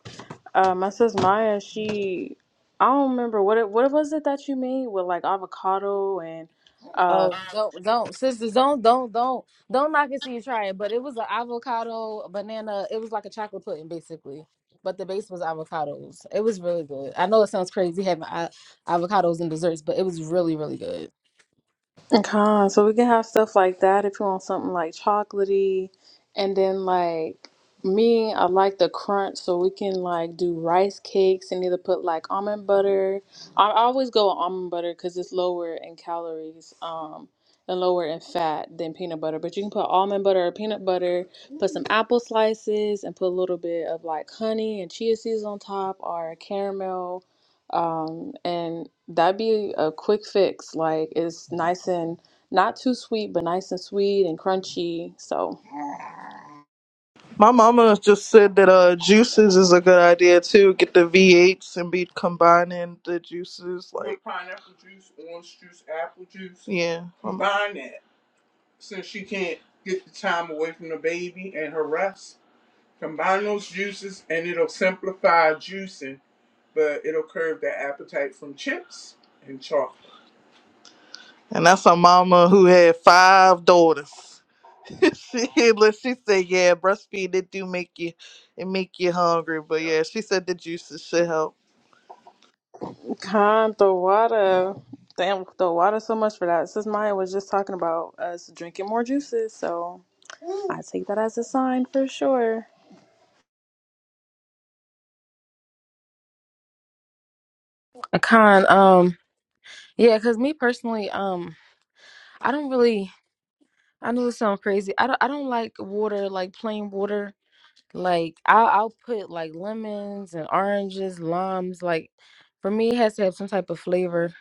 S2: uh, my sis Maya, she I don't remember what it what was it that you made with like avocado and uh,
S1: Oh, don't don't sisters don't don't don't don't knock it till you try it. But it was an avocado banana. It was like a chocolate pudding basically, but the base was avocados. It was really good. I know it sounds crazy having a- avocados and desserts, but it was really really good.
S2: Okay, so we can have stuff like that if you want something like chocolatey. And then like me, I like the crunch, so we can like do rice cakes and either put like almond butter. I I always go with almond butter because it's lower in calories, um, and lower in fat than peanut butter. But you can put almond butter or peanut butter, put some apple slices, and put a little bit of like honey and chia seeds on top or caramel um, and that'd be a quick fix. Like it's nice and not too sweet, but nice and sweet and crunchy. So,
S6: My mama just said that uh, juices is a good idea too. Get the V8s and be combining the juices like Yeah, pineapple juice, orange juice, apple juice. Yeah, combine that since she can't get the time away from the baby and her rest. Combine those juices and it'll simplify juicing, but it'll curb the appetite from chips and chocolate. And that's a mama who had five daughters. [LAUGHS] she look, she said, "Yeah, breastfeed it do make you, it make you hungry." But yeah, she said the juices should help.
S2: God, the water. Damn, the water so much for that. Sis Maya was just talking about us drinking more juices, so I take that as a sign for sure.
S1: Con, um, yeah, because me personally, um, I don't really. I know it sounds crazy. I don't. I don't like water, like plain water. Like I'll, I'll put like lemons and oranges, limes. Like for me, it has to have some type of flavor.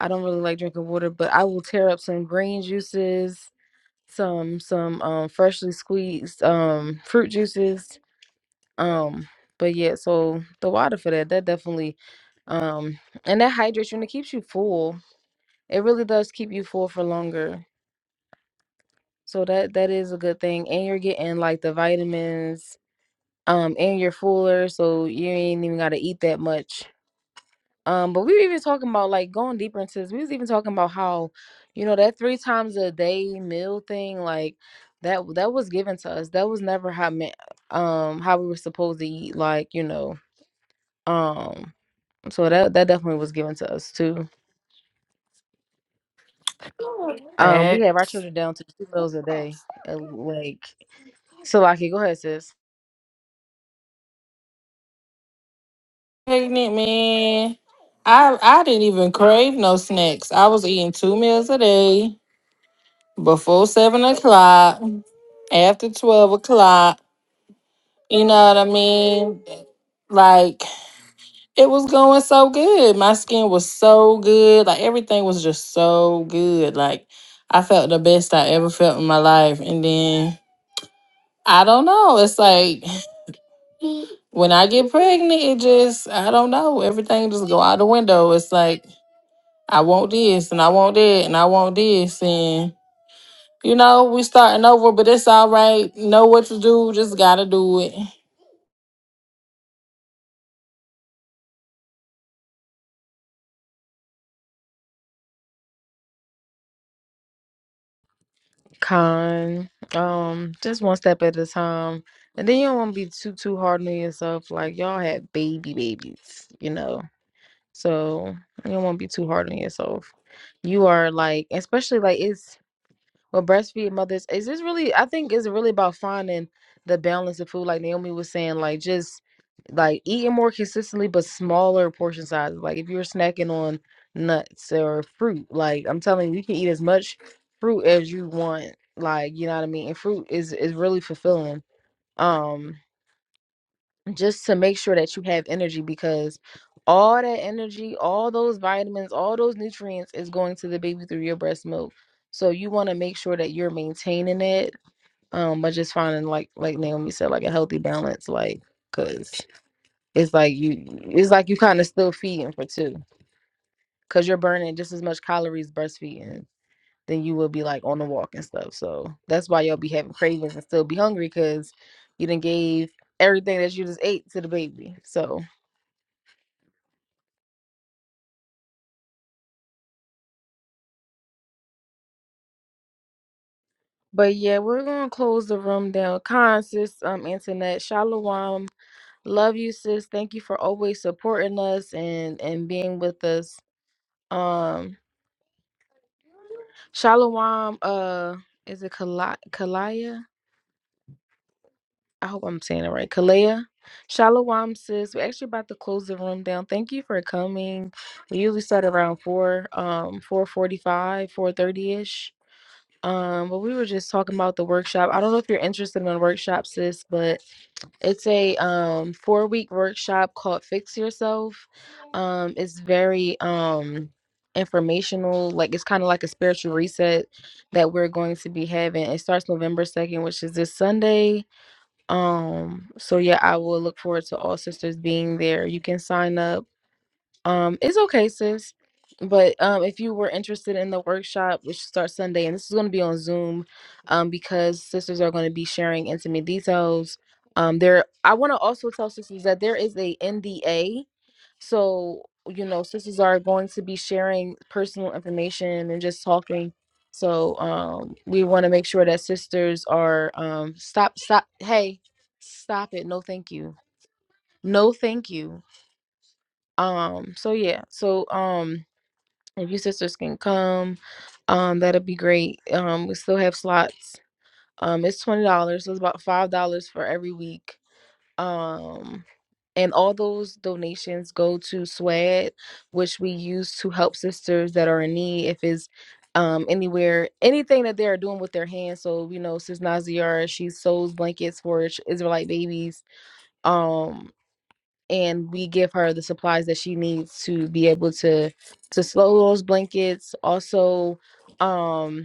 S1: I don't really like drinking water, but I will tear up some green juices, some some um freshly squeezed um fruit juices. Um, but yeah, so the water for that, that definitely, um, and that hydrates you and it keeps you full It really does keep you full for longer. So that that is a good thing. And you're getting like the vitamins, um, and you're fuller, so you ain't even gotta eat that much. Um, but we were even talking about like going deeper into this, we was even talking about how, you know, that three times a day meal thing, like that that was given to us. That was never how meant um how we were supposed to eat, like, you know, um so that that definitely was given to us too. Um, we have our children down to two meals a day, uh, like So, Laki, go ahead, sis.
S5: pregnant, man. I I didn't even crave no snacks. I was eating two meals a day before seven o'clock, after twelve o'clock. You know what I mean? Like it was going so good. My skin was so good. Like everything was just so good. Like I felt the best I ever felt in my life. And then I don't know. It's like [SIGHS] when I get pregnant, it just I don't know. Everything just go out the window. It's like I want this and I want that and I want this and you know, we starting over, but it's all right. Know what to do, just gotta do it.
S1: Con, um, just one step at a time, and then you don't want to be too too hard on yourself. Like y'all had baby babies, you know. So you don't want to be too hard on yourself. You are like, especially like it's Well, breastfeed mothers is this really? I think it's really about finding the balance of food, like Naomi was saying, like just like eating more consistently, but smaller portion sizes. Like if you're snacking on nuts or fruit, like I'm telling you, you can eat as much fruit as you want. Like you know what I mean. And fruit is is really fulfilling. Um, just to make sure that you have energy because all that energy, all those vitamins, all those nutrients is going to the baby through your breast milk. So you want to make sure that you're maintaining it um by just finding like like Naomi said like a healthy balance like cuz it's like you it's like you kind of still feeding for two cuz you're burning just as much calories breastfeeding than you will be like on the walk and stuff. So that's why you'll be having cravings and still be hungry cuz you didn't gave everything that you just ate to the baby. So But yeah, we're gonna close the room down. Con sis, um, internet, shalom. Love you, sis. Thank you for always supporting us and and being with us. Um, shalom. Uh, is it Kala- Kalaya? I hope I'm saying it right. Kalaya. Shalom, sis. We're actually about to close the room down. Thank you for coming. We usually start around four, um, four forty-five, four thirty ish. Um, but we were just talking about the workshop. I don't know if you're interested in the workshop, sis, but It's a um four week workshop called Fix Yourself. Um it's very um informational, like it's kind of like a spiritual reset that we're going to be having. It starts November 2nd, which is this Sunday. Um so yeah, I will look forward to all sisters being there. You can sign up um, it's okay, sis. But um, if you were interested in the workshop, which starts Sunday, and this is going to be on Zoom, um, because sisters are going to be sharing intimate details. Um, there, I want to also tell sisters that there is a NDA, so you know, sisters are going to be sharing personal information and just talking. So um, we want to make sure that sisters are um, stop, stop, hey, stop it, no, thank you, no, thank you. Um, so yeah, so um if you sisters can come, um, that'll be great. Um, we still have slots. Um, it's twenty dollars, so it's about five dollars for every week. Um, and all those donations go to SWAD, which we use to help sisters that are in need. If it's um, anywhere, anything that they are doing with their hands. So you know, Sis Naziara, she sews blankets for Israelite babies. Um, and we give her the supplies that she needs to be able to to slow those blankets also um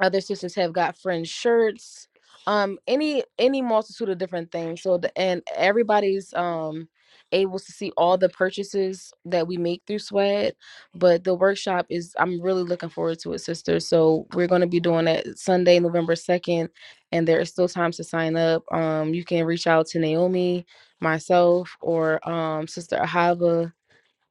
S1: other sisters have got friend shirts um any any multitude of different things so the, and everybody's um able to see all the purchases that we make through sweat but the workshop is i'm really looking forward to it sister so we're going to be doing it sunday november 2nd and there is still time to sign up um you can reach out to naomi myself or um sister ahava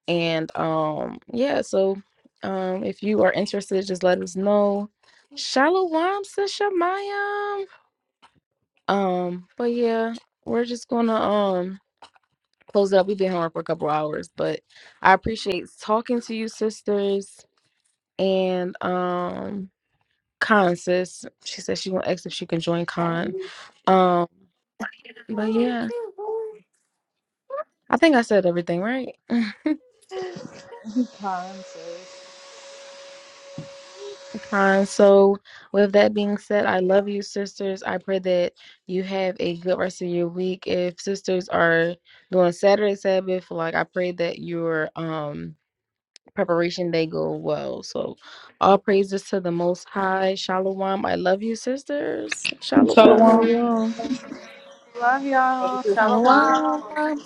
S1: and um, yeah, so um, if you are interested, just let us know. Shalom, Sisha Mayam. Um, but yeah, we're just gonna um close it up. We've been here for a couple hours, but I appreciate talking to you, sisters, and um, Con sis. She said she gonna ask if she can join Con. Um, but yeah, I think I said everything right. Uh, so, with that being said, I love you, sisters. I pray that you have a good rest of your week. If sisters are doing Saturday Sabbath, like I pray that your um preparation day go well. So, all praises to the Most High. Shalom. I love you, sisters. Shalom.
S4: Shalom.
S2: Love y'all. Shalom.
S5: Otherwise,